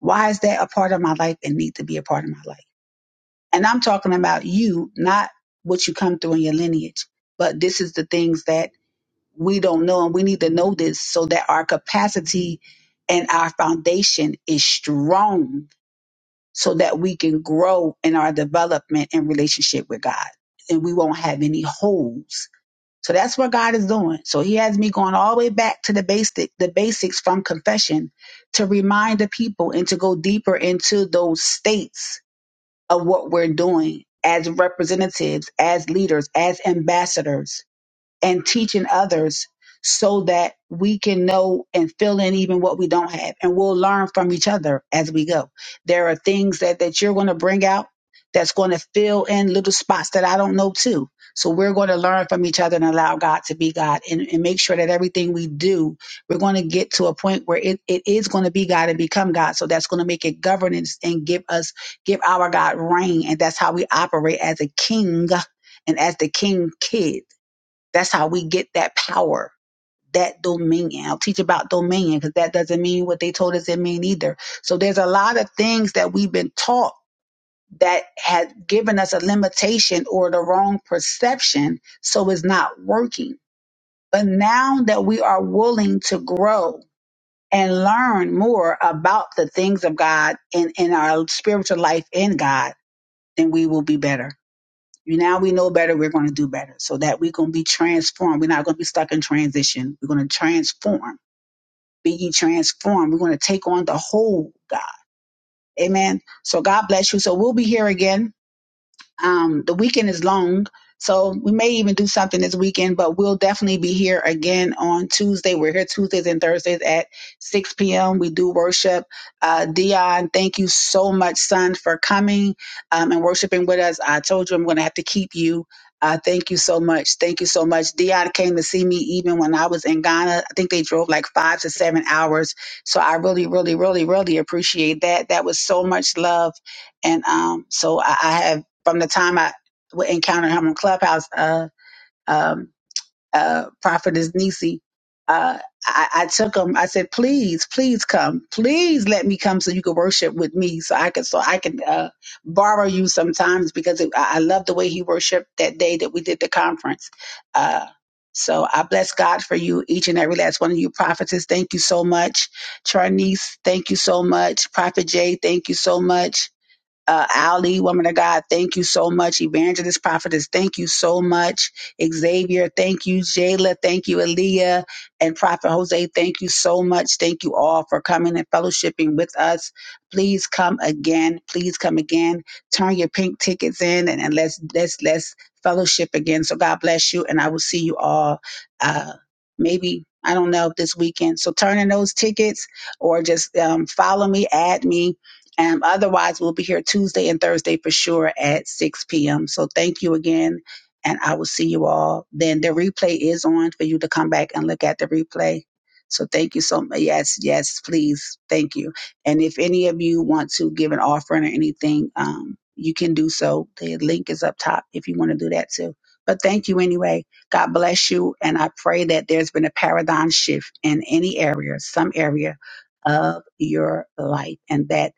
A: Why is that a part of my life and need to be a part of my life? And I'm talking about you, not what you come through in your lineage, but this is the things that we don't know and we need to know this so that our capacity and our foundation is strong so that we can grow in our development and relationship with God and we won't have any holes. So that's what God is doing. So he has me going all the way back to the basic the basics from confession to remind the people and to go deeper into those states of what we're doing as representatives, as leaders, as ambassadors and teaching others so that we can know and fill in even what we don't have and we'll learn from each other as we go there are things that that you're going to bring out that's going to fill in little spots that i don't know too so we're going to learn from each other and allow god to be god and, and make sure that everything we do we're going to get to a point where it, it is going to be god and become god so that's going to make it governance and give us give our god reign and that's how we operate as a king and as the king kid. That's how we get that power, that dominion. I'll teach about dominion because that doesn't mean what they told us it mean either. So there's a lot of things that we've been taught that had given us a limitation or the wrong perception, so it's not working. But now that we are willing to grow and learn more about the things of God and in our spiritual life in God, then we will be better. You now we know better, we're going to do better so that we're going to be transformed. We're not going to be stuck in transition. We're going to transform. Be ye transformed. We're going to take on the whole God. Amen. So God bless you. So we'll be here again. Um, the weekend is long, so we may even do something this weekend, but we'll definitely be here again on Tuesday. We're here Tuesdays and Thursdays at 6 p.m. We do worship. Uh, Dion, thank you so much, son, for coming um, and worshiping with us. I told you I'm going to have to keep you. Uh, thank you so much. Thank you so much. Dion came to see me even when I was in Ghana. I think they drove like five to seven hours. So I really, really, really, really appreciate that. That was so much love. And um, so I, I have from the time I would encounter him on Clubhouse, uh, um, uh, Prophetess Nisi, uh, I, I took him. I said, "Please, please come. Please let me come so you can worship with me, so I can, so I can uh, borrow you sometimes because it, I I love the way he worshipped that day that we did the conference." Uh, so I bless God for you, each and every last one of you prophetess. Thank you so much. Charnice, thank you so much. Prophet Jay, thank you so much uh, Ali, woman of God, thank you so much. Evangelist, prophetess, thank you so much. Xavier, thank you. Jayla, thank you. Aaliyah and Prophet Jose, thank you so much. Thank you all for coming and fellowshipping with us. Please come again. Please come again. Turn your pink tickets in and, and let's let's let's fellowship again. So God bless you, and I will see you all. Uh, maybe I don't know this weekend. So turn in those tickets or just um, follow me, add me um, otherwise, we'll be here Tuesday and Thursday for sure at 6 p.m. So thank you again, and I will see you all. Then the replay is on for you to come back and look at the replay. So thank you so much. Yes, yes, please. Thank you. And if any of you want to give an offering or anything, um, you can do so. The link is up top if you want to do that too. But thank you anyway. God bless you. And I pray that there's been a paradigm shift in any area, some area of your life, and that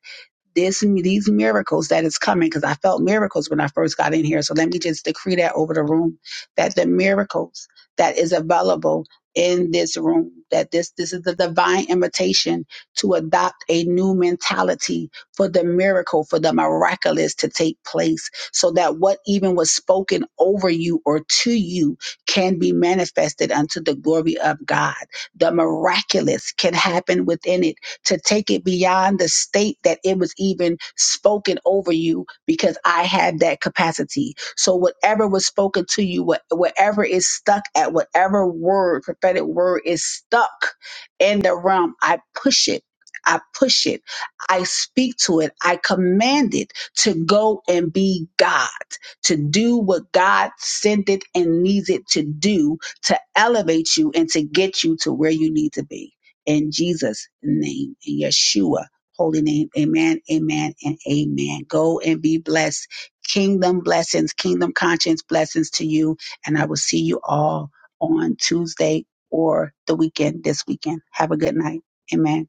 A: there's some these miracles that is coming because I felt miracles when I first got in here. So let me just decree that over the room that the miracles that is available in this room that this this is the divine invitation to adopt a new mentality for the miracle for the miraculous to take place so that what even was spoken over you or to you can be manifested unto the glory of God the miraculous can happen within it to take it beyond the state that it was even spoken over you because I had that capacity. So whatever was spoken to you, what, whatever is stuck at whatever word, prophetic word is stuck in the realm, I push it. I push it. I speak to it. I command it to go and be God, to do what God sent it and needs it to do to elevate you and to get you to where you need to be in Jesus' name, in Yeshua, holy name. Amen, amen, and amen. Go and be blessed. Kingdom blessings, kingdom conscience blessings to you. And I will see you all on Tuesday or the weekend, this weekend. Have a good night. Amen.